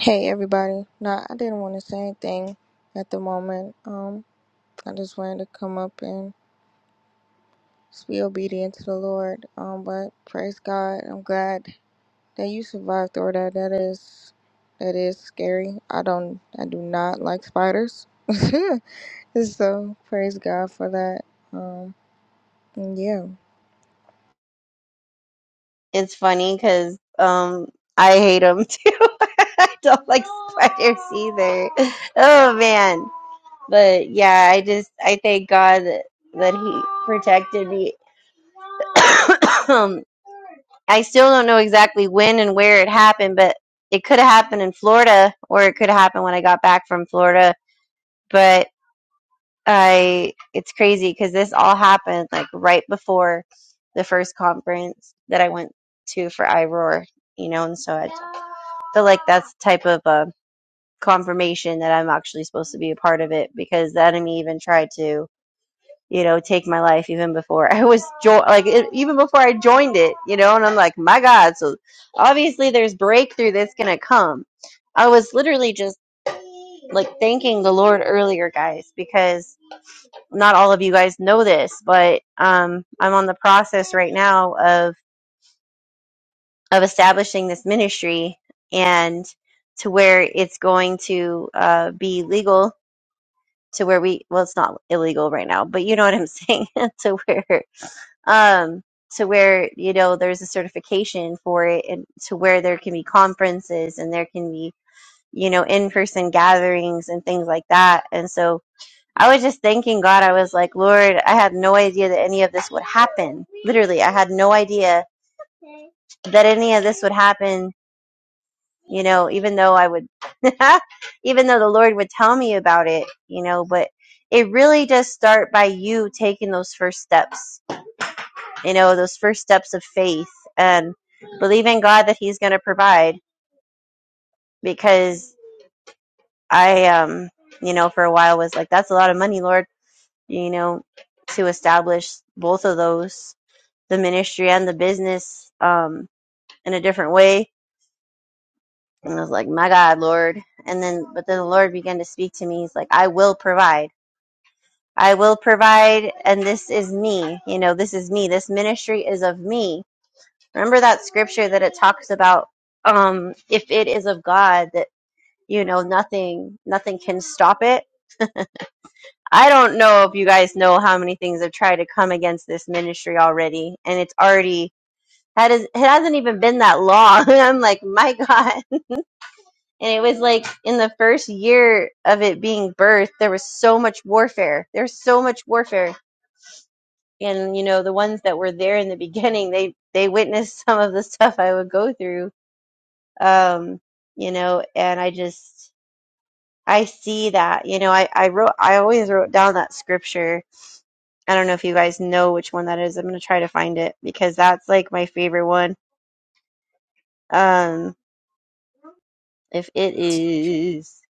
Hey everybody. Nah, I didn't want to say anything at the moment. Um, I just wanted to come up and just be obedient to the Lord. Um, but praise God. I'm glad that you survived through that. That is that is scary. I don't I do not like spiders. so praise God for that. Um and yeah.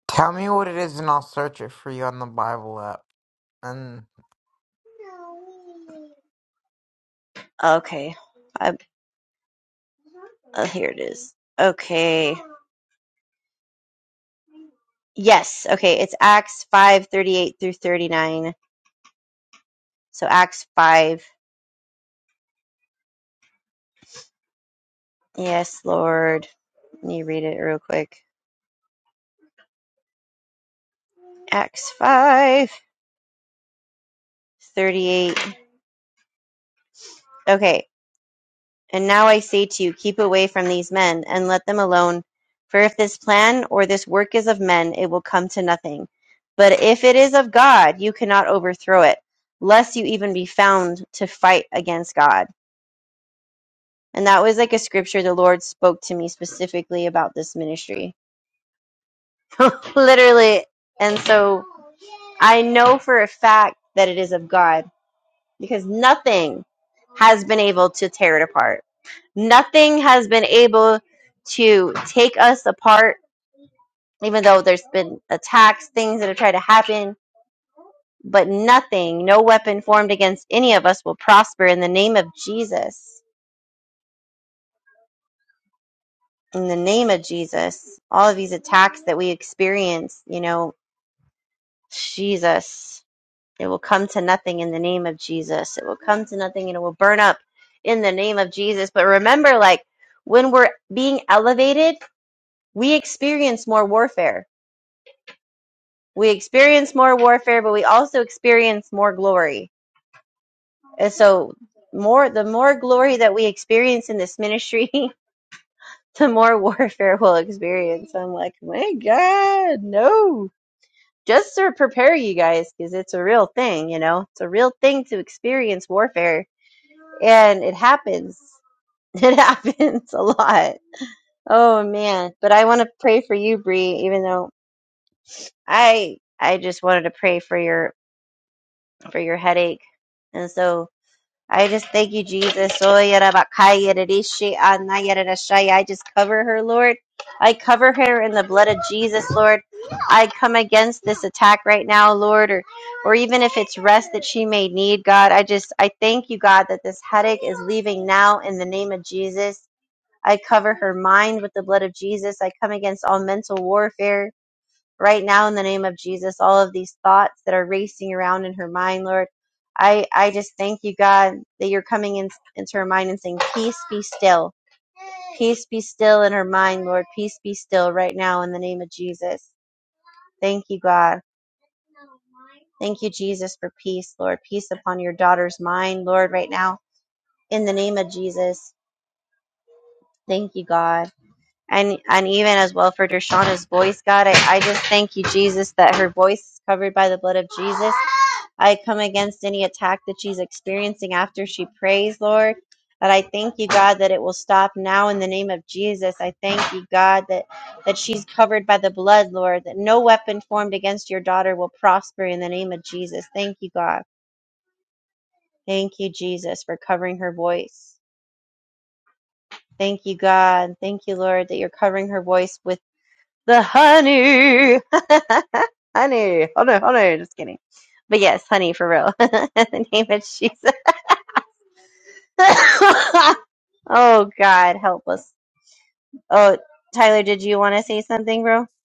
Tell me what it is and I'll search it for you on the Bible app. And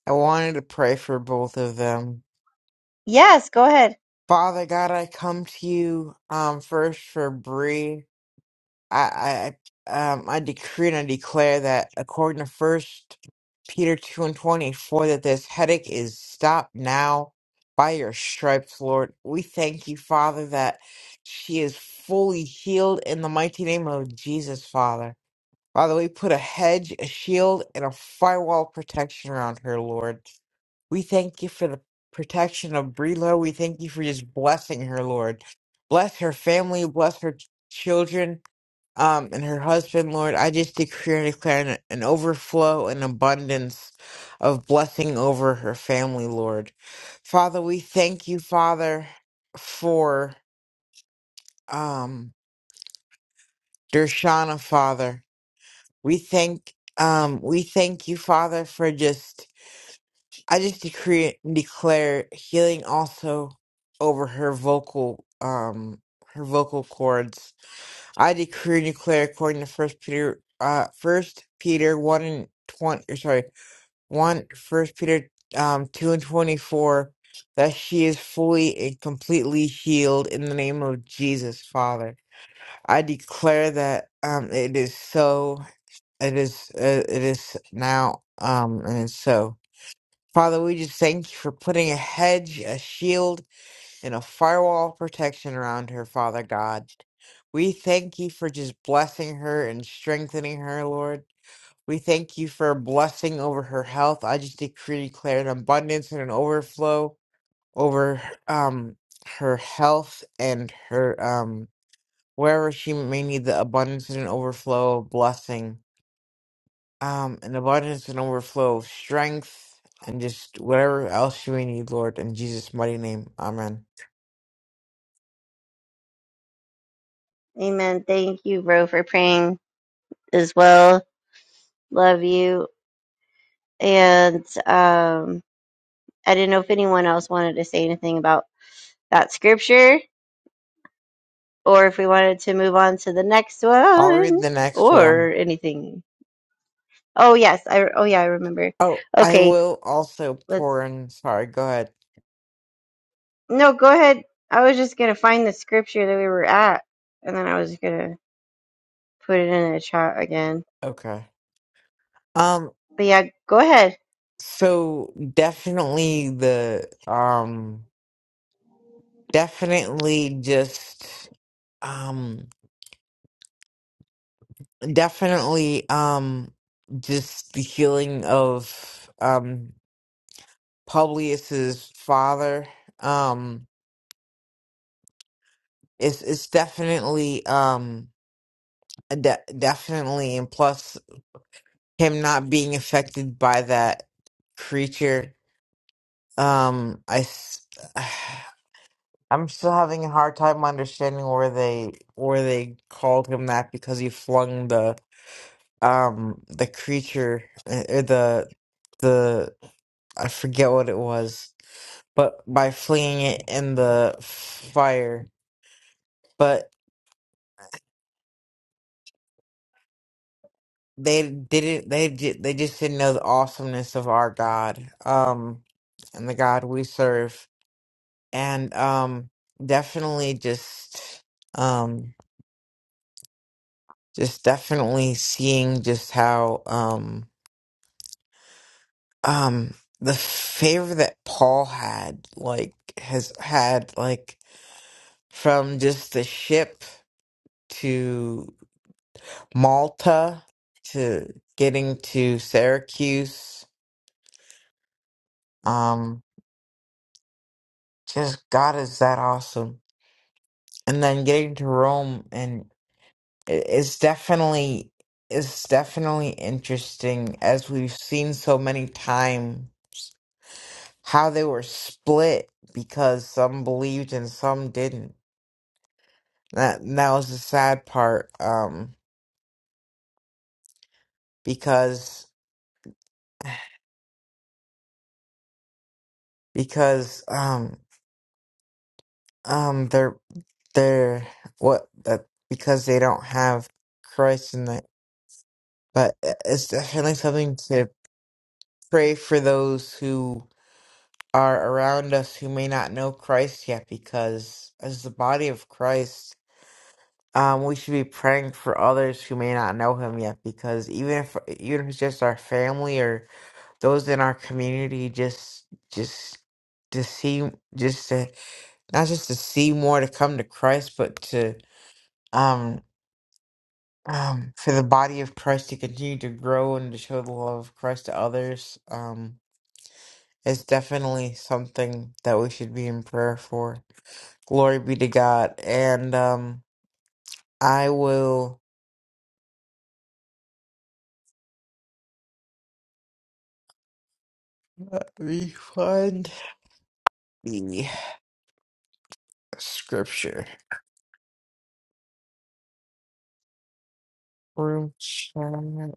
I wanted to pray for both of them. Father God, I come to you um first for Bree. I, I um I decree and I declare that according to First Peter two and twenty four that this headache is stopped now by your stripes, Lord. We thank you, Father, that she is fully healed in the mighty name of Jesus, Father. Father, we put a hedge, a shield, and a firewall of protection around her, Lord. We thank you for the protection of Brelo. We thank you for just blessing her, Lord. Bless her family, bless her children, um, and her husband, Lord, I just decree and declare an, an overflow and abundance of blessing over her family, Lord. Father, we thank you, Father, for um, Dershana, Father. We thank um, we thank you, Father, for just I just decree and declare healing also over her vocal um her vocal cords I decree and declare according to First Peter, uh, First Peter one and twenty, or sorry, one First Peter, um, two and twenty four, that she is fully and completely healed in the name of Jesus, Father. I declare that um, it is so. It is. Uh, it is now. Um, and it's so. Father, we just thank you for putting a hedge, a shield and a firewall of protection around her, Father God. We thank you for just blessing her and strengthening her, Lord. We thank you for a blessing over her health. I just decree and declare an abundance and an overflow over um her health and her um wherever she may need the abundance and an overflow of blessing. Um an abundance and overflow of strength and just whatever else she may need, Lord, in Jesus' mighty name. Amen. I'll read the next one. Oh, I will also pour in. Sorry, go ahead. Okay. Um, so definitely the um definitely just um definitely um just the healing of um Publius's father. Um it's it's definitely um de- definitely and plus him not being affected by that creature Um, I s- I'm still having a hard time understanding where they where they called him that because he flung the um the creature uh, or the the I forget what it was, but by flinging it in the fire, but they didn't they ju- they just didn't know the awesomeness of our God, um, and the God we serve, and um, definitely just um, just definitely seeing just how um um the favor that Paul had like has had like from just the ship to Malta to getting to Syracuse um just God is that awesome and then getting to Rome and it, it's definitely it's definitely interesting as we've seen so many times how they were split because some believed and some didn't. That and that was the sad part. Um, because because um um they're they're what that because they don't have Christ in that. But e, it's definitely something to pray for those who are around us who may not know Christ yet, because as the body of Christ. Um, we should be praying for others who may not know him yet, because even if even if it's just our family or those in our community, just just to see, just to not just to see more to come to Christ, but to um um for the body of Christ to continue to grow and to show the love of Christ to others. Um, it's definitely something that we should be in prayer for. Glory be to God, and um, I will uh, refund. Scripture. Group chat.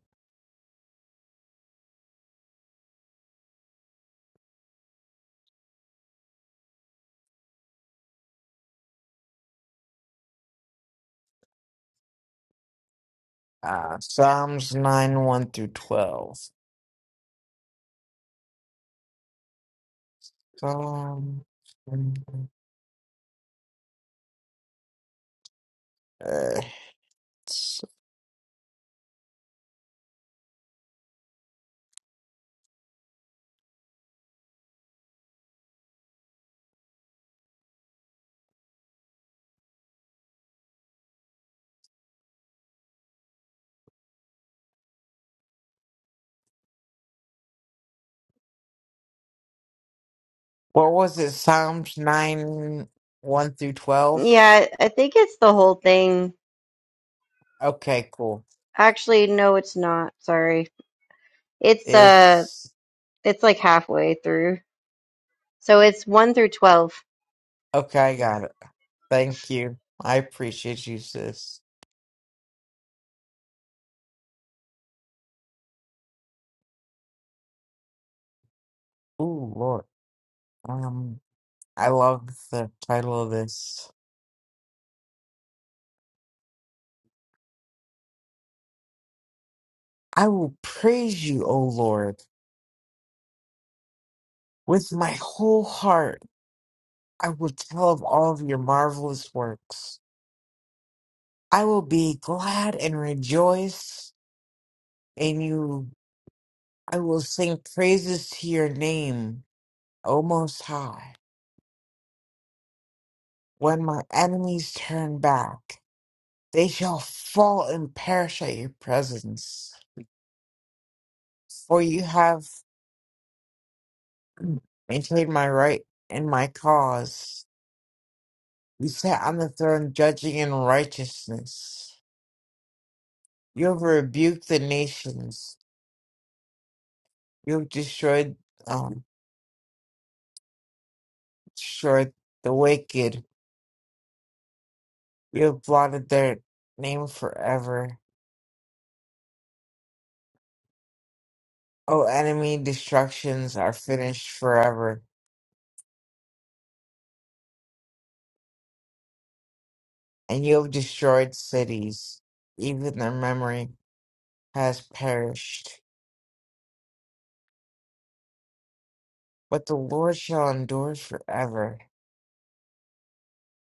Uh, Psalms 9 1 through 12. Psalm. Uh, what was it? Psalms 9 1 through 12? Okay, cool. It's. Okay, I got it. Thank you. I appreciate you, sis. Ooh, Lord. Um, I love the title of this. I will praise you, O Lord, with my whole heart. I will tell of all of your marvelous works. I will be glad and rejoice in you. I will sing praises to your name, O Most High. When my enemies turn back, they shall fall and perish at your presence. For you have maintained my right and my cause. You sat on the throne judging in righteousness. You have rebuked the nations. You have destroyed. um, Sure, the wicked, you have blotted their name forever. O enemy, destructions are finished forever, and you have destroyed cities. Even their memory has perished. But the Lord shall endure forever.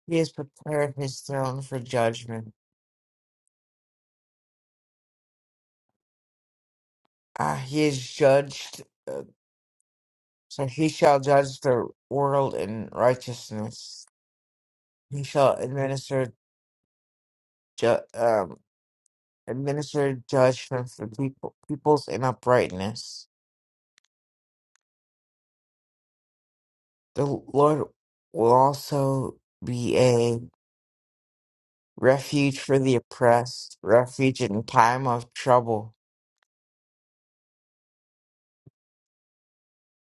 He has prepared his throne for judgment. Ah, he has judged, uh, so he shall judge the world in righteousness. He shall administer justice. administer judgment for people, peoples in uprightness. The Lord will also be a refuge for the oppressed, refuge in time of trouble.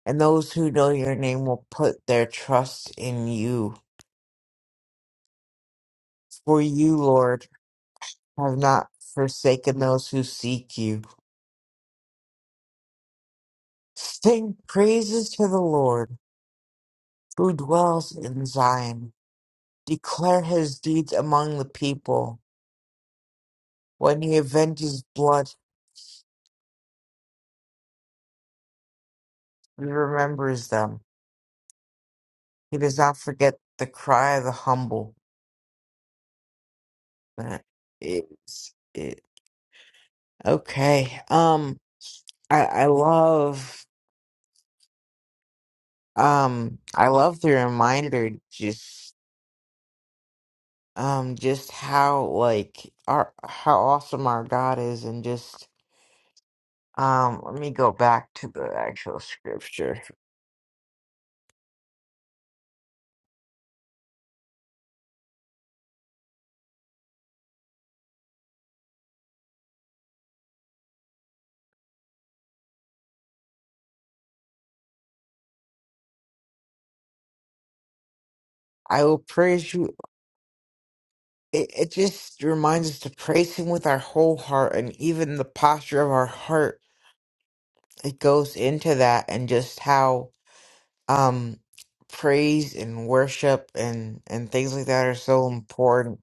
And those who know your name will put their trust in you. For you, Lord, have not forsaken those who seek you. Sing praises to the Lord who dwells in Zion. Declare his deeds among the people. When he avenges blood, He remembers them. He does not forget the cry of the humble. That is it. Okay. Um, I I love um I love the reminder just um just how like our how awesome our God is and just um let me go back to the actual scripture. I will praise you. It, it just reminds us to praise him with our whole heart and even the posture of our heart it goes into that and just how um praise and worship and and things like that are so important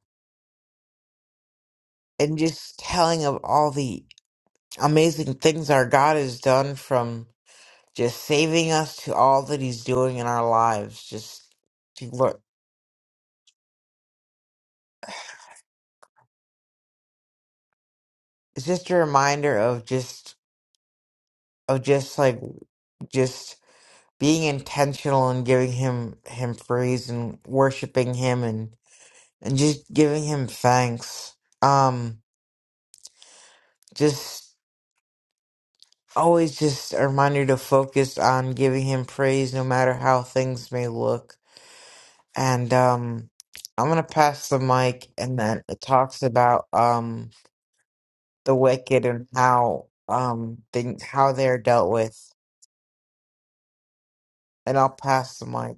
and just telling of all the amazing things our God has done from just saving us to all that he's doing in our lives just to look it's just a reminder of just of just like just being intentional and giving him him praise and worshiping him and and just giving him thanks um just always just a reminder to focus on giving him praise no matter how things may look. And um I'm gonna pass the mic and then it talks about um the wicked and how um things how they're dealt with. And I'll pass the mic.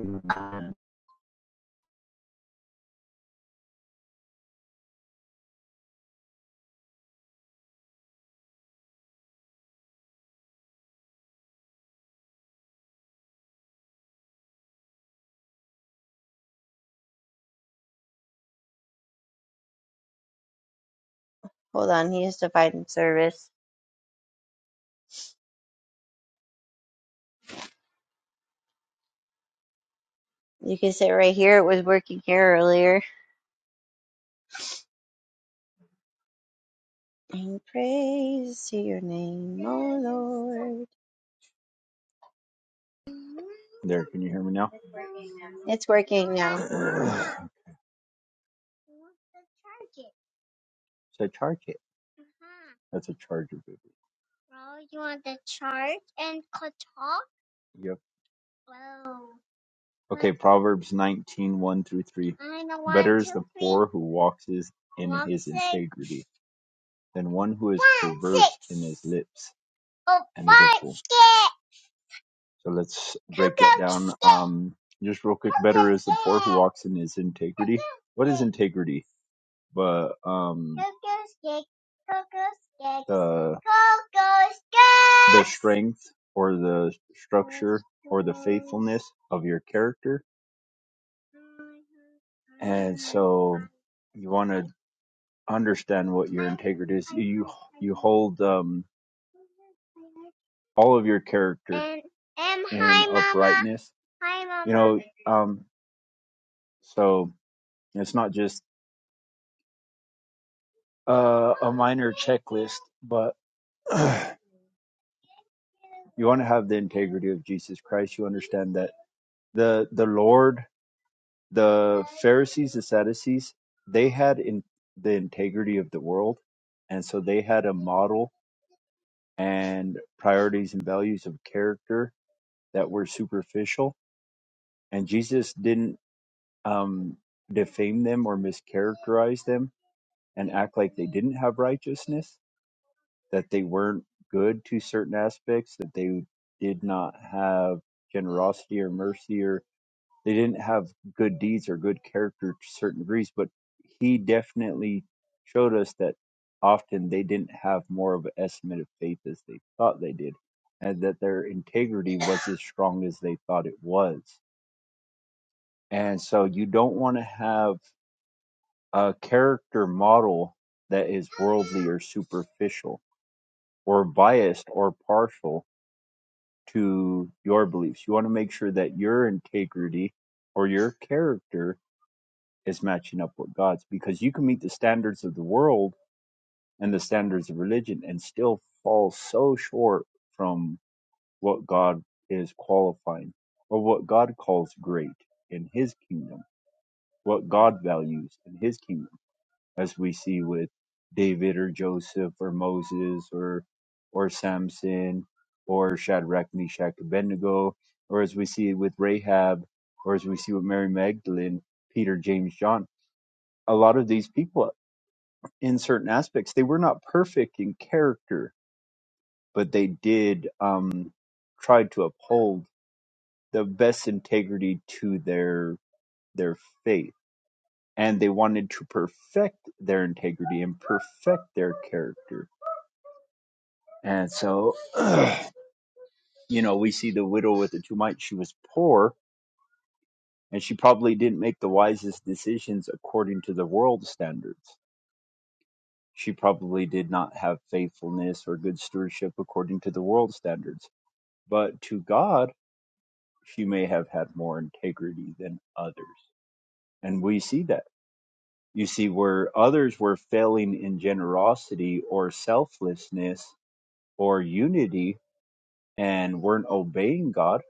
There, can you hear me now? so charge it. That's a charger, baby. Yep. Okay, Proverbs 19, one through 3. Better is the poor who walks in his integrity than one who is perverse in his lips and is a fool. So let's break that down. Um, just real quick, better is the poor who walks in his integrity. What is integrity? But um Coco's cake, the Coco's cake. the strength or the structure or the faithfulness of your character. And so you want to understand what your integrity is. You you hold um all of your character and, and in hi, uprightness. Hi Mama. You know, um so it's not just uh, a minor checklist, but you want to have the integrity of Jesus Christ. You understand that the the Lord, the Pharisees, the Sadducees, they had in the integrity of the world, and so they had a model and priorities and values of character that were superficial. And Jesus didn't um, defame them or mischaracterize them and act like they didn't have righteousness, that they weren't good to certain aspects, that they did not have generosity or mercy or they didn't have good deeds or good character to certain degrees, but he definitely showed us that often they didn't have more of an estimate of faith as they thought they did, and that their integrity was as strong as they thought it was. And so you don't want to have a character model that is worldly or superficial or biased or partial to your beliefs. You want to make sure that your integrity or your character is matching up with God's because you can meet the standards of the world and the standards of religion and still fall so short from what God is qualifying or what God calls great in his kingdom, what God values in his kingdom, as we see with David or Joseph or Moses or or Samson or Shadrach, Meshach, Abednego, or as we see with Rahab, or as we see with Mary Magdalene, Peter, James, John a lot of these people in certain aspects. They were not perfect in character, but they did um, try to uphold the best integrity to their their faith, and they wanted to perfect their integrity and perfect their character. And so, you know, we see the widow with the two mites. She was poor, and she probably didn't make the wisest decisions according to the world standards. She probably did not have faithfulness or good stewardship according to the world standards but to God, she may have had more integrity than others. And we see that. You see, where others were failing in generosity or selflessness or unity and weren't obeying God,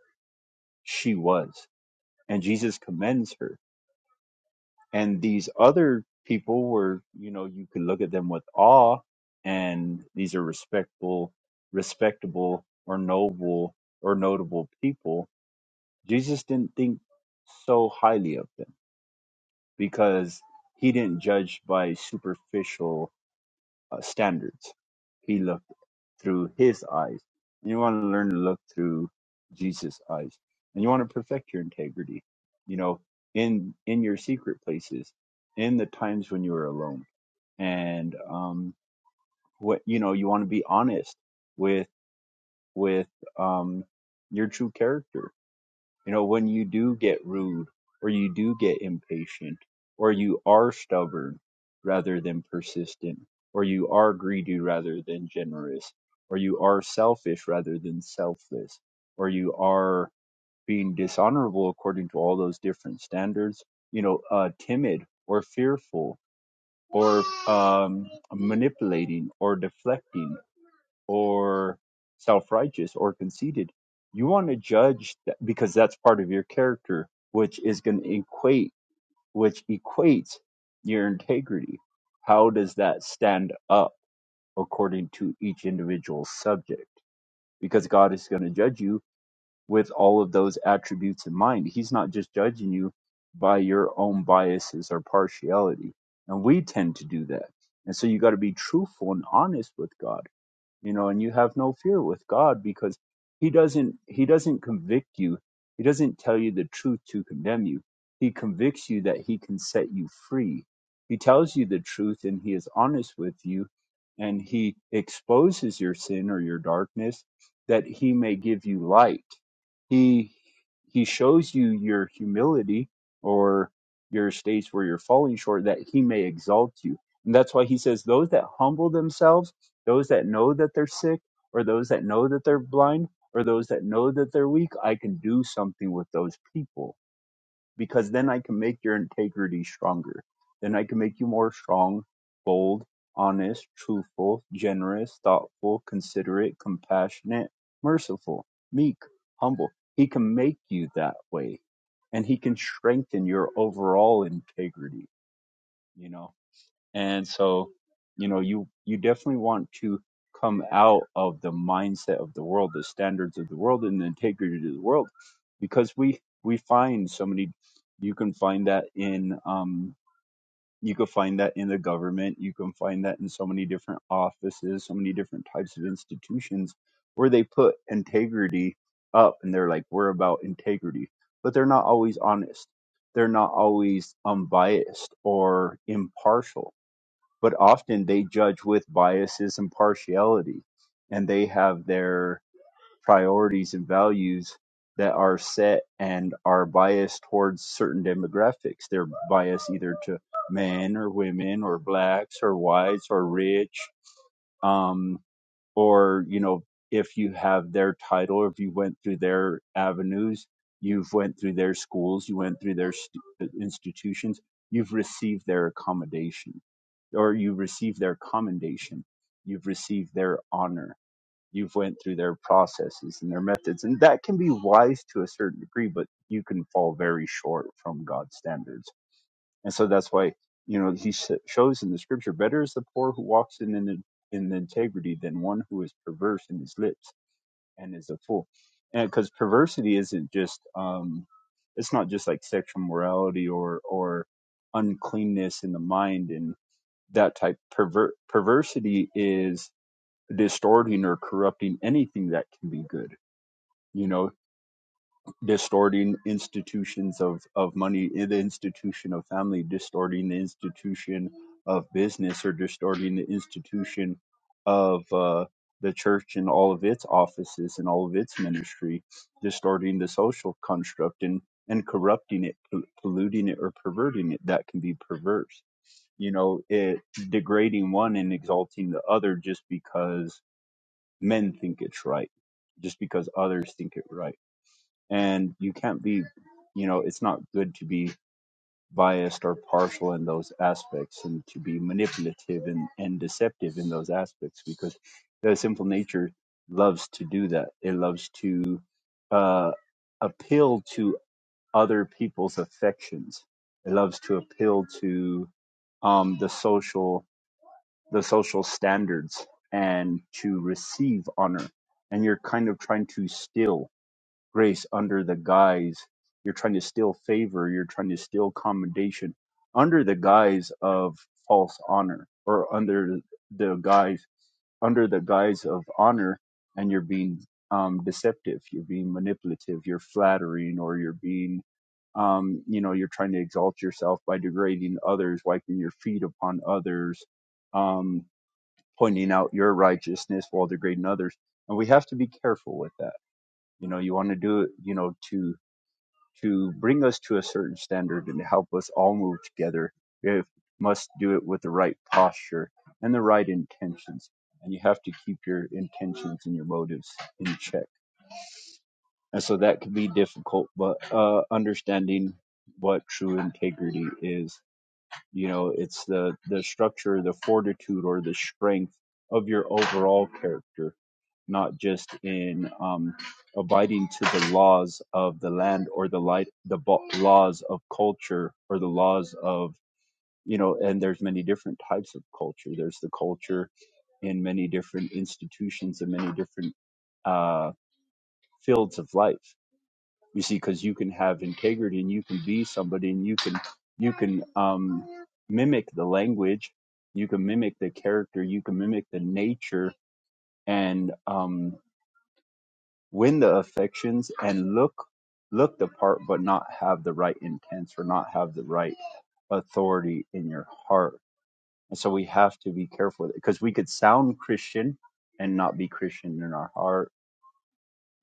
she was. And Jesus commends her. And these other people were, you know, you could look at them with awe, and these are respectful, respectable, or noble or notable people. Jesus didn't think so highly of them because he didn't judge by superficial uh, standards. He looked through his eyes. And you want to learn to look through Jesus' eyes, and you want to perfect your integrity. You know, in in your secret places, in the times when you are alone, and um, what you know, you want to be honest with with um, your true character you know, when you do get rude or you do get impatient or you are stubborn rather than persistent or you are greedy rather than generous or you are selfish rather than selfless or you are being dishonorable according to all those different standards, you know, uh, timid or fearful or um, manipulating or deflecting or self righteous or conceited. You want to judge that because that's part of your character, which is going to equate, which equates your integrity. How does that stand up according to each individual subject? Because God is going to judge you with all of those attributes in mind. He's not just judging you by your own biases or partiality. And we tend to do that. And so you got to be truthful and honest with God you know and you have no fear with god because he doesn't he doesn't convict you he doesn't tell you the truth to condemn you he convicts you that he can set you free he tells you the truth and he is honest with you and he exposes your sin or your darkness that he may give you light he he shows you your humility or your states where you're falling short that he may exalt you and that's why he says those that humble themselves those that know that they're sick, or those that know that they're blind, or those that know that they're weak, I can do something with those people because then I can make your integrity stronger. Then I can make you more strong, bold, honest, truthful, generous, thoughtful, considerate, compassionate, merciful, meek, humble. He can make you that way and he can strengthen your overall integrity, you know and so, you know, you you definitely want to come out of the mindset of the world, the standards of the world, and the integrity of the world, because we we find so many. You can find that in um, you can find that in the government. You can find that in so many different offices, so many different types of institutions where they put integrity up, and they're like, we're about integrity, but they're not always honest. They're not always unbiased or impartial but often they judge with biases and partiality, and they have their priorities and values that are set and are biased towards certain demographics. They're biased either to men or women or blacks or whites or rich. Um, or you know if you have their title or if you went through their avenues you've went through their schools you went through their stu- uh, institutions you've received their accommodation or you received their commendation you've received their honor you've went through their processes and their methods and that can be wise to a certain degree but you can fall very short from god's standards and so that's why you know he sh- shows in the scripture better is the poor who walks in in, in integrity than one who is perverse in his lips and is a fool and because perversity isn't just um it's not just like sexual morality or or uncleanness in the mind and that type perver- perversity is distorting or corrupting anything that can be good you know distorting institutions of, of money in the institution of family, distorting the institution of business, or distorting the institution of uh, the church and all of its offices and all of its ministry, distorting the social construct and, and corrupting it, pol- polluting it, or perverting it. That can be perverse. You know, it degrading one and exalting the other just because men think it's right, just because others think it right and you can't be you know it's not good to be biased or partial in those aspects and to be manipulative and, and deceptive in those aspects because the simple nature loves to do that it loves to uh, appeal to other people's affections it loves to appeal to um, the social the social standards and to receive honor and you're kind of trying to steal grace under the guise you're trying to steal favor, you're trying to steal commendation under the guise of false honor or under the guise under the guise of honor and you're being um, deceptive, you're being manipulative, you're flattering or you're being um, you know, you're trying to exalt yourself by degrading others, wiping your feet upon others, um, pointing out your righteousness while degrading others. And we have to be careful with that. You know, you want to do it, you know, to to bring us to a certain standard and help us all move together. we must do it with the right posture and the right intentions. And you have to keep your intentions and your motives in check. And so that can be difficult, but uh, understanding what true integrity is, you know, it's the, the structure, the fortitude, or the strength of your overall character not just in um, abiding to the laws of the land or the light, the bo- laws of culture or the laws of you know. And there's many different types of culture. There's the culture in many different institutions and many different uh, fields of life. You see, because you can have integrity and you can be somebody and you can you can um, mimic the language, you can mimic the character, you can mimic the nature and um, win the affections and look look the part but not have the right intents or not have the right authority in your heart and so we have to be careful with it, because we could sound christian and not be christian in our heart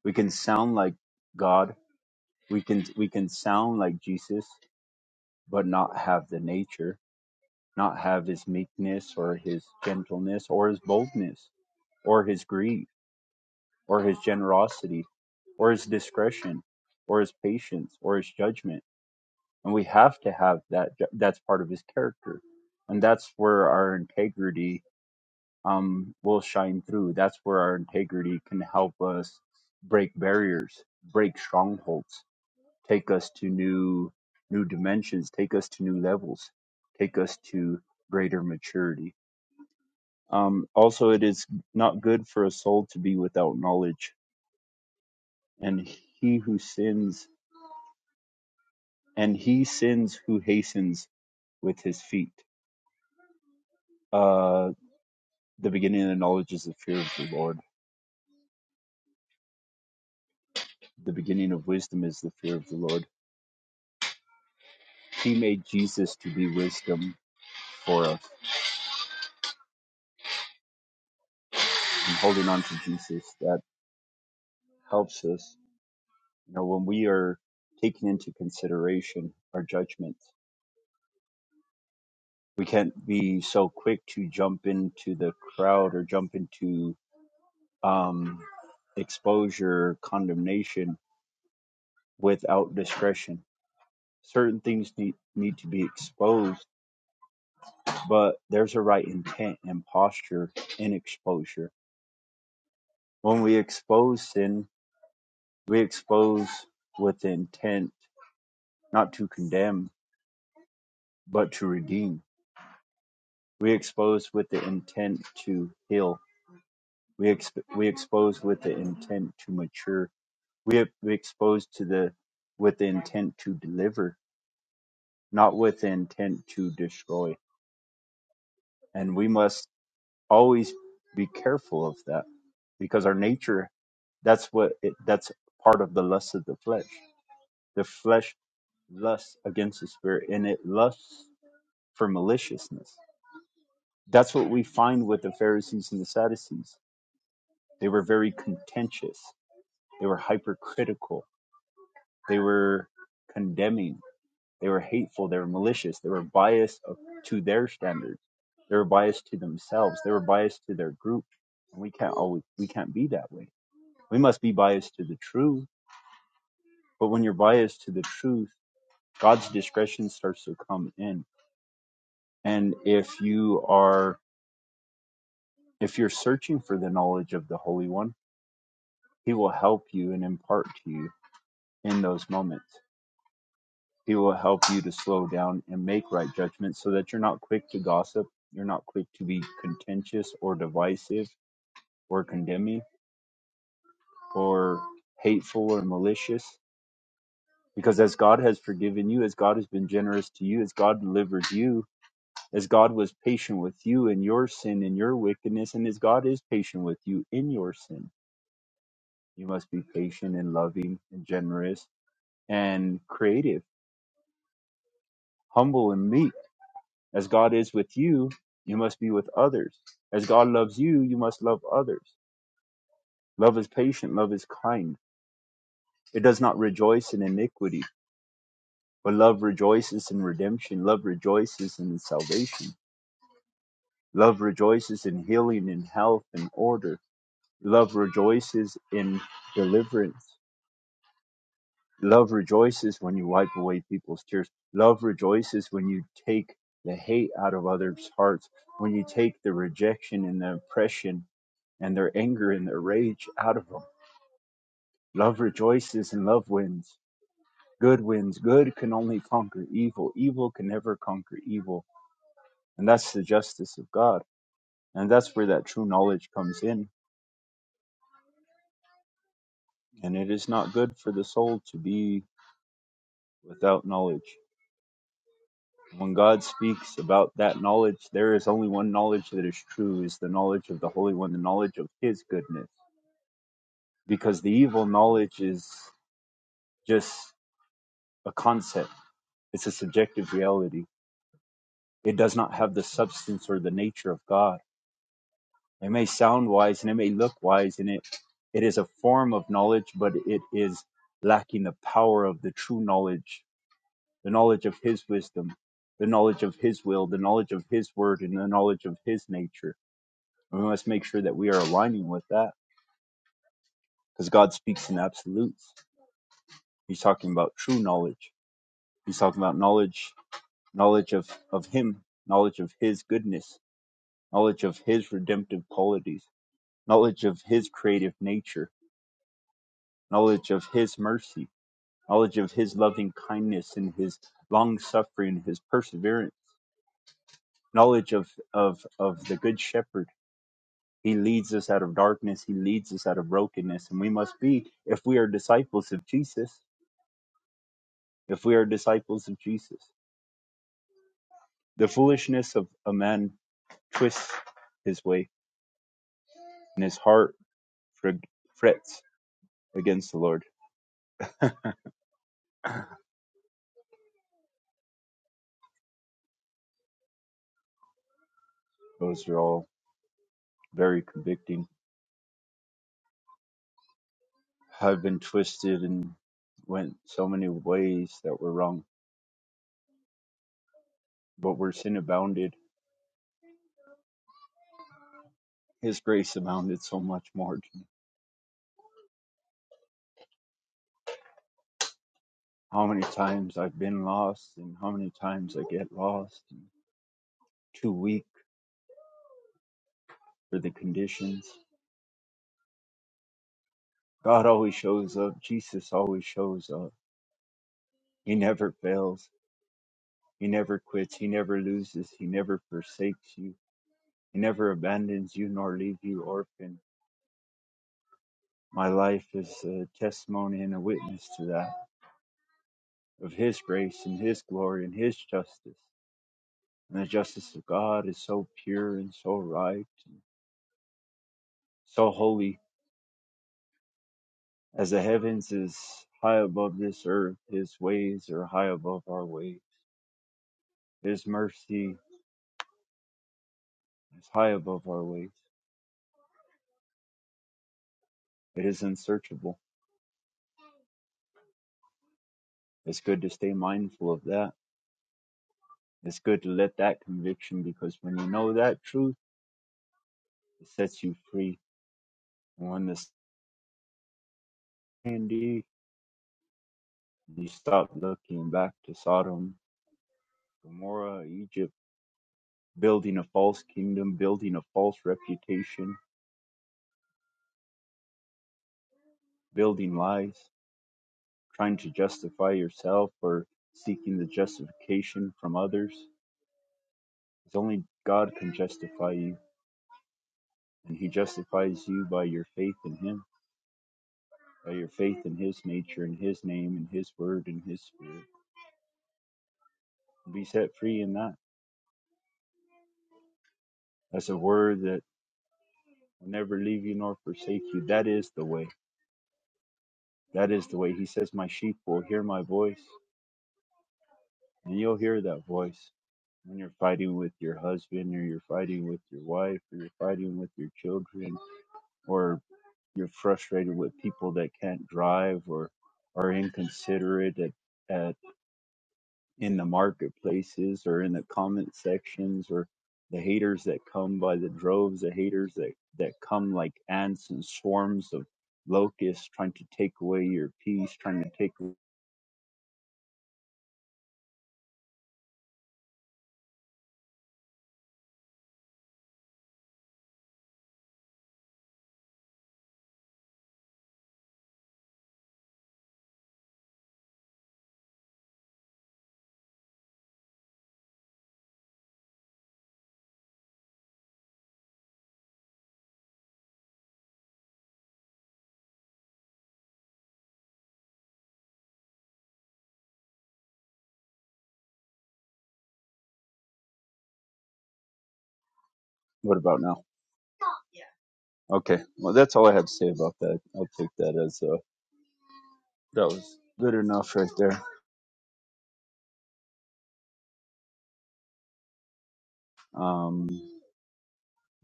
we can sound like god we can we can sound like jesus but not have the nature not have his meekness or his gentleness or his boldness or his greed or his generosity or his discretion or his patience or his judgment and we have to have that that's part of his character and that's where our integrity um will shine through that's where our integrity can help us break barriers break strongholds take us to new new dimensions take us to new levels take us to greater maturity um also it is not good for a soul to be without knowledge and he who sins and he sins who hastens with his feet Uh, The beginning of knowledge is the fear of the Lord. The beginning of wisdom is the fear of the Lord. He made Jesus to be wisdom for us. And holding on to Jesus, that helps us. You know, when we are taking into consideration our judgments, we can't be so quick to jump into the crowd or jump into um, exposure, condemnation without discretion. Certain things need, need to be exposed but there's a right intent and posture in exposure. When we expose sin, we expose with the intent not to condemn, but to redeem. We expose with the intent to heal. We exp- we expose with the intent to mature. We, we expose to the with the intent to deliver, not with the intent to destroy. And we must always be careful of that because our nature That's what it, that's part of the lust of the flesh. The flesh lusts against the spirit, and it lusts for maliciousness. That's what we find with the Pharisees and the Sadducees. They were very contentious. They were hypercritical. They were condemning. They were hateful. They were malicious. They were biased of- to their standards. They were biased to themselves. They were biased to their group. And we can't always we can't be that way. We must be biased to the truth. But when you're biased to the truth God's discretion starts to come in. And if you are if you're searching for the knowledge of the Holy One, he will help you and impart to you in those moments. He will help you to slow down and make right judgments so that you're not quick to gossip, you're not quick to be contentious or divisive or condemning or hateful or malicious. Because as God has forgiven you, as God has been generous to you, as God delivers you as God was patient with you in your sin and your wickedness, and as God is patient with you in your sin, you must be patient and loving and generous and creative, humble and meek. As God is with you, you must be with others. As God loves you, you must love others. Love is patient, love is kind. It does not rejoice in iniquity, but love rejoices in redemption. Love rejoices in salvation. Love rejoices in healing and health and order. Love rejoices in deliverance. Love rejoices when you wipe away people's tears. Love rejoices when you take the hate out of others' hearts, when you take the rejection and the oppression and their anger and their rage out of them. Love rejoices and love wins. Good wins. Good can only conquer evil. Evil can never conquer evil. And that's the justice of God. And that's where that true knowledge comes in. And it is not good for the soul to be without knowledge. When God speaks about that knowledge, there is only one knowledge that is true, is the knowledge of the Holy One, the knowledge of His goodness. Because the evil knowledge is just a concept, it's a subjective reality. It does not have the substance or the nature of God. It may sound wise and it may look wise, and it, it is a form of knowledge, but it is lacking the power of the true knowledge, the knowledge of His wisdom, the knowledge of His will, the knowledge of His word, and the knowledge of His nature And let's make sure that we are aligning with that because God speaks in absolutes. He's talking about true knowledge. He's talking about knowledge, knowledge of, of Him, knowledge of His goodness, knowledge of His redemptive qualities, knowledge of His creative nature, knowledge of His mercy, knowledge of His loving kindness and His long suffering, His perseverance, knowledge of, of, of the Good Shepherd. He leads us out of darkness. He leads us out of brokenness. And we must be, if we are disciples of Jesus, if we are disciples of Jesus. The foolishness of a man twists his way, and his heart frets against the Lord. Those are all very convicting. I've been twisted and went so many ways that were wrong, but where sin abounded, His grace abounded so much more to me. How many times I've been lost, and how many times I get lost, and too weak for the conditions. God always shows up. Jesus always shows up. He never fails He never quits. He never loses. He never forsakes you. He never abandons you nor leave you orphan. My life is a testimony and a witness to that of His grace and His glory and His justice. And the justice of God is so pure and so right and so holy as the heavens is high above this earth. His ways are high above our ways. His mercy is high above our ways. It is unsearchable. It's good to stay mindful of that It's good to let that conviction because when you know that truth, it sets you free. And when the sandy, you stop looking back to Sodom, Gomorrah, Egypt, building a false kingdom, building a false reputation, building lies, trying to justify yourself or seeking the justification from others. It's only God can justify you, and He justifies you by your faith in Him, by your faith in His nature, in His name, in His word, in His spirit. Be set free in that That's a word that will never leave you nor forsake you. That is the way. That is the way. He says, My sheep will hear my voice, and you'll hear that voice when you're fighting with your husband, or you're fighting with your wife, or you're fighting with your children, or you're frustrated with people that can't drive or are inconsiderate at, in the marketplaces or in the comment sections or the haters that come by the droves, the haters that, that come like ants and swarms of locusts trying to take away your peace, trying to take. What about now? Okay. Well, that's all I had to say about that. I'll take that as uh that was good enough right there. Um,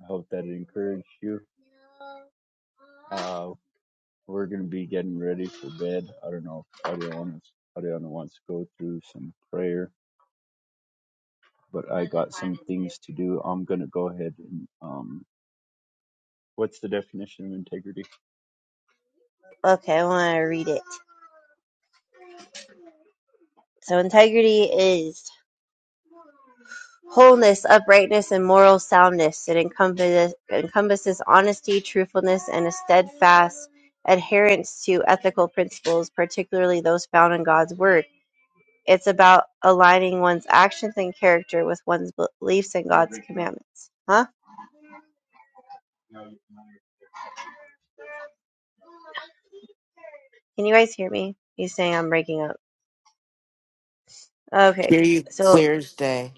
I hope that it encouraged you. Uh, we're going to be getting ready for bed. I don't know if Ariana, Ariana wants to go through some prayer but I got some things to do. I'm gonna go ahead and um, what's the definition of integrity? Hear you clear as day.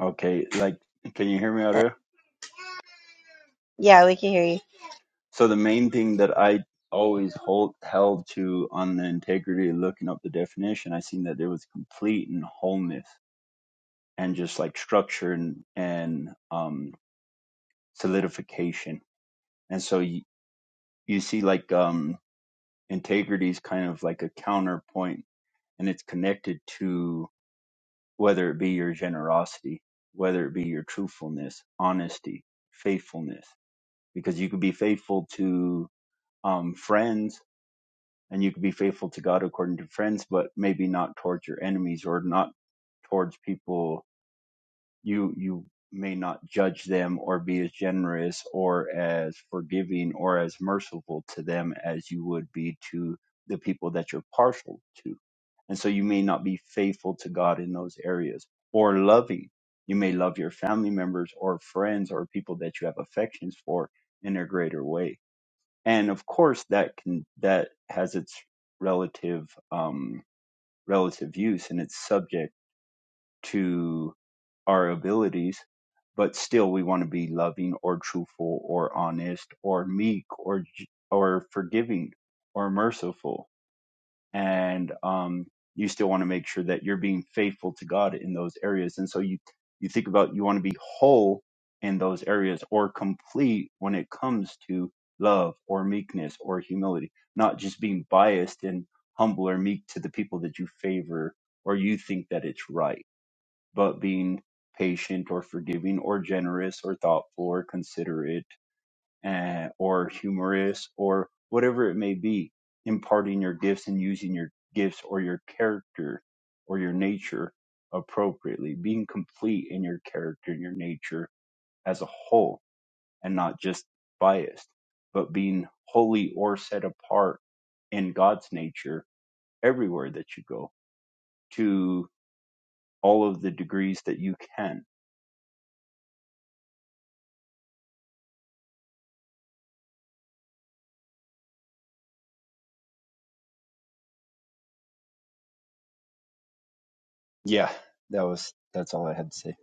Okay, like, can you hear me out there? So the main thing that I always hold held to on the integrity, looking up the definition, I seen that there was complete and wholeness, and just like structure and and um, solidification. And so you, you see like um, integrity is kind of like a counterpoint, and it's connected to. whether it be your generosity, whether it be your truthfulness, honesty, faithfulness, because you could be faithful to um, friends and you could be faithful to God according to friends, but maybe not towards your enemies or not towards people you you may not judge them or be as generous or as forgiving or as merciful to them as you would be to the people that you're partial to and so you may not be faithful to god in those areas or loving you may love your family members or friends or people that you have affections for in a greater way and of course that can that has its relative um relative use and it's subject to our abilities, but still we want to be loving or truthful or honest or meek or or forgiving or merciful, and um, you still want to make sure that you're being faithful to God in those areas. And so you you think about you want to be whole in those areas or complete when it comes to love or meekness or humility, not just being biased and humble or meek to the people that you favor or you think that it's right but being patient or forgiving or generous or thoughtful or considerate eh, or humorous or whatever it may be, imparting your gifts and using your gifts or your character or your nature appropriately, being complete in your character and your nature as a whole and not just biased, but being holy or set apart in God's nature everywhere that you go to all of the degrees that you can Yeah, that was that's all I had to say.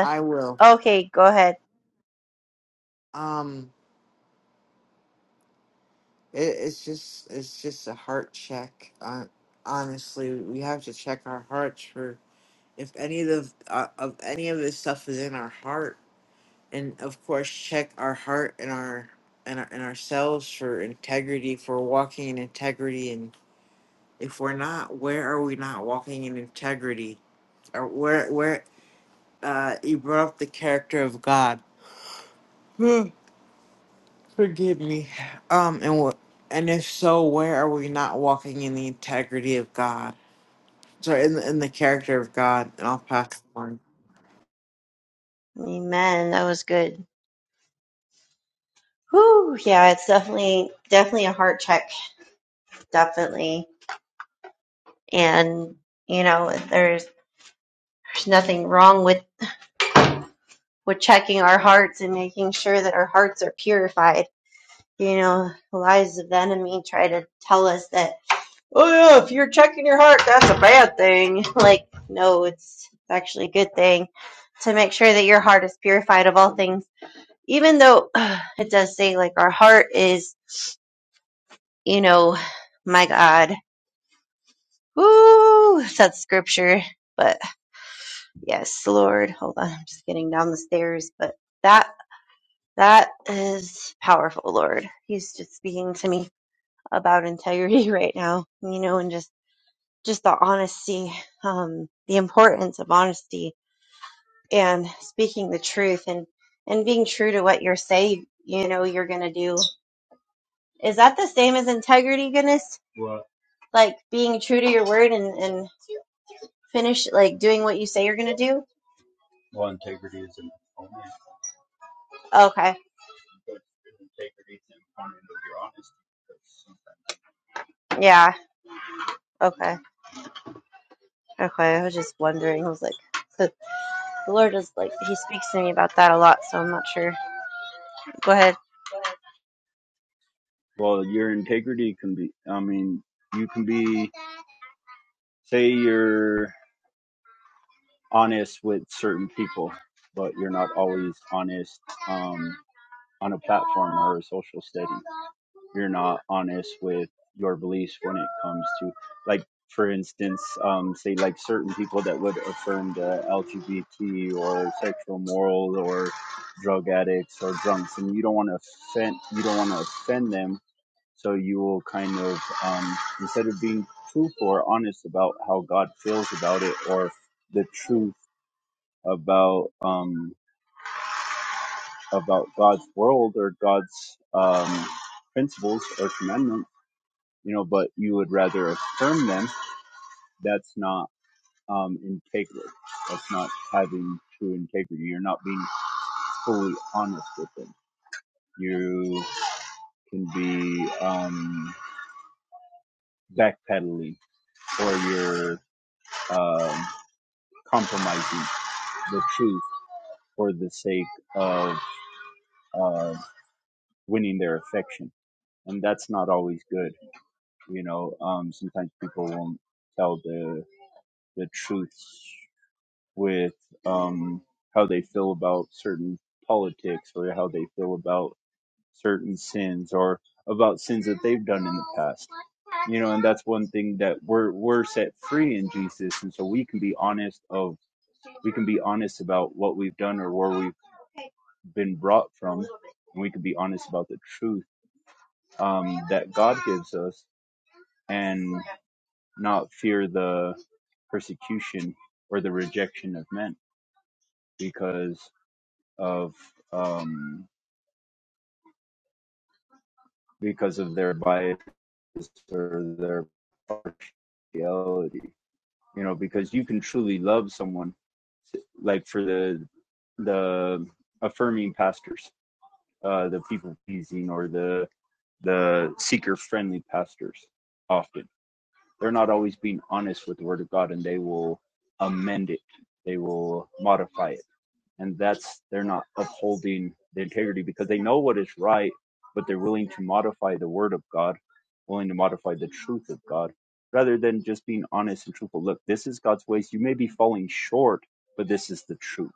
I will. Um it, it's just it's just a heart check. Uh, honestly, we have to check our hearts for. if any of the uh, of any of this stuff is in our heart and of course check our heart and our and, our, and ourselves for integrity for walking in integrity and if we're not where are we not walking in integrity or where where uh you brought up the character of god forgive me um and what and if so where are we not walking in the integrity of god so in, the- in the character of god and i'll pass the One. Well, your integrity can be, I mean, you can be, say you're honest with certain people, but you're not always honest um, on a platform or a social setting. You're not honest with your beliefs when it comes to, like, for instance, um, say like certain people that would affirm the LGBT or sexual moral or drug addicts or drunks, and you don't want to offend, you don't want to offend them So you will kind of, um, instead of being truthful or honest about how God feels about it or the truth about um, about God's world or God's um, principles or commandments, you know, but you would rather affirm them. That's not um, integrity. That's not having true integrity. You're not being fully honest with them. You can be um, backpedaling or you're um, compromising the truth for the sake of uh, winning their affection, and that's not always good. You know, um, sometimes people won't tell the the truth with um, how they feel about certain politics or how they feel about certain sins or about sins that they've done in the past. You know, and that's one thing that we're we're set free in Jesus, and so we can be honest of we can be honest about what we've done or where we've been brought from, and we can be honest about the truth um, that God gives us, and not fear the persecution or the rejection of men because of um, because of their bias or their partiality you know because you can truly love someone like for the the affirming pastors uh the people pleasing or the the seeker friendly pastors often they're not always being honest with the word of god and they will amend it they will modify it and that's they're not upholding the integrity because they know what is right but they're willing to modify the word of god willing to modify the truth of god rather than just being honest and truthful look this is god's ways you may be falling short but this is the truth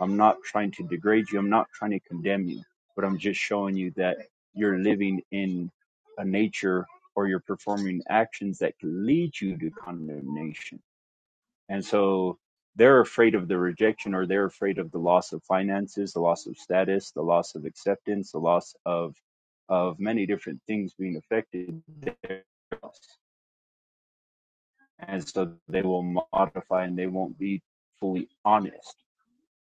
i'm not trying to degrade you i'm not trying to condemn you but i'm just showing you that you're living in a nature or you're performing actions that can lead you to condemnation and so they're afraid of the rejection or they're afraid of the loss of finances, the loss of status, the loss of acceptance, the loss of of many different things being affected. And so they will modify and they won't be fully honest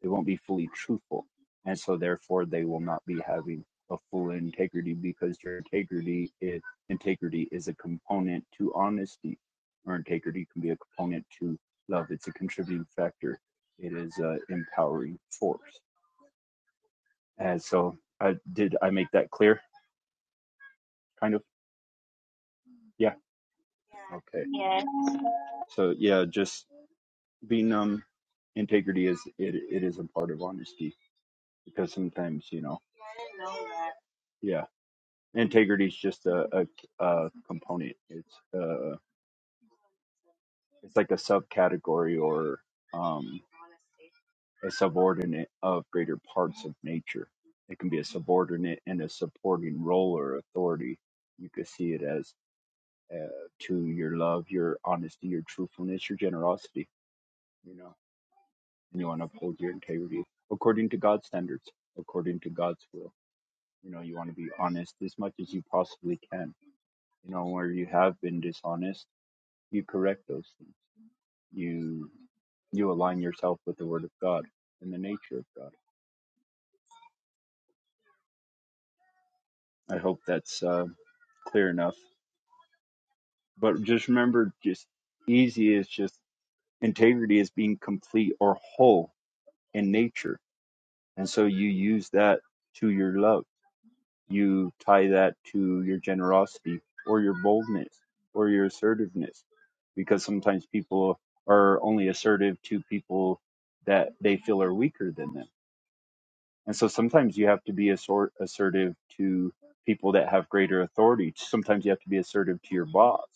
they won't be fully truthful. And so therefore they will not be having a full integrity because your integrity is integrity is a component to honesty or integrity can be a component to love. It's a contributing factor. It is a empowering force. And so I did I make that clear? Kind of? Yeah. Okay. Yeah. So yeah, just being um integrity is it it is a part of honesty because sometimes, you know, yeah integrity is just a, a, a component. It's uh, it's like a subcategory or um, a subordinate of greater parts of nature. It can be a subordinate and a supporting role or authority. You could see it as uh, to your love, your honesty, your truthfulness, your generosity. You know, and you want to uphold your integrity according to God's standards, according to God's will. You know, you want to be honest as much as you possibly can. You know, where you have been dishonest you correct those things. You you align yourself with the Word of God and the nature of God. I hope that's uh, clear enough. But just remember, just easy is just integrity is being complete or whole in nature, and so you use that to your love. You tie that to your generosity or your boldness or your assertiveness, because sometimes people are only assertive to people that they feel are weaker than them And so sometimes you have to be assort- assertive to people that have greater authority. Sometimes you have to be assertive to your boss.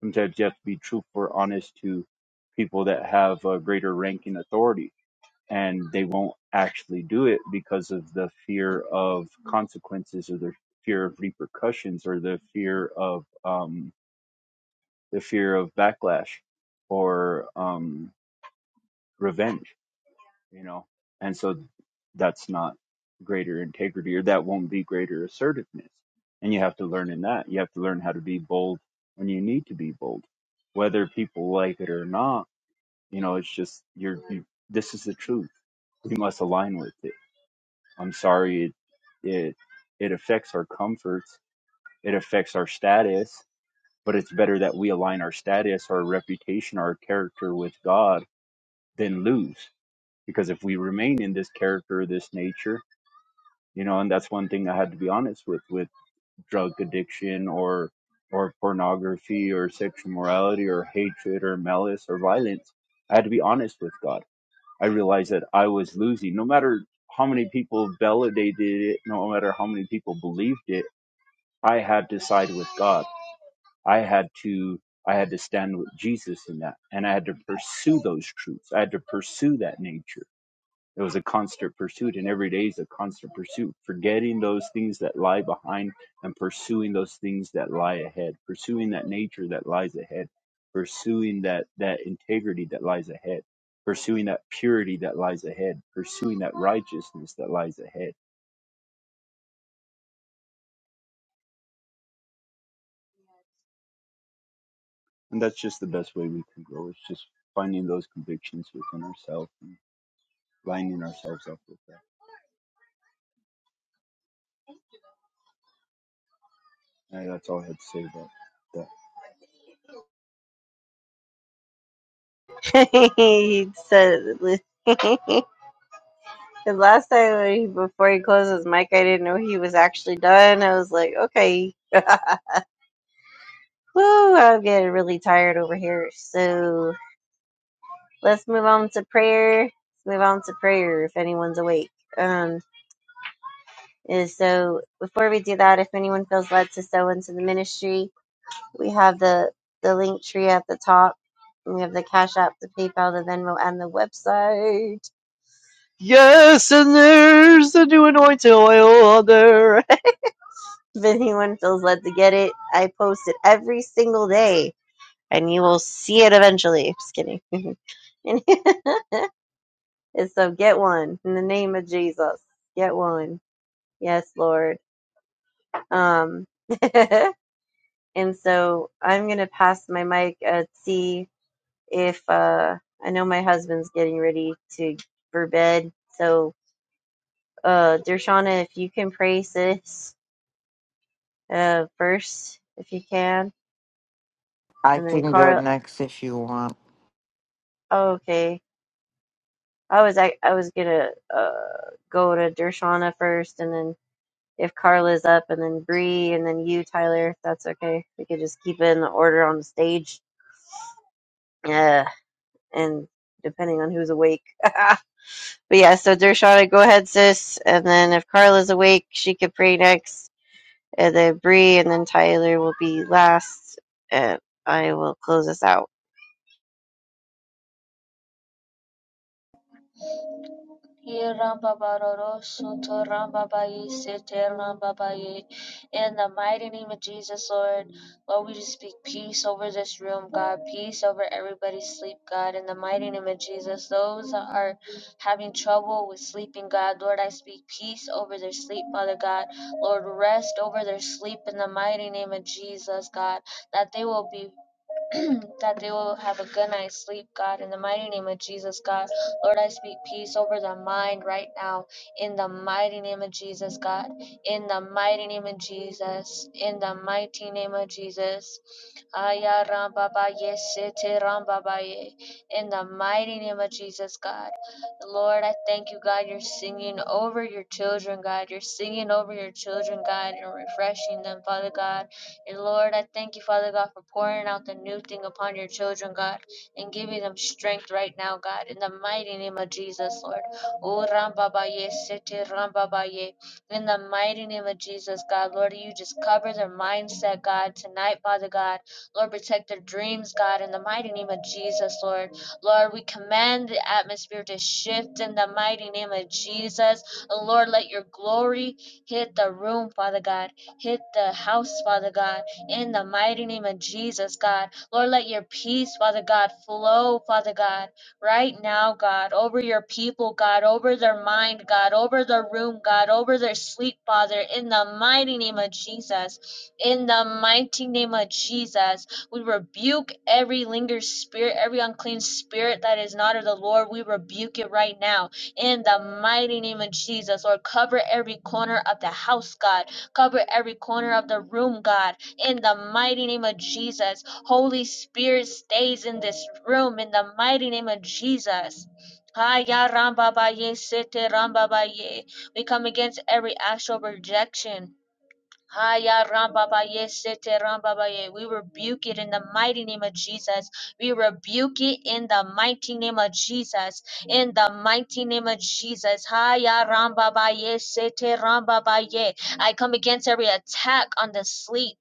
Sometimes you have to be truthful or honest to people that have a greater ranking authority. And they won't actually do it because of the fear of consequences or the fear of repercussions or the fear of um, the fear of backlash or um, revenge you know and so that's not greater integrity or that won't be greater assertiveness and you have to learn in that you have to learn how to be bold when you need to be bold whether people like it or not you know it's just you're you, this is the truth we must align with it i'm sorry it it it affects our comforts it affects our status but it's better that we align our status our reputation our character with god than lose because if we remain in this character this nature you know and that's one thing i had to be honest with with drug addiction or or pornography or sexual morality or hatred or malice or violence i had to be honest with god i realized that i was losing no matter how many people validated it no matter how many people believed it i had to side with god I had to I had to stand with Jesus in that and I had to pursue those truths. I had to pursue that nature. It was a constant pursuit, and every day is a constant pursuit, forgetting those things that lie behind and pursuing those things that lie ahead, pursuing that nature that lies ahead, pursuing that, that integrity that lies ahead, pursuing that purity that lies ahead, pursuing that righteousness that lies ahead. And that's just the best way we can grow. It's just finding those convictions within ourselves and lining ourselves up with that. And that's all I had to say about that. Yes, and there's the new anointing oil on there. i can go next if you want In the mighty name of Jesus, Lord, Lord, we just speak peace over this room, God. Peace over everybody's sleep, God. In the mighty name of Jesus, those that are having trouble with sleeping, God, Lord, I speak peace over their sleep, Father God. Lord, rest over their sleep in the mighty name of Jesus, God. That they will be that they will have a good night's sleep, God. In the mighty name of Jesus, God. Lord, I speak peace over their mind right now. In the mighty name of Jesus, God. In the mighty name of Jesus. In the mighty name of Jesus. Aya ram Baba ba ye se te ram Baba ba ye. In the mighty name of Jesus, God. Lord, I thank you, God. You're singing over your children, God. You're singing over your children, God, and refreshing them, Father God. And Lord, I thank you, Father God, for pouring out the new thing upon your children, God, and giving them strength right now, God, in the mighty name of Jesus, Lord. Oh, Rambabaye, Sete Rambabaye. In the mighty name of Jesus, God, Lord, you just cover their mindset, God, tonight, Father God. Lord, protect their dreams, God, in the mighty name of Jesus, Lord. Lord, we command the atmosphere to shift in the mighty name of Jesus. Lord, let your glory hit the room, Father God hit the house, Father God, in the mighty name of Jesus, God. Lord, let your peace, Father God, flow, Father God, right now, God, over your people, God, over their mind, God, over their room, God, over their sleep, Father, in the mighty name of Jesus. In the mighty name of Jesus, we rebuke every lingering spirit, every unclean spirit that is not of the Lord. We rebuke it right now in the mighty name of Jesus. Lord, cover every corner of the house, God. Cover every corner of the room, God, in the mighty name of Jesus. Holy Spirit stays in this room in the mighty name of Jesus. Haya ramba baye, sete ramba baye. We come against every actual rejection Haya rambabaye sete rambabaye. We rebuke it in the mighty name of Jesus. We rebuke it in the mighty name of Jesus. In the mighty name of Jesus. Haya rambabaye sete rambabaye. I come against every attack on the sleep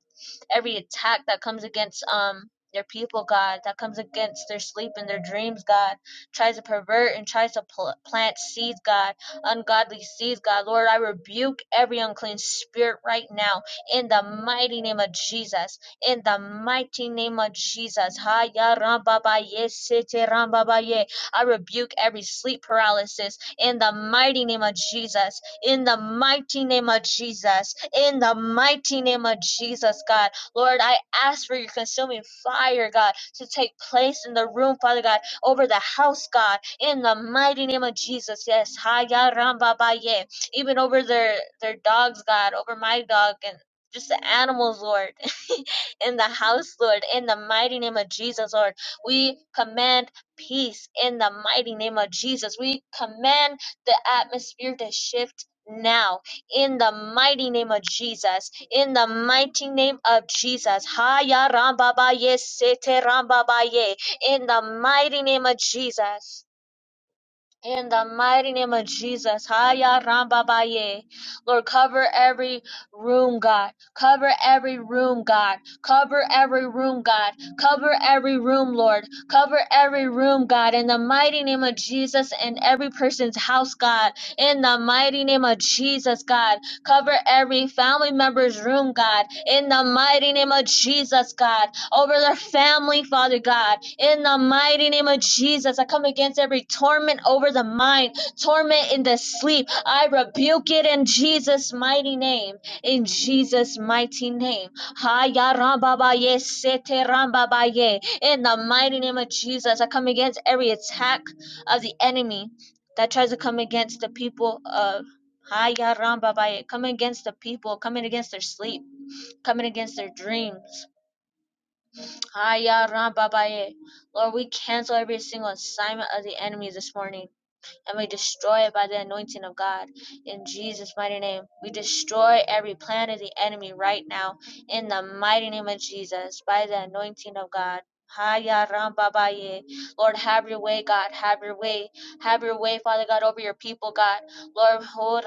every attack that comes against um their people, God, that comes against their sleep and their dreams, God, tries to pervert and tries to pl- plant seeds, God, ungodly seeds, God. Lord, I rebuke every unclean spirit right now in the mighty name of Jesus. In the mighty name of Jesus. I rebuke every sleep paralysis in the mighty name of Jesus. In the mighty name of Jesus. In the mighty name of Jesus, God. Lord, I ask for your consuming fire, God, to take place in the room, Father God, over the house, God, in the mighty name of Jesus. Yes. Haya Ramba Baye. Even over their their dogs, God, over my dog and just the animals, Lord, in the house, Lord, in the mighty name of Jesus, Lord. We command peace in the mighty name of Jesus. We command the atmosphere to shift now in the mighty name of Jesus. In the mighty name of Jesus. Haya rambabaye sete rambabaye. In the mighty name of Jesus. In the mighty name of Jesus, Haya Rambabaye. Lord, cover every room, God. Cover every room, God. Cover every room, God. Cover every room, Lord. Cover every room, God. In the mighty name of Jesus and every person's house, God. In the mighty name of Jesus, God. Cover every family member's room, God. In the mighty name of Jesus, God over their family, Father God. In the mighty name of Jesus, I come against every torment over the mind, torment in the sleep. I rebuke it in Jesus' mighty name. In Jesus' mighty name. Haya rambabaye, sete rambabaye. In the mighty name of Jesus, I come against every attack of the enemy that tries to come against the people of. Haya rambabaye, Coming against the people, coming against their sleep, coming against their dreams Haya Rababaye. Lord, we cancel every single assignment of the enemy this morning and we destroy it by the anointing of God. In Jesus' mighty name, we destroy every plan of the enemy right now. In the mighty name of Jesus, by the anointing of God. Haya ramba baye. Lord, have your way, God. Have your way. Have your way, Father God, over your people, God. Lord, ho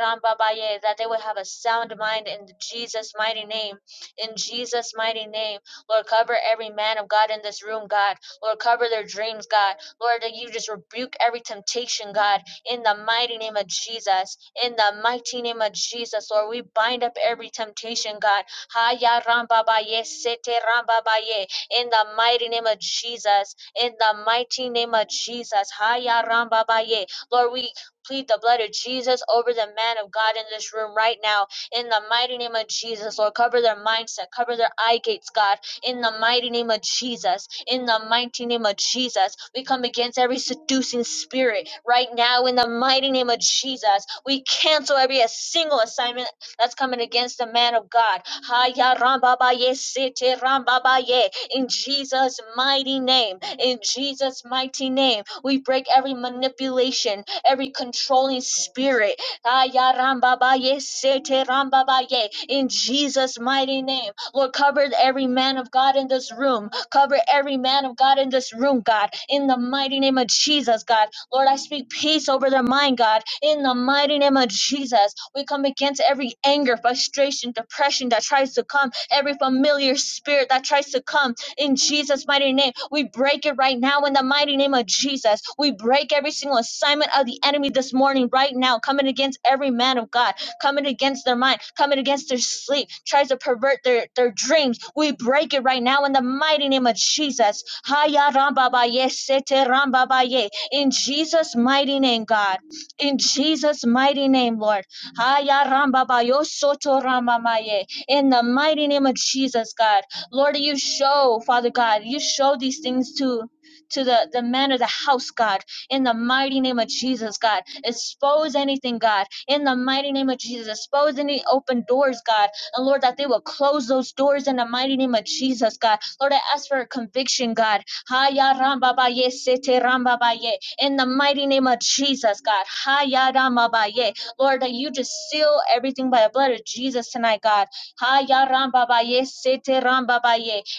that they would have a sound mind in Jesus' mighty name. In Jesus' mighty name. Lord, cover every man of God in this room, God. Lord, cover their dreams, God. Lord, that you just rebuke every temptation, God in the mighty name of Jesus. In the mighty name of Jesus, Lord, we bind up every temptation, God. Haya ramba ba ye, sete ramba ba ye. In the mighty name of Jesus. In the mighty name of Jesus. Haya ramba ba ye. Lord, we plead the blood of Jesus over the man of God in this room right now. In the mighty name of Jesus, Lord, cover their mindset, cover their eye gates, God in the mighty name of Jesus. In the mighty name of Jesus, we come against every seducing spirit right now. In the mighty name of Jesus, we cancel every a single assignment that's coming against the man of God. Haya ramba ba ye sete ramba ba ye. In Jesus' mighty name, in Jesus' mighty name, we break every manipulation, every controlling spirit. Aya ramba ba ye, sete ramba ba ye. In Jesus' mighty name, Lord, cover every man of God in this room. Cover every man of God in this room, God. In the mighty name of Jesus, God. Lord, I speak peace over their mind, God. In the mighty name of Jesus, we come against every anger, frustration, depression that tries to come, every familiar spirit that tries to come in Jesus' mighty name. We break it right now in the mighty name of Jesus. We break every single assignment of the enemy this morning, right now, coming against every man of God, coming against their mind, coming against their sleep, tries to pervert their, their dreams. We break it right now in the mighty name of Jesus. Haya rambabaye, sete rambabaye. In Jesus' mighty name, God. In Jesus' mighty name, Lord. Haya rambabayo soto rambamaye. In the mighty name of Jesus, God. Lord, you show, Father God, you show these things to to the, the man of the house, God, in the mighty name of Jesus, God. Expose anything, God, in the mighty name of Jesus. Expose any open doors, God. And Lord, that they will close those doors in the mighty name of Jesus, God. Lord, I ask for a conviction, God. Haya ramba ba ye, sete ramba ba ye. In the mighty name of Jesus, God. Haya ramba ba ye. Lord, that you just seal everything by the blood of Jesus tonight, God. Haya ramba ba ye, sete ramba ba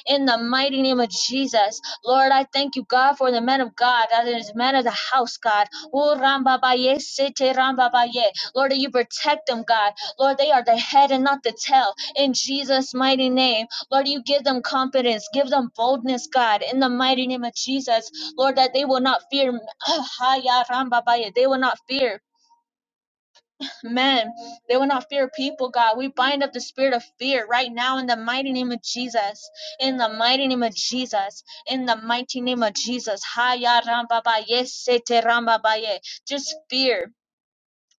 In the mighty name of Jesus, Lord, I thank you, God, for the men of God, that is men of the house, God. O ramba ba ye, sete ramba ba Lord, that you protect them, God. Lord, they are the head and not the tail. In Jesus' mighty name, Lord, you give them confidence, give them boldness, God. In the mighty name of Jesus, Lord, that they will not fear. Haya ramba ba They will not fear men. They will not fear people, God. We bind up the spirit of fear right now in the mighty name of Jesus. In the mighty name of Jesus. In the mighty name of Jesus. Haya ramba ba ye, sete ramba ba ye. Just fear.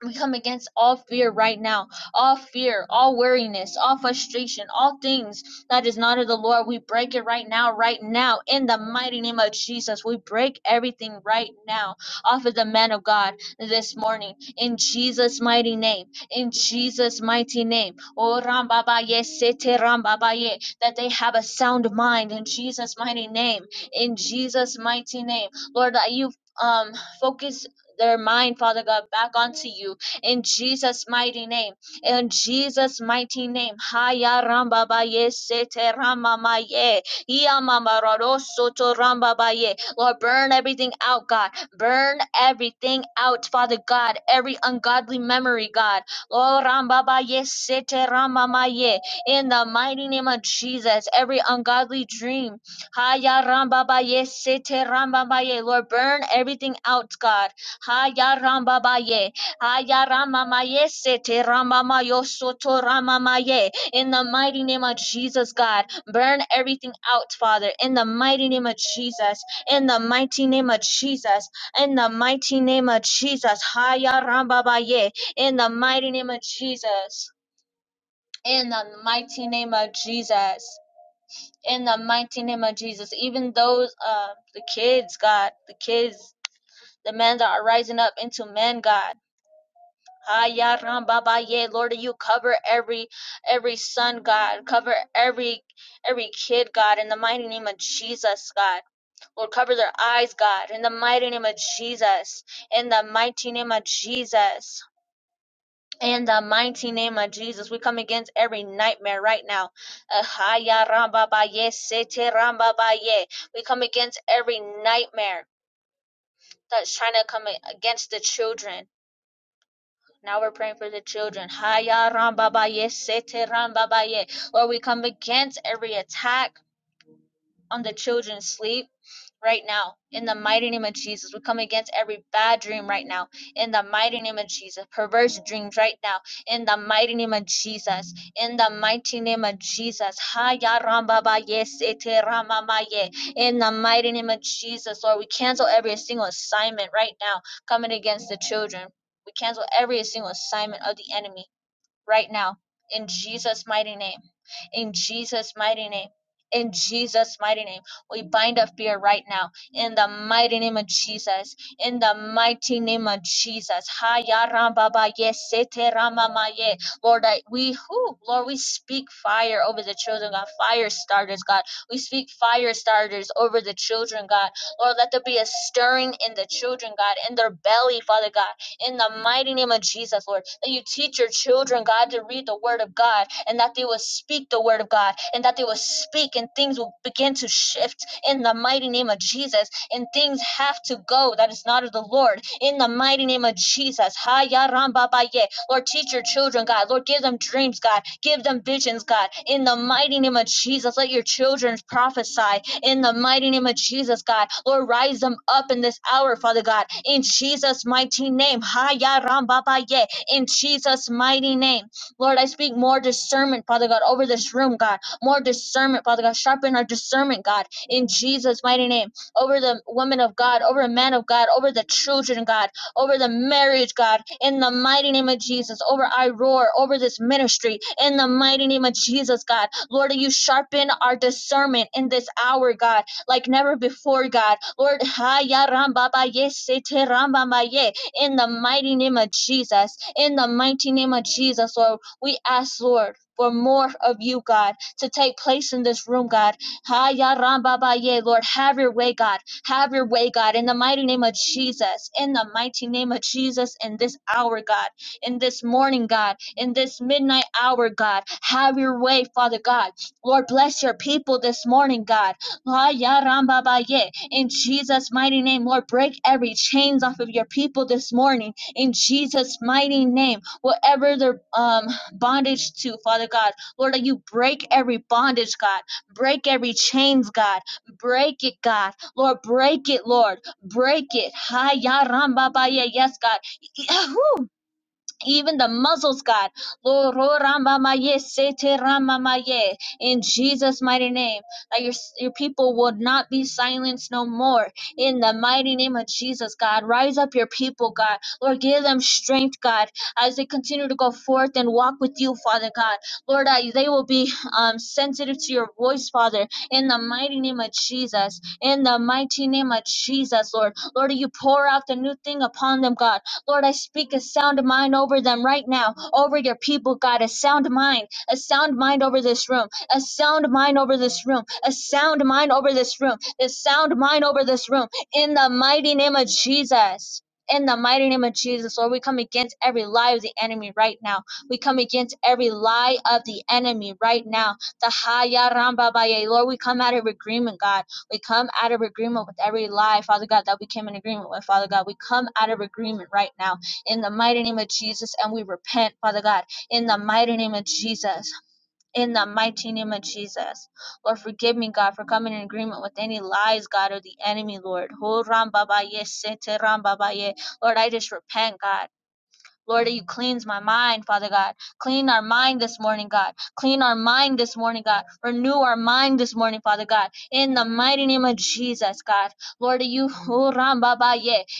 We come against all fear right now, all fear, all weariness, all frustration, all things that is not of the Lord. We break it right now, right now, in the mighty name of Jesus. We break everything right now off of the man of God this morning, in Jesus' mighty name, in Jesus' mighty name. Oh, Rambabaye, Sete Rambabaye, that they have a sound mind in Jesus' mighty name, in Jesus' mighty name. Lord, that you um focus their mind, Father God, back onto you in Jesus' mighty name. In Jesus' mighty name. Haya ramba baye sete rama maye. Iya mama raro soto ramba baye. Lord, burn everything out, God. Burn everything out, Father God. Every ungodly memory, God. Lord, ramba baye sete rama maye. In the mighty name of Jesus, every ungodly dream, Haya ramba baye sete ramba baye. Lord, burn everything out, God. Haya ramba baye. Haya rama maye sete rama mayo soto rama maye. In the mighty name of Jesus, God, burn everything out, Father. In the mighty name of Jesus. In the mighty name of Jesus. In the mighty name of Jesus. Haya ramba baye. In the mighty name of Jesus. In the mighty name of Jesus. In the mighty name of Jesus. Even those, uh, the kids, God, the kids, the men that are rising up into men, God. Haya ramba ba ye, Lord, you cover every every son, God, cover every every kid, God, in the mighty name of Jesus, God. Lord, cover their eyes, God, in the mighty name of Jesus. In the mighty name of Jesus. In the mighty name of Jesus, we come against every nightmare right now. Uh, haya ramba ba ye, sete ramba ba ye. We come against every nightmare that's trying to come against the children Now we're praying for the children. Haya rambabaye, sete rambabaye. Lord, we come against every attack on the children's sleep right now in the mighty name of Jesus. We come against every bad dream right now in the mighty name of Jesus. Perverse dreams right now in the mighty name of Jesus. In the mighty name of Jesus. Ha ya ram ba ba ye se te ra ma ma ye. In the mighty name of Jesus, Lord, we cancel every single assignment right now coming against the children. We cancel every single assignment of the enemy right now in Jesus' mighty name in Jesus' mighty name. In Jesus' mighty name, we bind up fear right now. In the mighty name of Jesus. In the mighty name of Jesus. Ha ya ba ye se te ma ye. Lord, I, we who Lord, we speak fire over the children, God. Fire starters, God. We speak fire starters over the children, God. Lord, let there be a stirring in the children, God, in their belly, Father God in the mighty name of Jesus, Lord. That you teach your children, God, to read the word of God and that they will speak the word of God and that they will speak and things will begin to shift in the mighty name of Jesus and things have to go that is not of the Lord in the mighty name of Jesus. Ha, ya, ram, ba, ba, ye. Lord, teach your children, God. Lord, give them dreams, God. Give them visions, God. In the mighty name of Jesus, let your children prophesy in the mighty name of Jesus, God. Lord, rise them up in this hour, Father God, in Jesus' mighty name. Haya ramba ba ye. In Jesus' mighty name. Lord, I speak more discernment, Father God, over this room, God. More discernment, Father God. Sharpen our discernment, God, in Jesus' mighty name. Over the woman of God, over the man of God, over the children, God over the marriage, God, in the mighty name of Jesus, over I roar, over this ministry, in the mighty name of Jesus, God. Lord, you sharpen our discernment in this hour, God, like never before, God. Lord, ha ya ram ba ye se te ram ba ma ye. in the mighty name of Jesus, in the mighty name of Jesus, Lord, we ask, Lord. For more of you, God, to take place in this room, God. Ha ya ram ba ba ye, Lord, have your way, God. Have your way, God, in the mighty name of Jesus, in the mighty name of Jesus, in this hour, God, in this morning, God, in this midnight hour, God. Have your way, Father God. Lord, bless your people this morning, God. La ya ram ba ba ye. In Jesus' mighty name, Lord, break every chains off of your people this morning. In Jesus' mighty name, whatever they're um, bondage to, Father God, Lord, that you break every bondage, God. Break every chains, God. Break it, God Lord, break it, Lord. Break it. Hi, ya, ram, ba, ba, Yes, God even the muzzles, God. Lord, ro- ramba maye, sete ramba maye. In Jesus' mighty name, that your, your people would not be silenced no more. In the mighty name of Jesus, God, rise up your people, God. Lord, give them strength, God, as they continue to go forth and walk with you, Father God. Lord, that they will be um, sensitive to your voice, Father, in the mighty name of Jesus. In the mighty name of Jesus, Lord. Lord, you pour out the new thing upon them, God. Lord, I speak a sound mind over them right now, over your people, God, a sound mind, a sound mind over this room, a sound mind over this room, a sound mind over this room, a sound mind over this room, in the mighty name of Jesus. In the mighty name of Jesus, Lord, we come against every lie of the enemy right now. We come against every lie of the enemy right now. The Haya Ramba Baye. Lord, we come out of agreement, God. We come out of agreement with every lie, Father God, that we came in agreement with, Father God. We come out of agreement right now in the mighty name of Jesus and we repent, Father God, in the mighty name of Jesus. In the mighty name of Jesus. Lord, forgive me, God, for coming in agreement with any lies, God, or the enemy, Lord. Ho ram ba ba ye se Lord, I just repent, God. Lord, you cleanse my mind, Father God. Clean our mind this morning, God. Clean our mind this morning, God. Renew our mind this morning, Father God. In the mighty name of Jesus, God. Lord, you, Oh,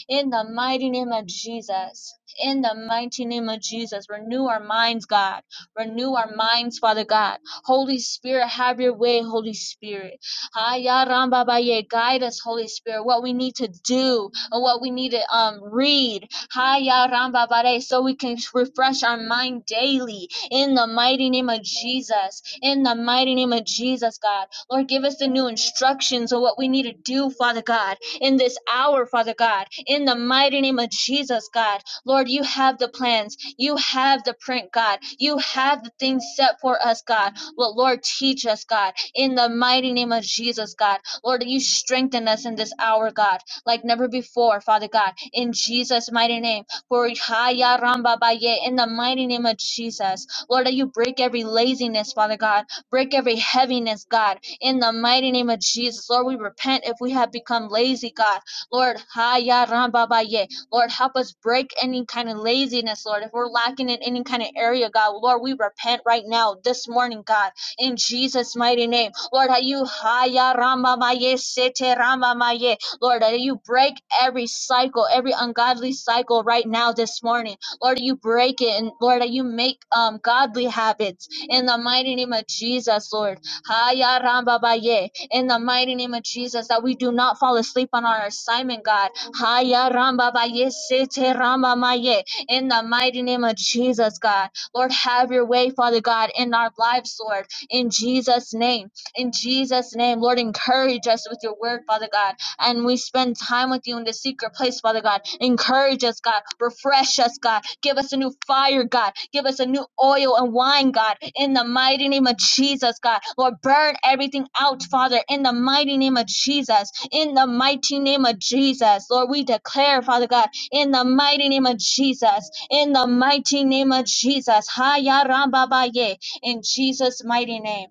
in the mighty name of Jesus. In the mighty name of Jesus, renew our minds, God. Renew our minds, Father God. Holy Spirit, have your way, Holy Spirit. Aya Ramba Ba Guide us, Holy Spirit, what we need to do and what we need to um, read Haya ramba bare, so we can refresh our mind daily in the mighty name of Jesus. In the mighty name of Jesus, God. Lord, give us the new instructions on what we need to do, Father God, in this hour, Father God. In the mighty name of Jesus, God. Lord, you have the plans. You have the print, God. You have the things set for us, God. Well, Lord, teach us, God, in the mighty name of Jesus, God. Lord, you strengthen us in this hour, God like never before, Father God, in Jesus' mighty name. For Haya Ramba Baye, in the mighty name of Jesus, Lord, that you break every laziness, Father God, break every heaviness, God, in the mighty name of Jesus. Lord, we repent if we have become lazy, God. Lord, Haya Ramba Baye, Lord, help us break any kind of laziness, Lord. If we're lacking in any kind of area, God, Lord, we repent right now, this morning, God in Jesus' mighty name. Lord, how you haya rama maye sete ramba maye. Lord, that you break every cycle, every ungodly cycle right now this morning. Lord, you break it, and Lord, that you make um, godly habits in the mighty name of Jesus, Lord. Haya ramba baye. In the mighty name of Jesus, that we do not fall asleep on our assignment, God. Haya ramba baye, sete ramba maye. In the mighty name of Jesus, God. Lord, have your way, Father God, in our lives, Lord. In Jesus' name. In Jesus' name, Lord, encourage us with your word, Father God and we spend time with you in the secret place, Father God. Encourage us, God. Refresh us, God. Give us a new fire, God. Give us a new oil and wine, God. In the mighty name of Jesus, God. Lord, burn everything out, Father, in the mighty name of Jesus. In the mighty name of Jesus. Lord, we declare, Father God, in the mighty name of Jesus. In the mighty name of Jesus. Haya ramba ba ba ye. In Jesus' mighty name.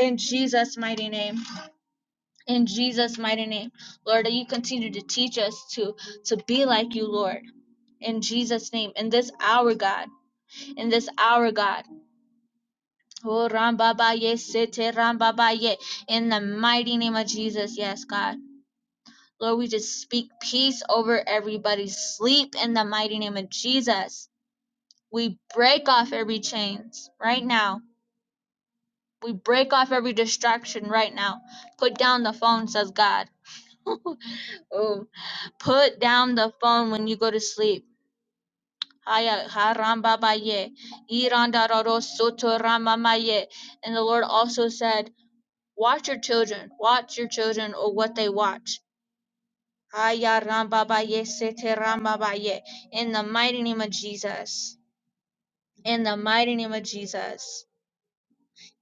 In Jesus' mighty name. In Jesus' mighty name, Lord, that you continue to teach us to to be like you, Lord. In Jesus' name, in this hour, God, in this hour, God. Oh, Rambabaye, Sete Rambabaye, in the mighty name of Jesus, yes, God. Lord, we just speak peace over everybody's sleep in the mighty name of Jesus. We break off every chains right now. We break off every distraction right now. Put down the phone, says God. Oh. Put down the phone when you go to sleep. Haya harambabaye, irandararo sotoramamaye. And the Lord also said, Watch your children, watch your children, or what they watch. Haya rambabaye, seterambabaye. In the mighty name of Jesus. In the mighty name of Jesus.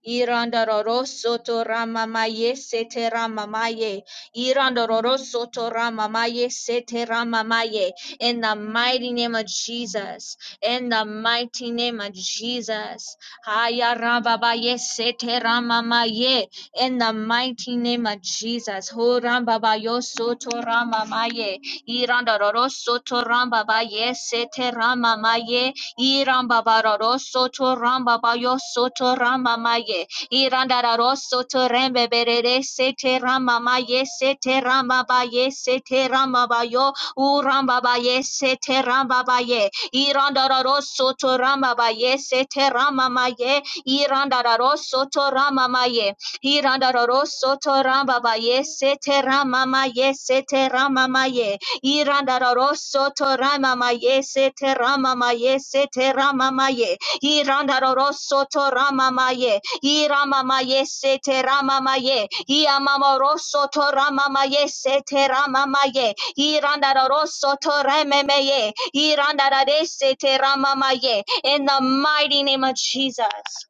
Irandoro soto ramamaye sete ramamaye. Irandoro soto ramamaye sete ramamaye. In the mighty name of Jesus. In the mighty name of Jesus. Haya rababaye sete ramamaye. In the mighty name of Jesus. Ho rambabayo soto ramamaye. Irandoro soto rambabaye sete ramamaye. Iramba bararo soto ramba bayo soto ramba maye. Iranda raro soto rembe berere sete ramba maye sete ramba baye sete ramba bayo uramba baye sete ramba baye. Iranda raro soto ramba baye sete ramba maye. Iranda raro soto ramba maye. Iranda raro soto ramba baye sete ramba maye sete ramba maye. Irandaroso torama maye se terama maye se terama maye. Irandaroso torama maye. Irama maye se terama maye. Iamamoroso torama maye se terama maye. Irandaroso toreme maye. Irandarese terama maye. In the mighty name of Jesus.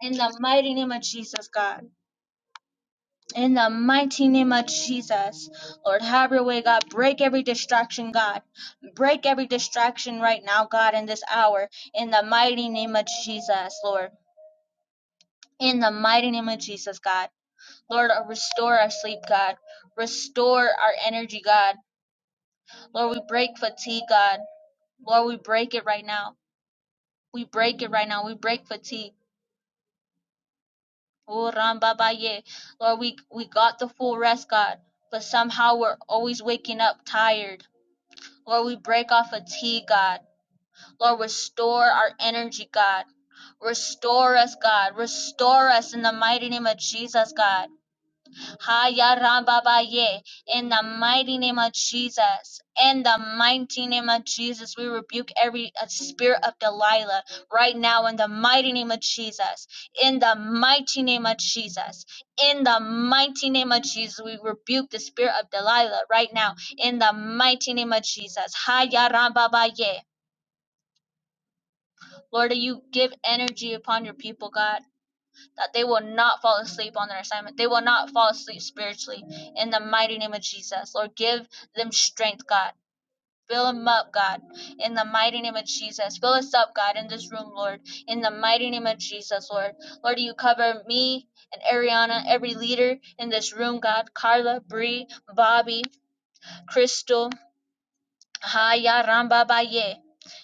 In the mighty name of Jesus, God. In the mighty name of Jesus, Lord, have your way, God. Break every distraction, God. Break every distraction right now, God, in this hour. In the mighty name of Jesus, Lord. In the mighty name of Jesus, God. Lord, uh, restore our sleep, God. Restore our energy, God. Lord, we break fatigue, God. Lord, we break it right now. We break it right now. We break fatigue. Oh, Rambabaye. Lord, we, we got the full rest, God. But somehow we're always waking up tired Lord, we break off fatigue, God. Lord, restore our energy, God. Restore us, God. Restore us in the mighty name of Jesus, God. Haya Rababaye. In the mighty name of Jesus. In the mighty name of Jesus, we rebuke every uh, spirit of Delilah right now in the mighty name of Jesus. In the mighty name of Jesus. In the mighty name of Jesus, we rebuke the spirit of Delilah right now. In the mighty name of Jesus. Haya Rababaye. Lord, you give energy upon your people, God that they will not fall asleep on their assignment. They will not fall asleep spiritually in the mighty name of Jesus. Lord, give them strength, God. Fill them up, God, in the mighty name of Jesus. Fill us up, God, in this room, Lord, in the mighty name of Jesus, Lord. Lord, you cover me and Ariana, every leader in this room, God, Carla, Bree, Bobby, Crystal, Ha Haya Ramba Baye.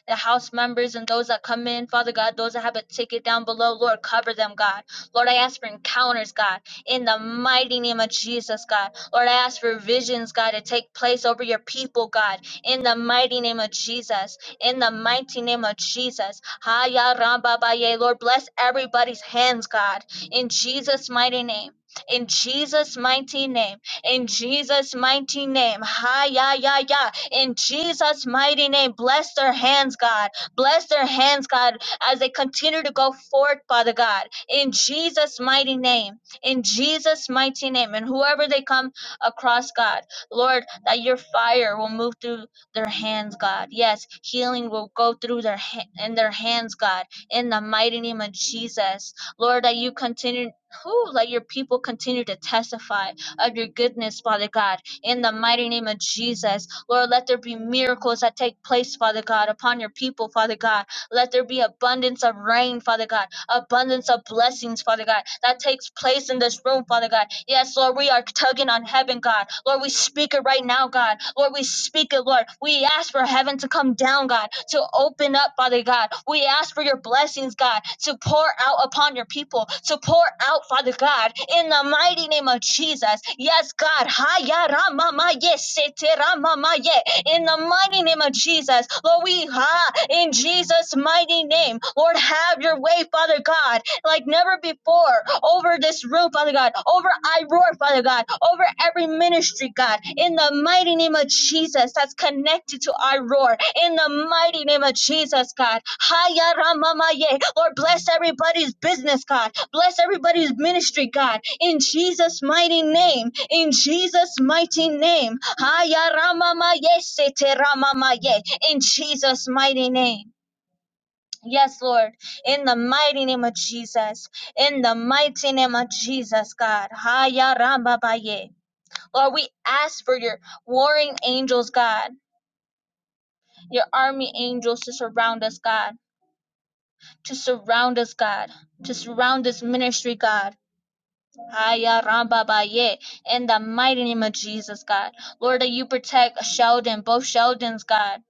The house members and those that come in, Father God, those that have a ticket down below, Lord, cover them, God. Lord, I ask for encounters, God, in the mighty name of Jesus, God. Lord, I ask for visions, God, to take place over your people, God, in the mighty name of Jesus, in the mighty name of Jesus. Ha Haya Ramba Baye. Lord, bless everybody's hands, God, in Jesus' mighty name. In Jesus' mighty name, in Jesus' mighty name, ha ya ya ya, in Jesus' mighty name. Bless their hands, God. Bless their hands, God, as they continue to go forth, Father God, in Jesus' mighty name. In Jesus' mighty name. And whoever they come across, God, Lord, that your fire will move through their hands, God. Yes, healing will go through their ha- in their hands, God, in the mighty name of Jesus. Lord, that you continue, who let your people continue to testify of your goodness, Father God in the mighty name of Jesus. Lord, let there be miracles that take place, Father God, upon your people, Father God. Let there be abundance of rain, Father God abundance of blessings, Father God, that takes place in this room, Father God. Yes, Lord, we are tugging on heaven, God. Lord, we speak it right now, God. Lord, we speak it, Lord. We ask for heaven to come down, God, to open up, Father God. We ask for your blessings, God, to pour out upon your people, to pour out, Father God, in the mighty name of Jesus. Yes, God. Haya rama sete rama in the mighty name of Jesus. Lord, we ha in Jesus' mighty name. Lord, have your way, Father God like like never before over this room, Father God, over I Roar, Father God, over every ministry, God, in the mighty name of Jesus that's connected to I Roar, in the mighty name of Jesus, God. Haya ramamaye. Lord, bless everybody's business, God. Bless everybody's ministry, God, in Jesus' mighty name, in Jesus' mighty name. Haya ramamaye, sete ramamaye, in Jesus' mighty name. Yes, Lord, in the mighty name of Jesus, in the mighty name of Jesus, God. Haya ramba baye. Lord, we ask for your warring angels, God, your army angels to surround us, God, to surround us, God, to surround this ministry, God. Haya ramba baye. In the mighty name of Jesus, God. Lord, that you protect Sheldon, both Sheldons, God.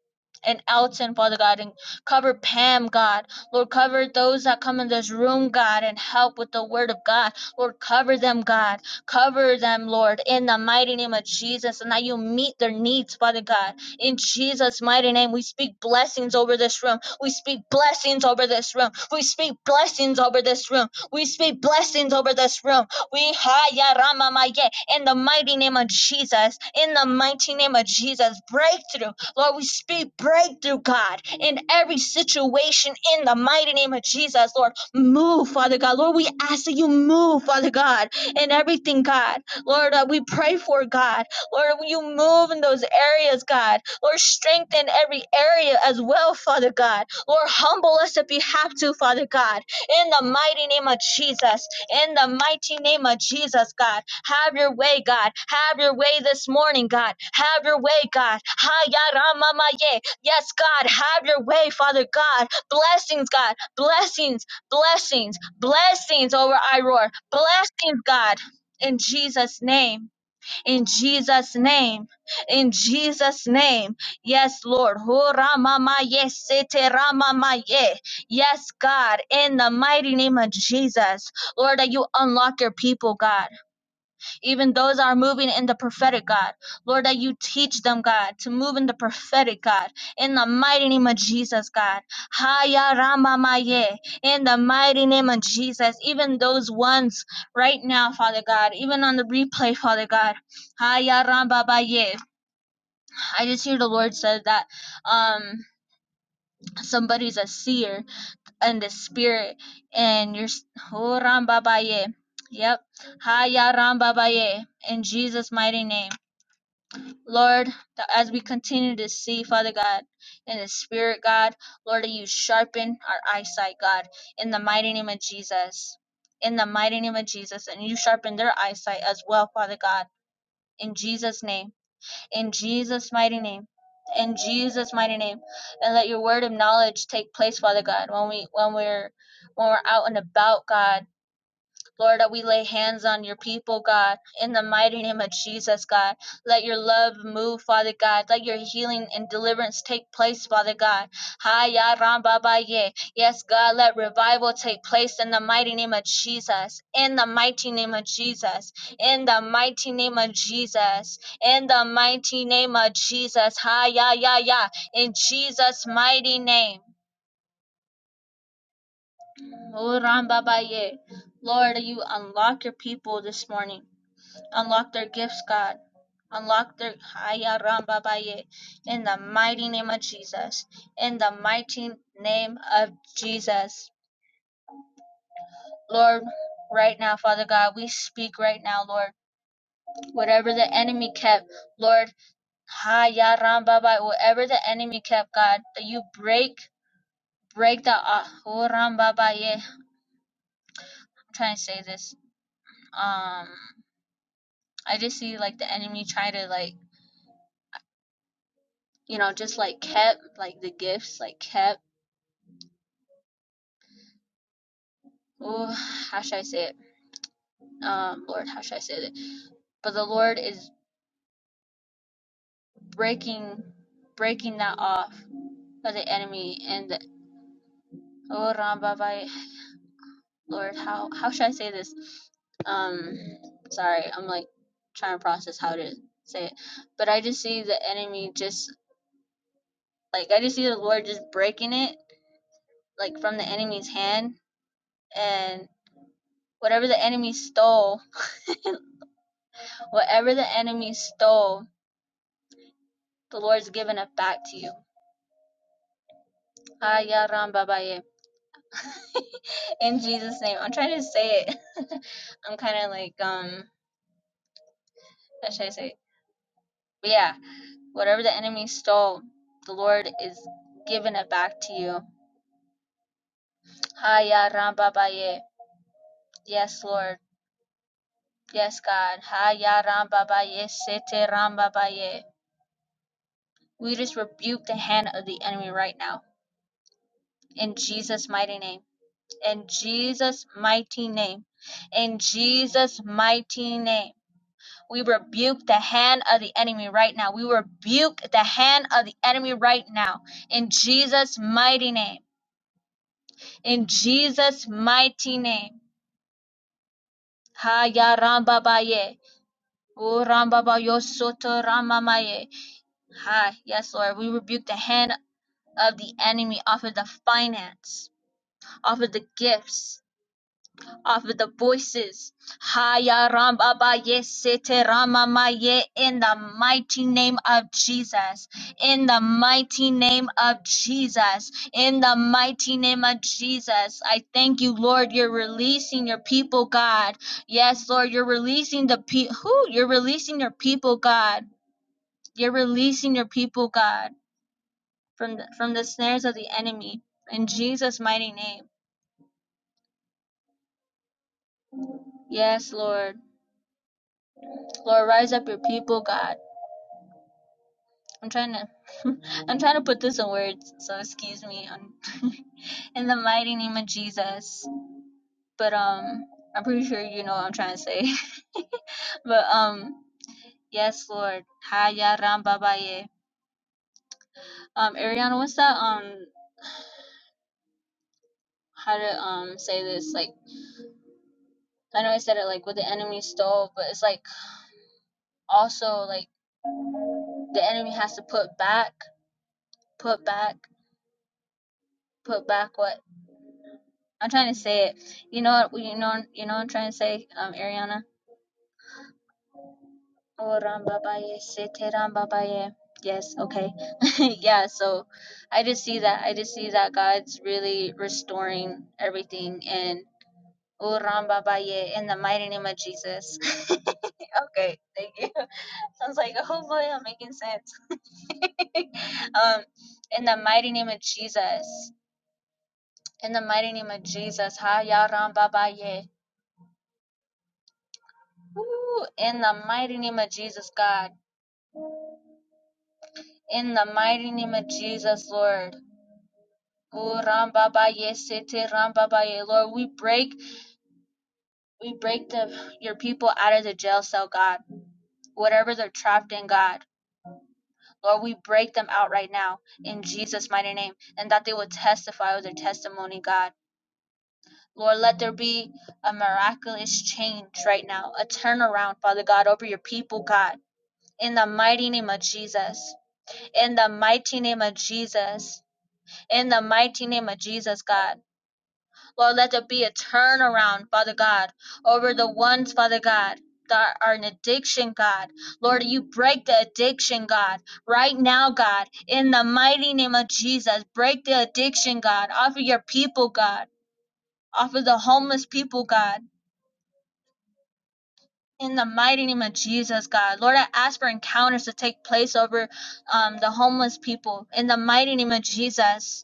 and Elton, Father God, and cover Pam, God. Lord, cover those that come in this room, God, and help with the word of God. Lord, cover them, God. Cover them, Lord, in the mighty name of Jesus, and that you meet their needs, Father God. In Jesus' mighty name, we speak blessings over this room. We speak blessings over this room. We speak blessings over this room. We speak blessings over this room. We haya ramamaye in the mighty name of Jesus. In the mighty name of Jesus, breakthrough Lord, we speak breakthrough, God, in every situation in the mighty name of Jesus. Lord, move, Father God. Lord, we ask that you move, Father God, in everything, God. Lord, that we pray for, God. Lord, will you move in those areas, God. Lord, strengthen every area as well, Father God. Lord, humble us if you have to, Father God, in the mighty name of Jesus in the mighty name of Jesus, God. Have your way, God. Have your way this morning, God. Have your way, God. Hayaramamaye. Yes, God. Have your way, Father God. Blessings, God. Blessings, blessings, blessings over Iroar. Blessings, God. In Jesus' name in Jesus' name. In Jesus' name. Yes, Lord. Ho rama ma ye se te rama ma ye. Yes, God, in the mighty name of Jesus. Lord, that you unlock your people, God even those that are moving in the prophetic God. Lord, that you teach them, God, to move in the prophetic God. In the mighty name of Jesus, God. Haya Rama Maye. In the mighty name of Jesus. Even those ones right now, Father God, even on the replay, Father God. Haya Rama Maye. I just hear the Lord said that um somebody's a seer in the spirit and you're Ho Rama Maye. Yep. Haya Rama Maye. In Jesus' mighty name. Lord, that as we continue to see, Father God, in the Spirit, God, Lord, that you sharpen our eyesight, God, in the mighty name of Jesus. In the mighty name of Jesus. And you sharpen their eyesight as well, Father God, in Jesus' name. In Jesus' mighty name. In Jesus' mighty name. And let your word of knowledge take place, Father God, when we when we're when we're out and about, God. Lord, we lay hands on your people, God, in the mighty name of Jesus, God. Let your love move, Father God. Let your healing and deliverance take place, Father God. Ha ya ram Yes, God, let revival take place in the mighty name of Jesus. In the mighty name of Jesus. In the mighty name of Jesus. In the mighty name of Jesus. Ha ya ya ya. In Jesus' mighty name. Oh, Lord, you unlock your people this morning. Unlock their gifts, God. Unlock their Haya Ramba in the mighty name of Jesus. In the mighty name of Jesus. Lord, right now, Father God, we speak right now, Lord. Whatever the enemy kept, Lord, Haya Ramba whatever the enemy kept, God, that you break, break the Ah oh, Ramba Baye. I'm trying to say this. Um I just see like the enemy try to like you know, just like kept like the gifts, like kept. oh, how should I say it? Um, Lord, how should I say it? But the Lord is breaking, breaking that off of the enemy, and the, oh, Rambabai, Lord, how how should I say this? Um, sorry, I'm like trying to process how to say it, but I just see the enemy just like I just see the Lord just breaking it like from the enemy's hand, and whatever the enemy stole, whatever the enemy stole, the Lord's giving it back to you. Ah Aya Rambabai. In Jesus' name. I'm trying to say it. I'm kind of like, um, how should I say? it? But yeah, whatever the enemy stole, the Lord is giving it back to you. Haya rambabaye. Yes, Lord. Yes, God. Haya rambabaye. Sete rambabaye. We just rebuke the hand of the enemy right now. In Jesus' mighty name. In Jesus' mighty name. In Jesus' mighty name. We rebuke the hand of the enemy right now. We rebuke the hand of the enemy right now. In Jesus' mighty name. In Jesus' mighty name. Ha ya Rambabaye. O Rambabayo soto rama ma Ha, yes, Lord. We rebuke the hand of the enemy off of the finance, off of the gifts of the voices. Haya Ramba ba ye Sete Rama ma in the mighty name of Jesus. In the mighty name of Jesus. In the mighty name of Jesus. I thank you, Lord, you're releasing your people, God. Yes, Lord, you're releasing the people. Who? You're releasing your people, God. You're releasing your people, God, from the, from the snares of the enemy. In Jesus' mighty name. Yes, Lord. Lord, rise up your people, God. I'm trying to I'm trying to put this in words, so excuse me. On in the mighty name of Jesus. But um I'm pretty sure you know what I'm trying to say. but um yes, Lord. Haya rambabaye. Um Ariana, what's that um how to um say this like I know I said it like with the enemy stole, but it's like also like the enemy has to put back, put back, put back what I'm trying to say it. You know what you know you know what I'm trying to say, um Ariana? Oh, Rambabaye, Sete Rambabaye. Yes, okay. yeah, so I just see that. I just see that God's really restoring everything. And Oh, Rambabaye, in the mighty name of Jesus. okay, thank you. Sounds like hopefully I'm making sense. um, in the mighty name of Jesus. In the mighty name of Jesus. Ha, Ya Rambabaye. Woo, In the mighty name of Jesus, God. In the mighty name of Jesus, Lord. Oh Rambabaye Sete Rambabaye. Lord, we break we break the your people out of the jail cell, God. Whatever they're trapped in, God. Lord, we break them out right now in Jesus' mighty name. And that they will testify with their testimony, God. Lord, let there be a miraculous change right now, a turnaround, Father God, over your people, God. In the mighty name of Jesus. In the mighty name of Jesus. In the mighty name of Jesus, God. Lord, let there be a turnaround, Father God, over the ones, Father God. That are in addiction, God. Lord, you break the addiction, God, right now, God, in the mighty name of Jesus. Break the addiction, God, off of your people, God, off of the homeless people, God, in the mighty name of Jesus, God. Lord, I ask for encounters to take place over um, the homeless people, in the mighty name of Jesus.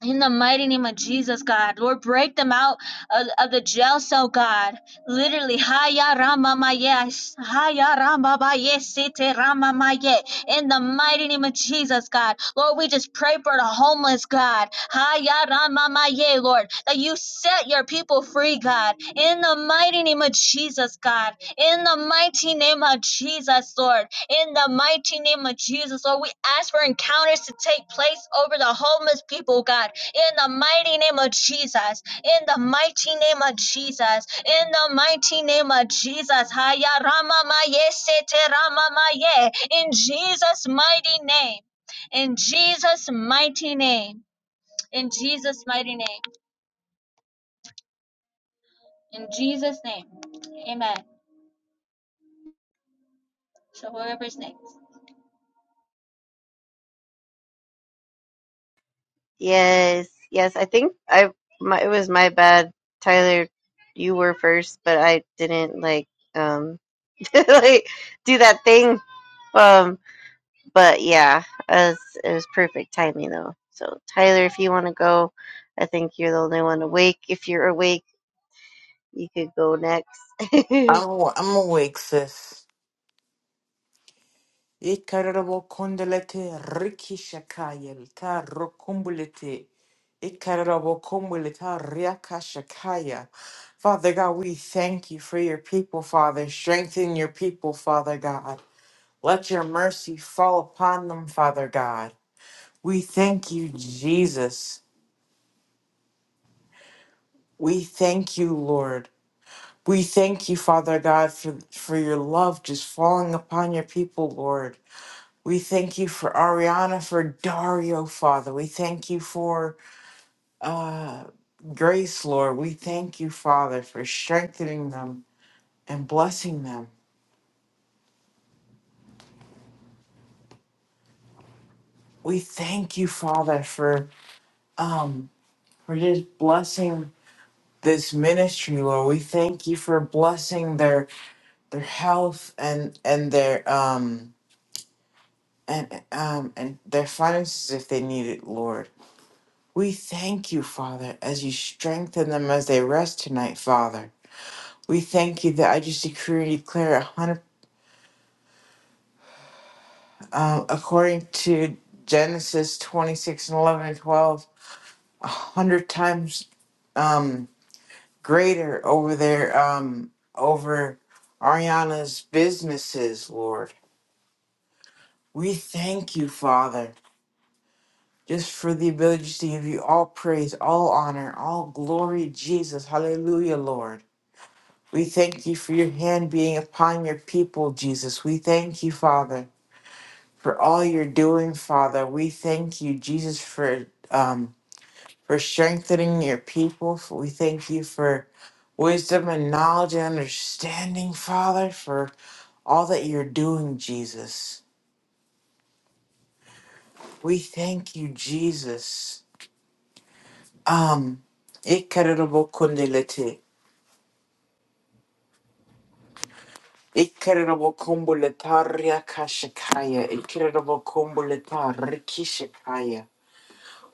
In the mighty name of Jesus, God, Lord, break them out of, of the jail cell, God. Literally, Haya Rama Maya, Haya Rama Maya, Sete Rama Maya. In the mighty name of Jesus, God, Lord, we just pray for the homeless, God. Haya Rama Maya, Lord, that you set your people free, God. In the mighty name of Jesus, God. In the mighty name of Jesus, Lord. In the mighty name of Jesus, Lord, we ask for encounters to take place over the homeless people, God in the mighty name of Jesus, in the mighty name of Jesus, in the mighty name of Jesus. Haya Rama Maye Sete Rama Maye, in Jesus' mighty name, in Jesus' mighty name, in Jesus' mighty name, in Jesus' name. Amen. So whoever's next. I'm aw- I'm awake, sis. Ikarabo kondelete riki shakayel ta rokumbulete. Ikarabo kumbuleta riaka shakaya. Father God, we thank you for your people, Father. Strengthen your people, Father God. Let your mercy fall upon them, Father God. We thank you, Jesus. We thank you, Lord. We thank you, Father God, for, for your love just falling upon your people, Lord. We thank you for Ariana, for Dario, Father. We thank you for uh, Grace, Lord. We thank you, Father, for strengthening them and blessing them. We thank you, Father, for um for just blessing this ministry, Lord. We thank you for blessing their their health and and their um and um and their finances if they need it, Lord. We thank you, Father, as you strengthen them as they rest tonight, Father. We thank you that I just decree and declare a hundred, um, according to Genesis 26 and 11 and 12, a hundred times um, greater over there, um, over Ariana's businesses, Lord. We thank you, Father, just for the ability to give you all praise, all honor, all glory, Jesus. Hallelujah, Lord. We thank you for your hand being upon your people, Jesus. We thank you, Father for all you're doing, Father. We thank you, Jesus, for um, for strengthening your people. For- We thank you for wisdom and knowledge and understanding, Father, for all that you're doing, Jesus. We thank you, Jesus. Um, incredible kundalite. Incredible kumbulataria kashikaya. Incredible kumbulata rikishikaya.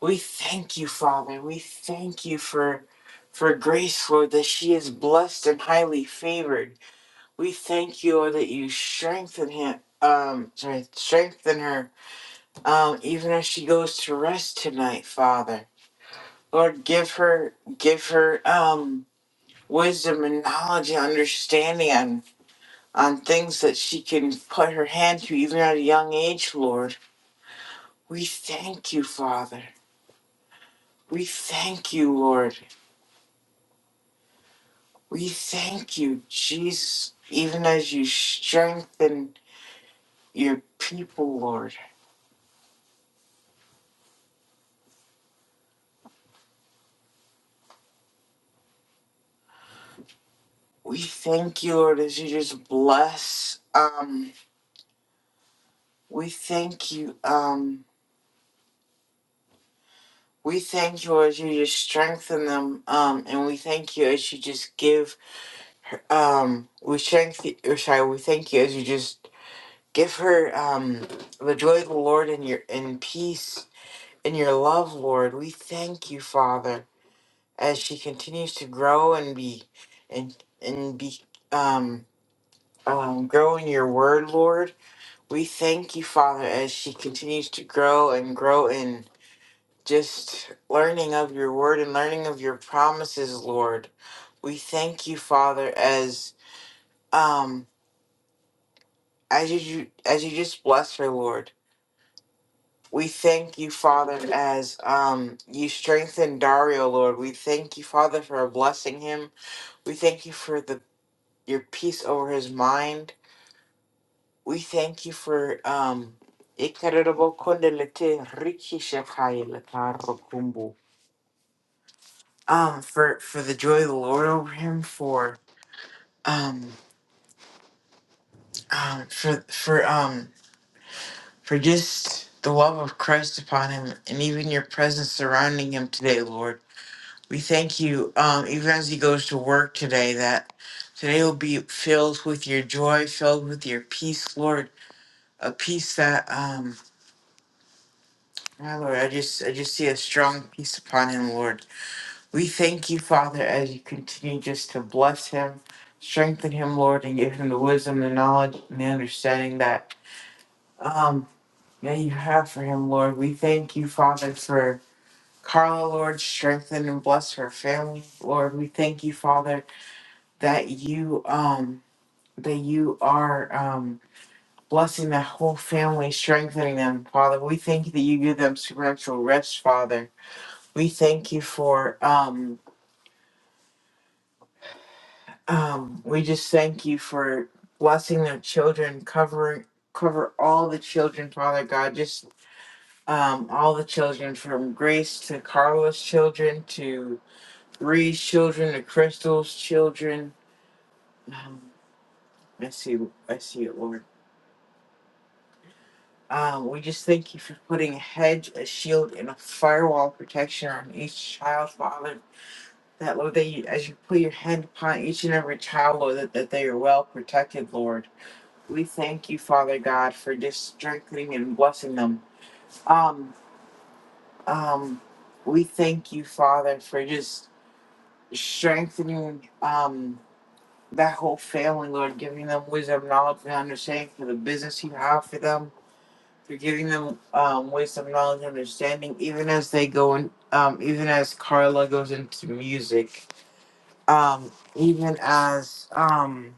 We thank you, Father. We thank you for for grace, Lord, that she is blessed and highly favored. We thank you, Lord, that you strengthen him. Um, sorry, strengthen her. Um, even as she goes to rest tonight, Father. Lord, give her, give her, um, wisdom and knowledge and understanding on on things that she can put her hand to, even at a young age, Lord. We thank you, Father. We thank you, Lord. We thank you, Jesus, even as you strengthen your people, Lord. We thank you, Lord, as you just bless. Um, we thank you. Um, we thank you Lord, as you just strengthen them. Um, and we thank you as you just give. Her, um, we strengthen. Or sorry, we thank you as you just give her um the joy of the Lord and your and peace and your love, Lord. We thank you, Father. as she continues to grow and be and and be um, um grow in your word, Lord. We thank you, Father, as she continues to grow and grow in just learning of your word and learning of your promises, Lord. We thank you, Father, as um as you as you just bless her, Lord. We thank you, Father, as um you strengthen Dario, Lord. We thank you, Father, for blessing him. We thank you for the your peace over his mind. We thank you for um Ikarabokondalete rikishakayalakarokumbu. um for for the joy of the Lord over him for um um for for um for just the love of Christ upon him and even your presence surrounding him today, Lord. We thank you, um, even as he goes to work today, that today will be filled with your joy, filled with your peace, Lord, a peace that um Ah, Lord, I just I just see a strong peace upon him, Lord. We thank you, Father, as you continue just to bless him, strengthen him, Lord, and give him the wisdom, the knowledge, and the understanding that um that you have for him, Lord. We thank you, Father, for Carla, Lord, strengthen and bless her family, Lord. We thank you, Father, that you um that you are um blessing that whole family, strengthening them, Father. We thank you that you give them supernatural rest, Father We thank you for um um we just thank you for blessing their children, covering cover all the children, Father God, just um all the children from Grace to Carla's children to Bree's children to Crystal's children. Um, I see I see it, Lord. Um, we just thank you for putting a hedge, a shield, and a firewall protection on each child, Father. That, Lord, that you, as you put your hand upon each and every child, Lord, that, that they are well protected, Lord. We thank you, Father God, for just strengthening and blessing them. Um, um, we thank you, Father, for just strengthening um that whole family, Lord, giving them wisdom, knowledge, and understanding for the business you have for them. For giving them um, wisdom, knowledge, and understanding, even as they go in, um, even as Carla goes into music um, even as um,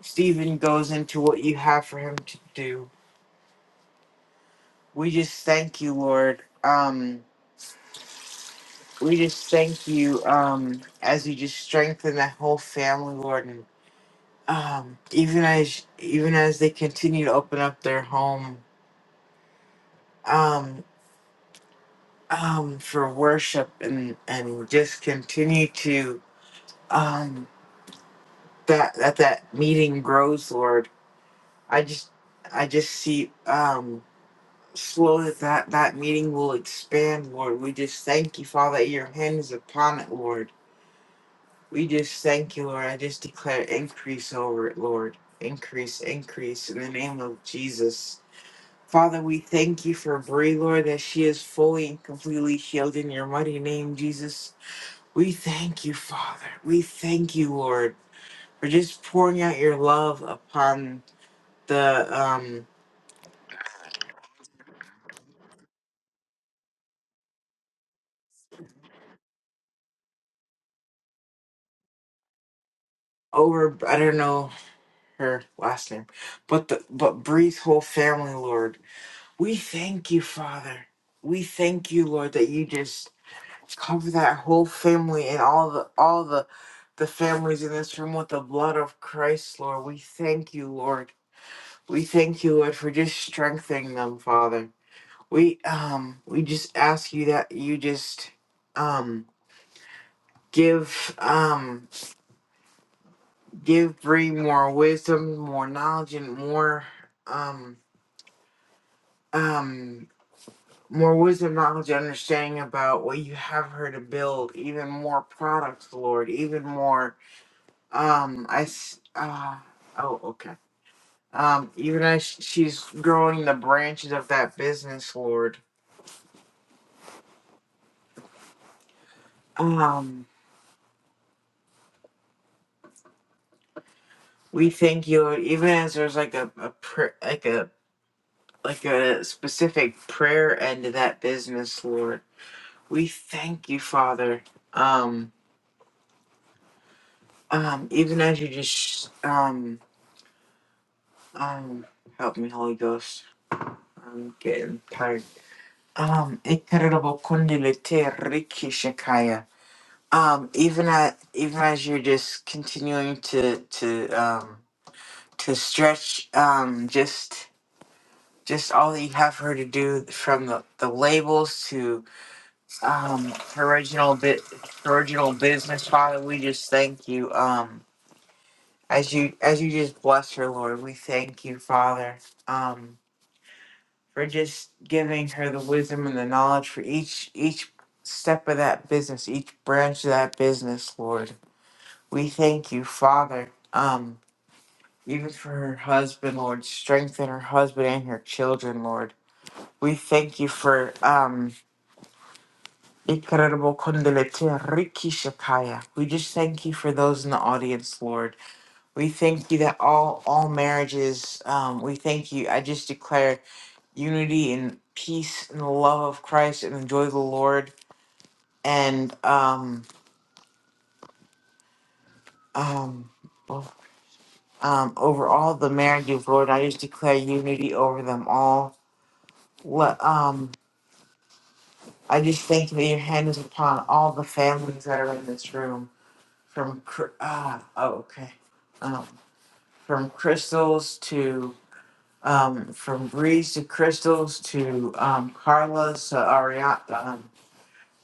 Stephen goes into what you have for him to do. We just thank you, Lord. Um, we just thank you um, as you just strengthen that whole family, Lord, and um, even as even as they continue to open up their home um, um, for worship and and just continue to um, that that that meeting grows, Lord. I just I just see. Um, Slowly that that meeting will expand, Lord. We just thank you, Father, that your hand is upon it, Lord. We just thank you, Lord. I just declare increase over it, Lord. Increase, increase in the name of Jesus. Father, we thank you for Brie, Lord, that she is fully and completely healed in your mighty name, Jesus. We thank you, Father. We thank you, Lord, for just pouring out your love upon the um over I don't know her last name, but the but Bree's whole family, Lord. We thank you, Father. We thank you, Lord, that you just cover that whole family and all the all the the families in this room with the blood of Christ, Lord. We thank you, Lord. We thank you, Lord, for just strengthening them, Father. We um we just ask you that you just um give um give Bree more wisdom, more knowledge, and more um um more wisdom, knowledge, and understanding about what you have her to build, even more products, Lord, even more. Um, I, s- uh, oh, okay. Um, even as she's growing the branches of that business, Lord, um, we thank you, Lord, even as there's like a, a pr- like a, like a specific prayer end to that business, Lord. We thank you, Father. Um, um, even as you just, um, um, help me, Holy Ghost Getting tired. Um, Ikarabo Kundilete Riki Um, even at even as you're just continuing to to um to stretch um just just all that you have her to do from the, the labels to um her original bit her original business father we just thank you um as you as you just bless her lord we thank you father Um. for just giving her the wisdom and the knowledge for each each step of that business, each branch of that business, Lord. We thank you, Father. Um, even for her husband, Lord, strengthen her husband and her children, Lord. We thank you for um incredible kundelete Riki Shakaya. We just thank you for those in the audience, Lord. We thank you that all all marriages, um, we thank you. I just declare unity and peace and the love of Christ and the joy of the Lord and um um well, um over all the marriages, Lord, I just declare unity over them all. Let um I just thank you that your hand is upon all the families that are in this room, from Cr- ah oh okay, um from crystals to um from Breeze to crystals to um Carla's to Ariana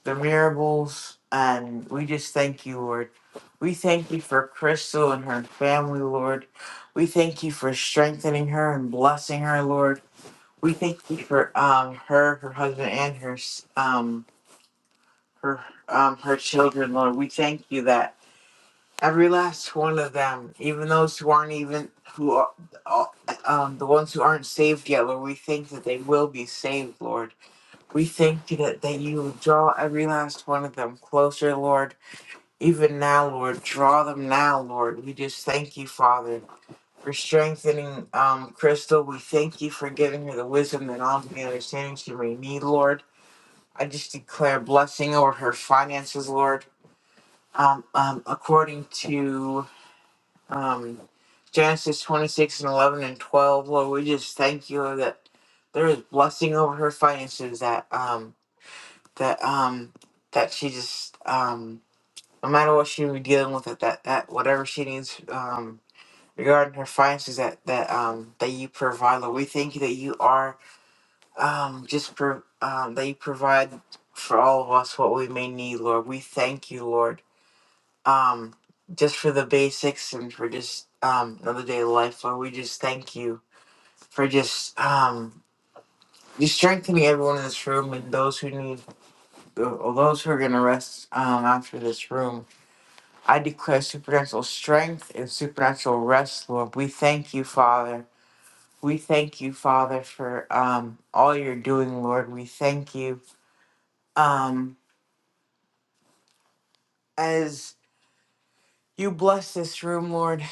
the miracles. And we just thank you, Lord. We thank you for Crystal and her family, Lord. We thank you for strengthening her and blessing her, Lord. We thank you for um, her, her husband, and her s- um, her um, her children, Lord. We thank you that every last one of them, even those who aren't even who are uh, um, the ones who aren't saved yet, Lord, we think that they will be saved, Lord. We thank you that, that you draw every last one of them closer, Lord even now, Lord, draw them now, Lord. We just thank you, Father, for strengthening um, Crystal. We thank you for giving her the wisdom that all the understanding she may need, Lord. I just declare blessing over her finances, Lord. Um, um, according to um, Genesis 26 and 11 and 12, Lord, we just thank you that there is blessing over her finances that um, that um, that she just um, no matter what she be dealing with at that at whatever she needs um regarding her finances that that um that you provide Lord we thank you that you are um just pro- um that you provide for all of us what we may need Lord we thank you Lord um just for the basics and for just um another day of life Lord we just thank you for just um just strengthening everyone in this room and those who need those who are gonna rest um after this room I declare supernatural strength and supernatural rest, Lord. We thank you, Father. We thank you, Father, for um, all you're doing, Lord. We thank you um, as you bless this room, Lord,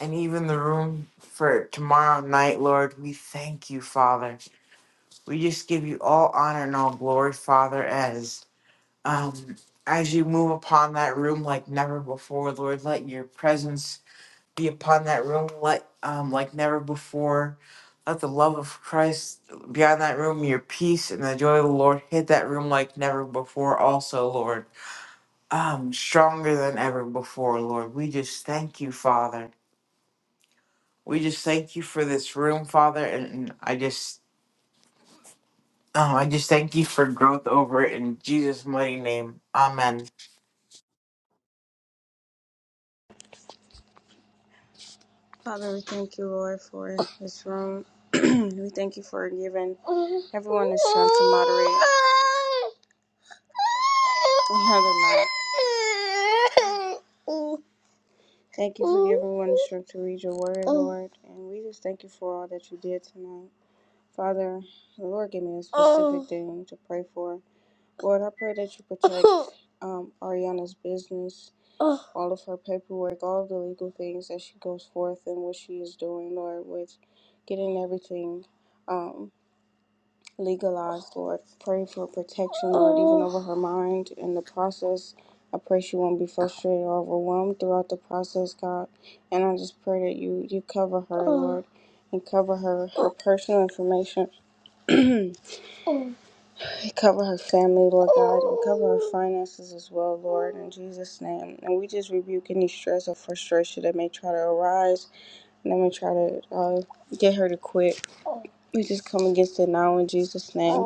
and even the room for tomorrow night, Lord. We thank you, Father. We just give you all honor and all glory, Father, as um, as you move upon that room like never before, Lord. Let your presence be upon that room like um like never before. Let the love of Christ be on that room, your peace and the joy of the Lord hit that room like never before also, Lord. Um stronger than ever before, Lord. We just thank you, Father. We just thank you for this room, Father, and and I just oh, I just thank you for growth over it in Jesus' mighty name. Amen. Father, we thank you, Lord, for this room. we thank you for giving everyone a chance to moderate. No, they're not. Thank you for giving one strength to read your word, Lord. And we just thank you for all that you did tonight. Father, the Lord gave me a specific thing to pray for. Lord, I pray that you protect um, Ariana's business, all of her paperwork, all of the legal things that she goes forth and what she is doing, Lord, with getting everything. um, legalized, Lord. Pray for protection, Lord, even over her mind in the process. I pray she won't be frustrated or overwhelmed throughout the process, God. And I just pray that you you cover her, Lord, and cover her her personal information. cover her family, Lord God, and cover her finances as well, Lord, in Jesus' name. And we just rebuke any stress or frustration that may try to arise and I'm going to try to uh, get her to quit. We just come against it now in Jesus' name.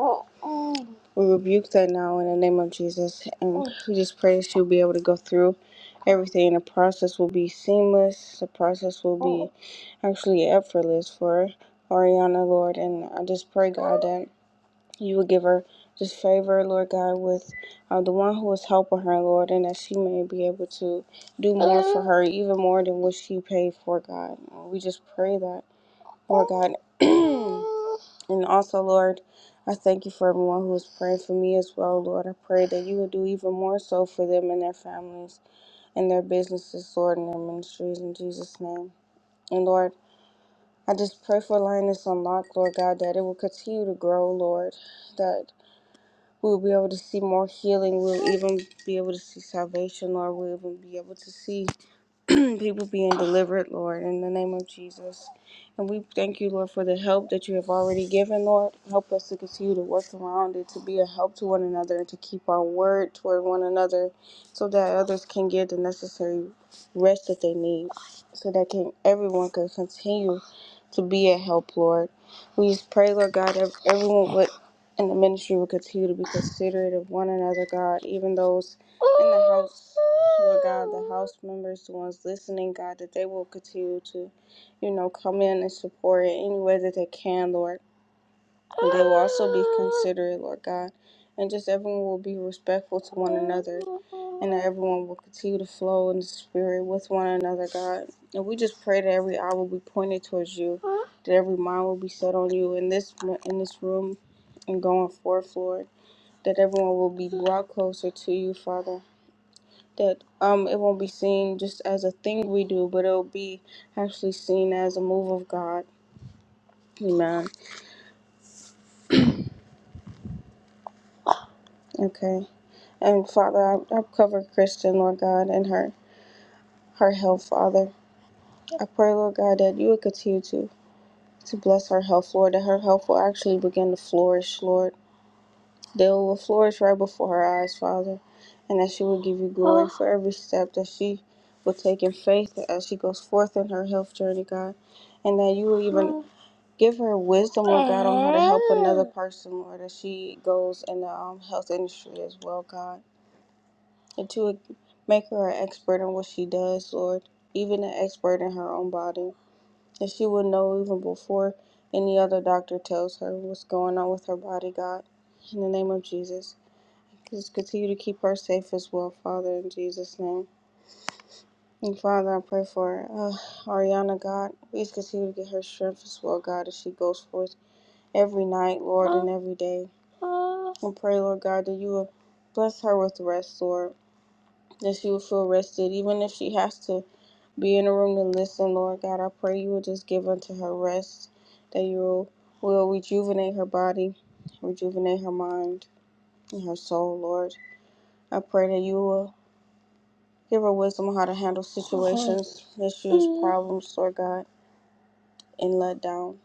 We rebuke that now in the name of Jesus. And we just pray that she'll be able to go through everything. And the process will be seamless. The process will be actually effortless for Ariana, Lord. And I just pray, God, that. You would give her this favor, Lord God, with uh, the one who is helping her, Lord, and that she may be able to do more for her, even more than what she paid for, God. Uh, We just pray that, Lord God. and also, Lord, I thank you for everyone who is praying for me as well, Lord. I pray that you would do even more so for them and their families and their businesses, Lord, and their ministries in Jesus' name. And Lord, I just pray for Lioness Unlocked, Lord God, that it will continue to grow, Lord. that we will be able to see more healing. We'll even be able to see salvation, Lord. We'll even be able to see people being delivered, Lord, in the name of Jesus. And we thank you, Lord, for the help that you have already given, Lord. Help us to continue to work around it, to be a help to one another, and to keep our word toward one another so that others can get the necessary rest that they need, so that can everyone can continue to be a help, Lord. We just pray, Lord God, ev- everyone would in the ministry will continue to be considerate of one another, God, even those in the house, Lord God, the house members, the ones listening, God, that they will continue to, you know, come in and support it any way that they can, Lord. And they will also be considerate, Lord God. And just everyone will be respectful to one another. And that everyone will continue to flow in the spirit with one another, God. And we just pray that every eye will be pointed towards you, that every mind will be set on you in this in this room and going forth, Lord. That everyone will be brought closer to you, Father that um it won't be seen just as a thing we do, but it'll be actually seen as a move of God. Amen. Okay. And Father, I, I cover Kristen, Lord God, and her her health, Father. I pray, Lord God, that you would continue to to bless her health, Lord, that her health will actually begin to flourish, Lord. That it will flourish right before her eyes, Father, and that she will give you glory for every step that she will take in faith as she goes forth in her health journey, God, and that you will even Give her wisdom, Lord God, on how to help another person, Lord, as she goes in the um, health industry as well, God. And to e, make her an expert in what she does, Lord, even an expert in her own body. And she will know even before any other doctor tells her what's going on with her body, God. In the name of Jesus. Just continue to keep her safe as well, Father, in Jesus' name. And Father, I pray for uh, Ariana, God. Please continue to get her strength as well, God, as she goes forth every night, Lord, and every day. And pray, Lord God, that you will bless her with rest, Lord, that she will feel rested, even if she has to be in a room to listen, Lord God. I pray you will just give unto her rest, that you will, will rejuvenate her body, rejuvenate her mind, and her soul, Lord. I pray that you will give her wisdom on how to handle situations, issues, problems, Lord God, and let down.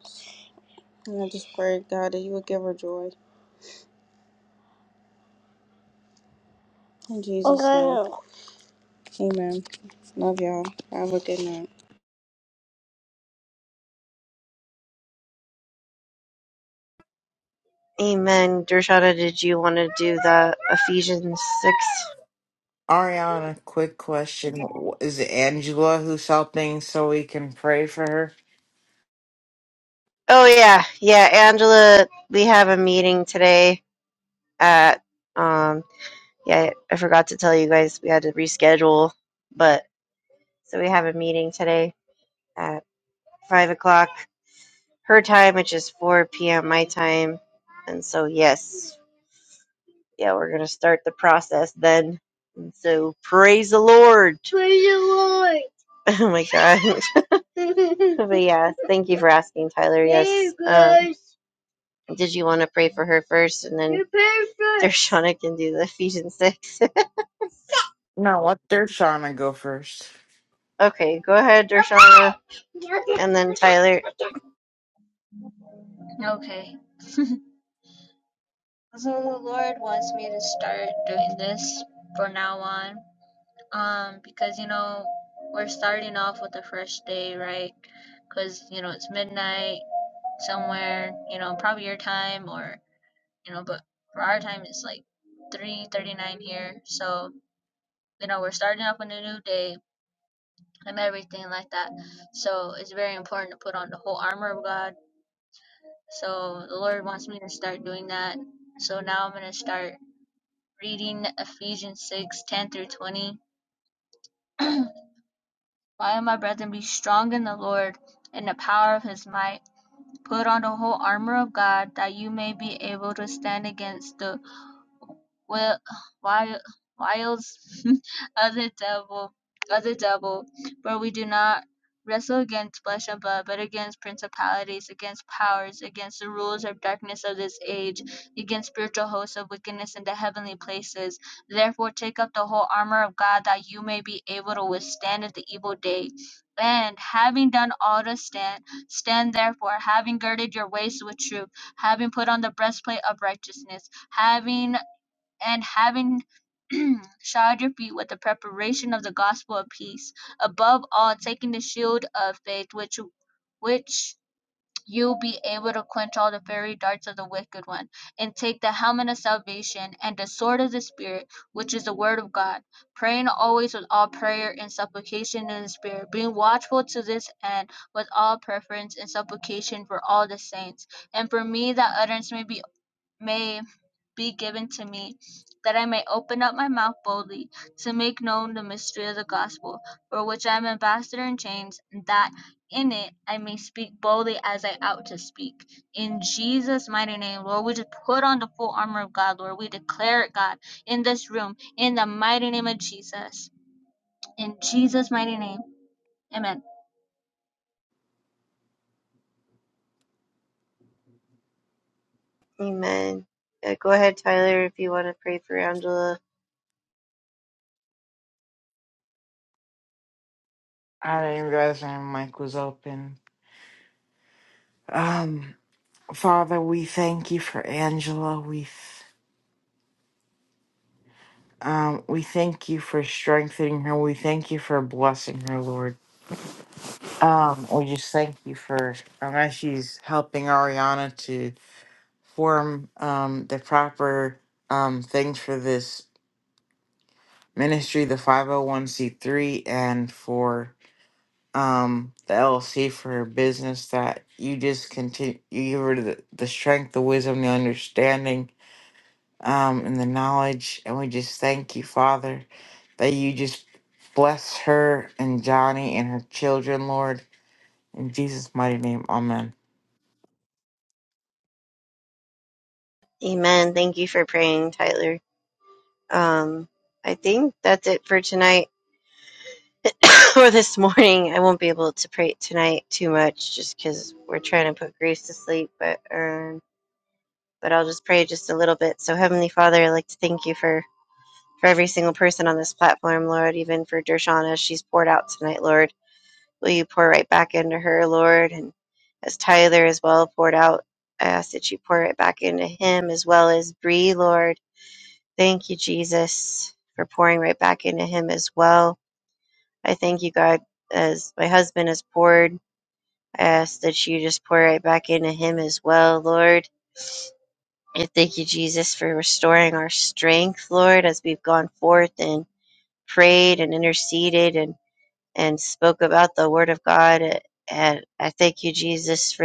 And I just pray, God, that you will give her joy. In Jesus' name, amen. Love y'all. Have a good night. Ariana, quick question. Is it Angela who's helping so we can pray for her? No, what they're trying go first. Okay. So the Lord wants me to start doing this for now on. Um, because you know, we're starting off with a fresh day, right? Because you know, it's midnight somewhere, you know, probably your time or you know, but for our time it's like 3:39 here. So, you know, we're starting off with a new day and everything like that. So, it's very important to put on the whole armor of God. So, the Lord wants me to start doing that. So, now I'm going to start reading Ephesians 6:10 through 20 Why, my brethren, be strong in the Lord, and the power of his might: put on the whole armour of God, that you may be able to stand against the well, while whiles other devil, other devil, for we do not wrestle against flesh and blood, but against principalities, against powers, against the rulers of darkness of this age, against spiritual hosts of wickedness in the heavenly places. Therefore, take up the whole armor of God, that you may be able to withstand in the evil day. And having done all to stand, stand therefore, having girded your waist with truth, having put on the breastplate of righteousness, having and having shod your feet with the preparation of the gospel of peace. Above all, taking the shield of faith, which which you'll be able to quench all the fiery darts of the wicked one, and take the helmet of salvation and the sword of the Spirit, which is the word of God, praying always with all prayer and supplication in the Spirit, being watchful to this end with all preference and supplication for all the saints, and for me that utterance may be may be given to me, that I may open up my mouth boldly to make known the mystery of the gospel, for which I am ambassador in chains, and that in it I may speak boldly as I ought to speak. In Jesus' mighty name, Lord, we just put on the full armor of God, Lord. We declare it, God, in this room, in the mighty name of Jesus. In Jesus' mighty name, amen. I didn't realize my mic was open. Um, Father, we thank you for Angela. We th- um, we thank you for strengthening her. We thank you for blessing her, Lord. Um, we just thank you for um, as she's helping Ariana to form um the proper um things for this ministry, the five hundred one c three, and for um the LLC for her business that you just continue you give her the, the strength, the wisdom, the understanding, um, and the knowledge. And we just thank you, Father, that you just bless her and Johnny and her children, Lord. In Jesus' mighty name, Amen.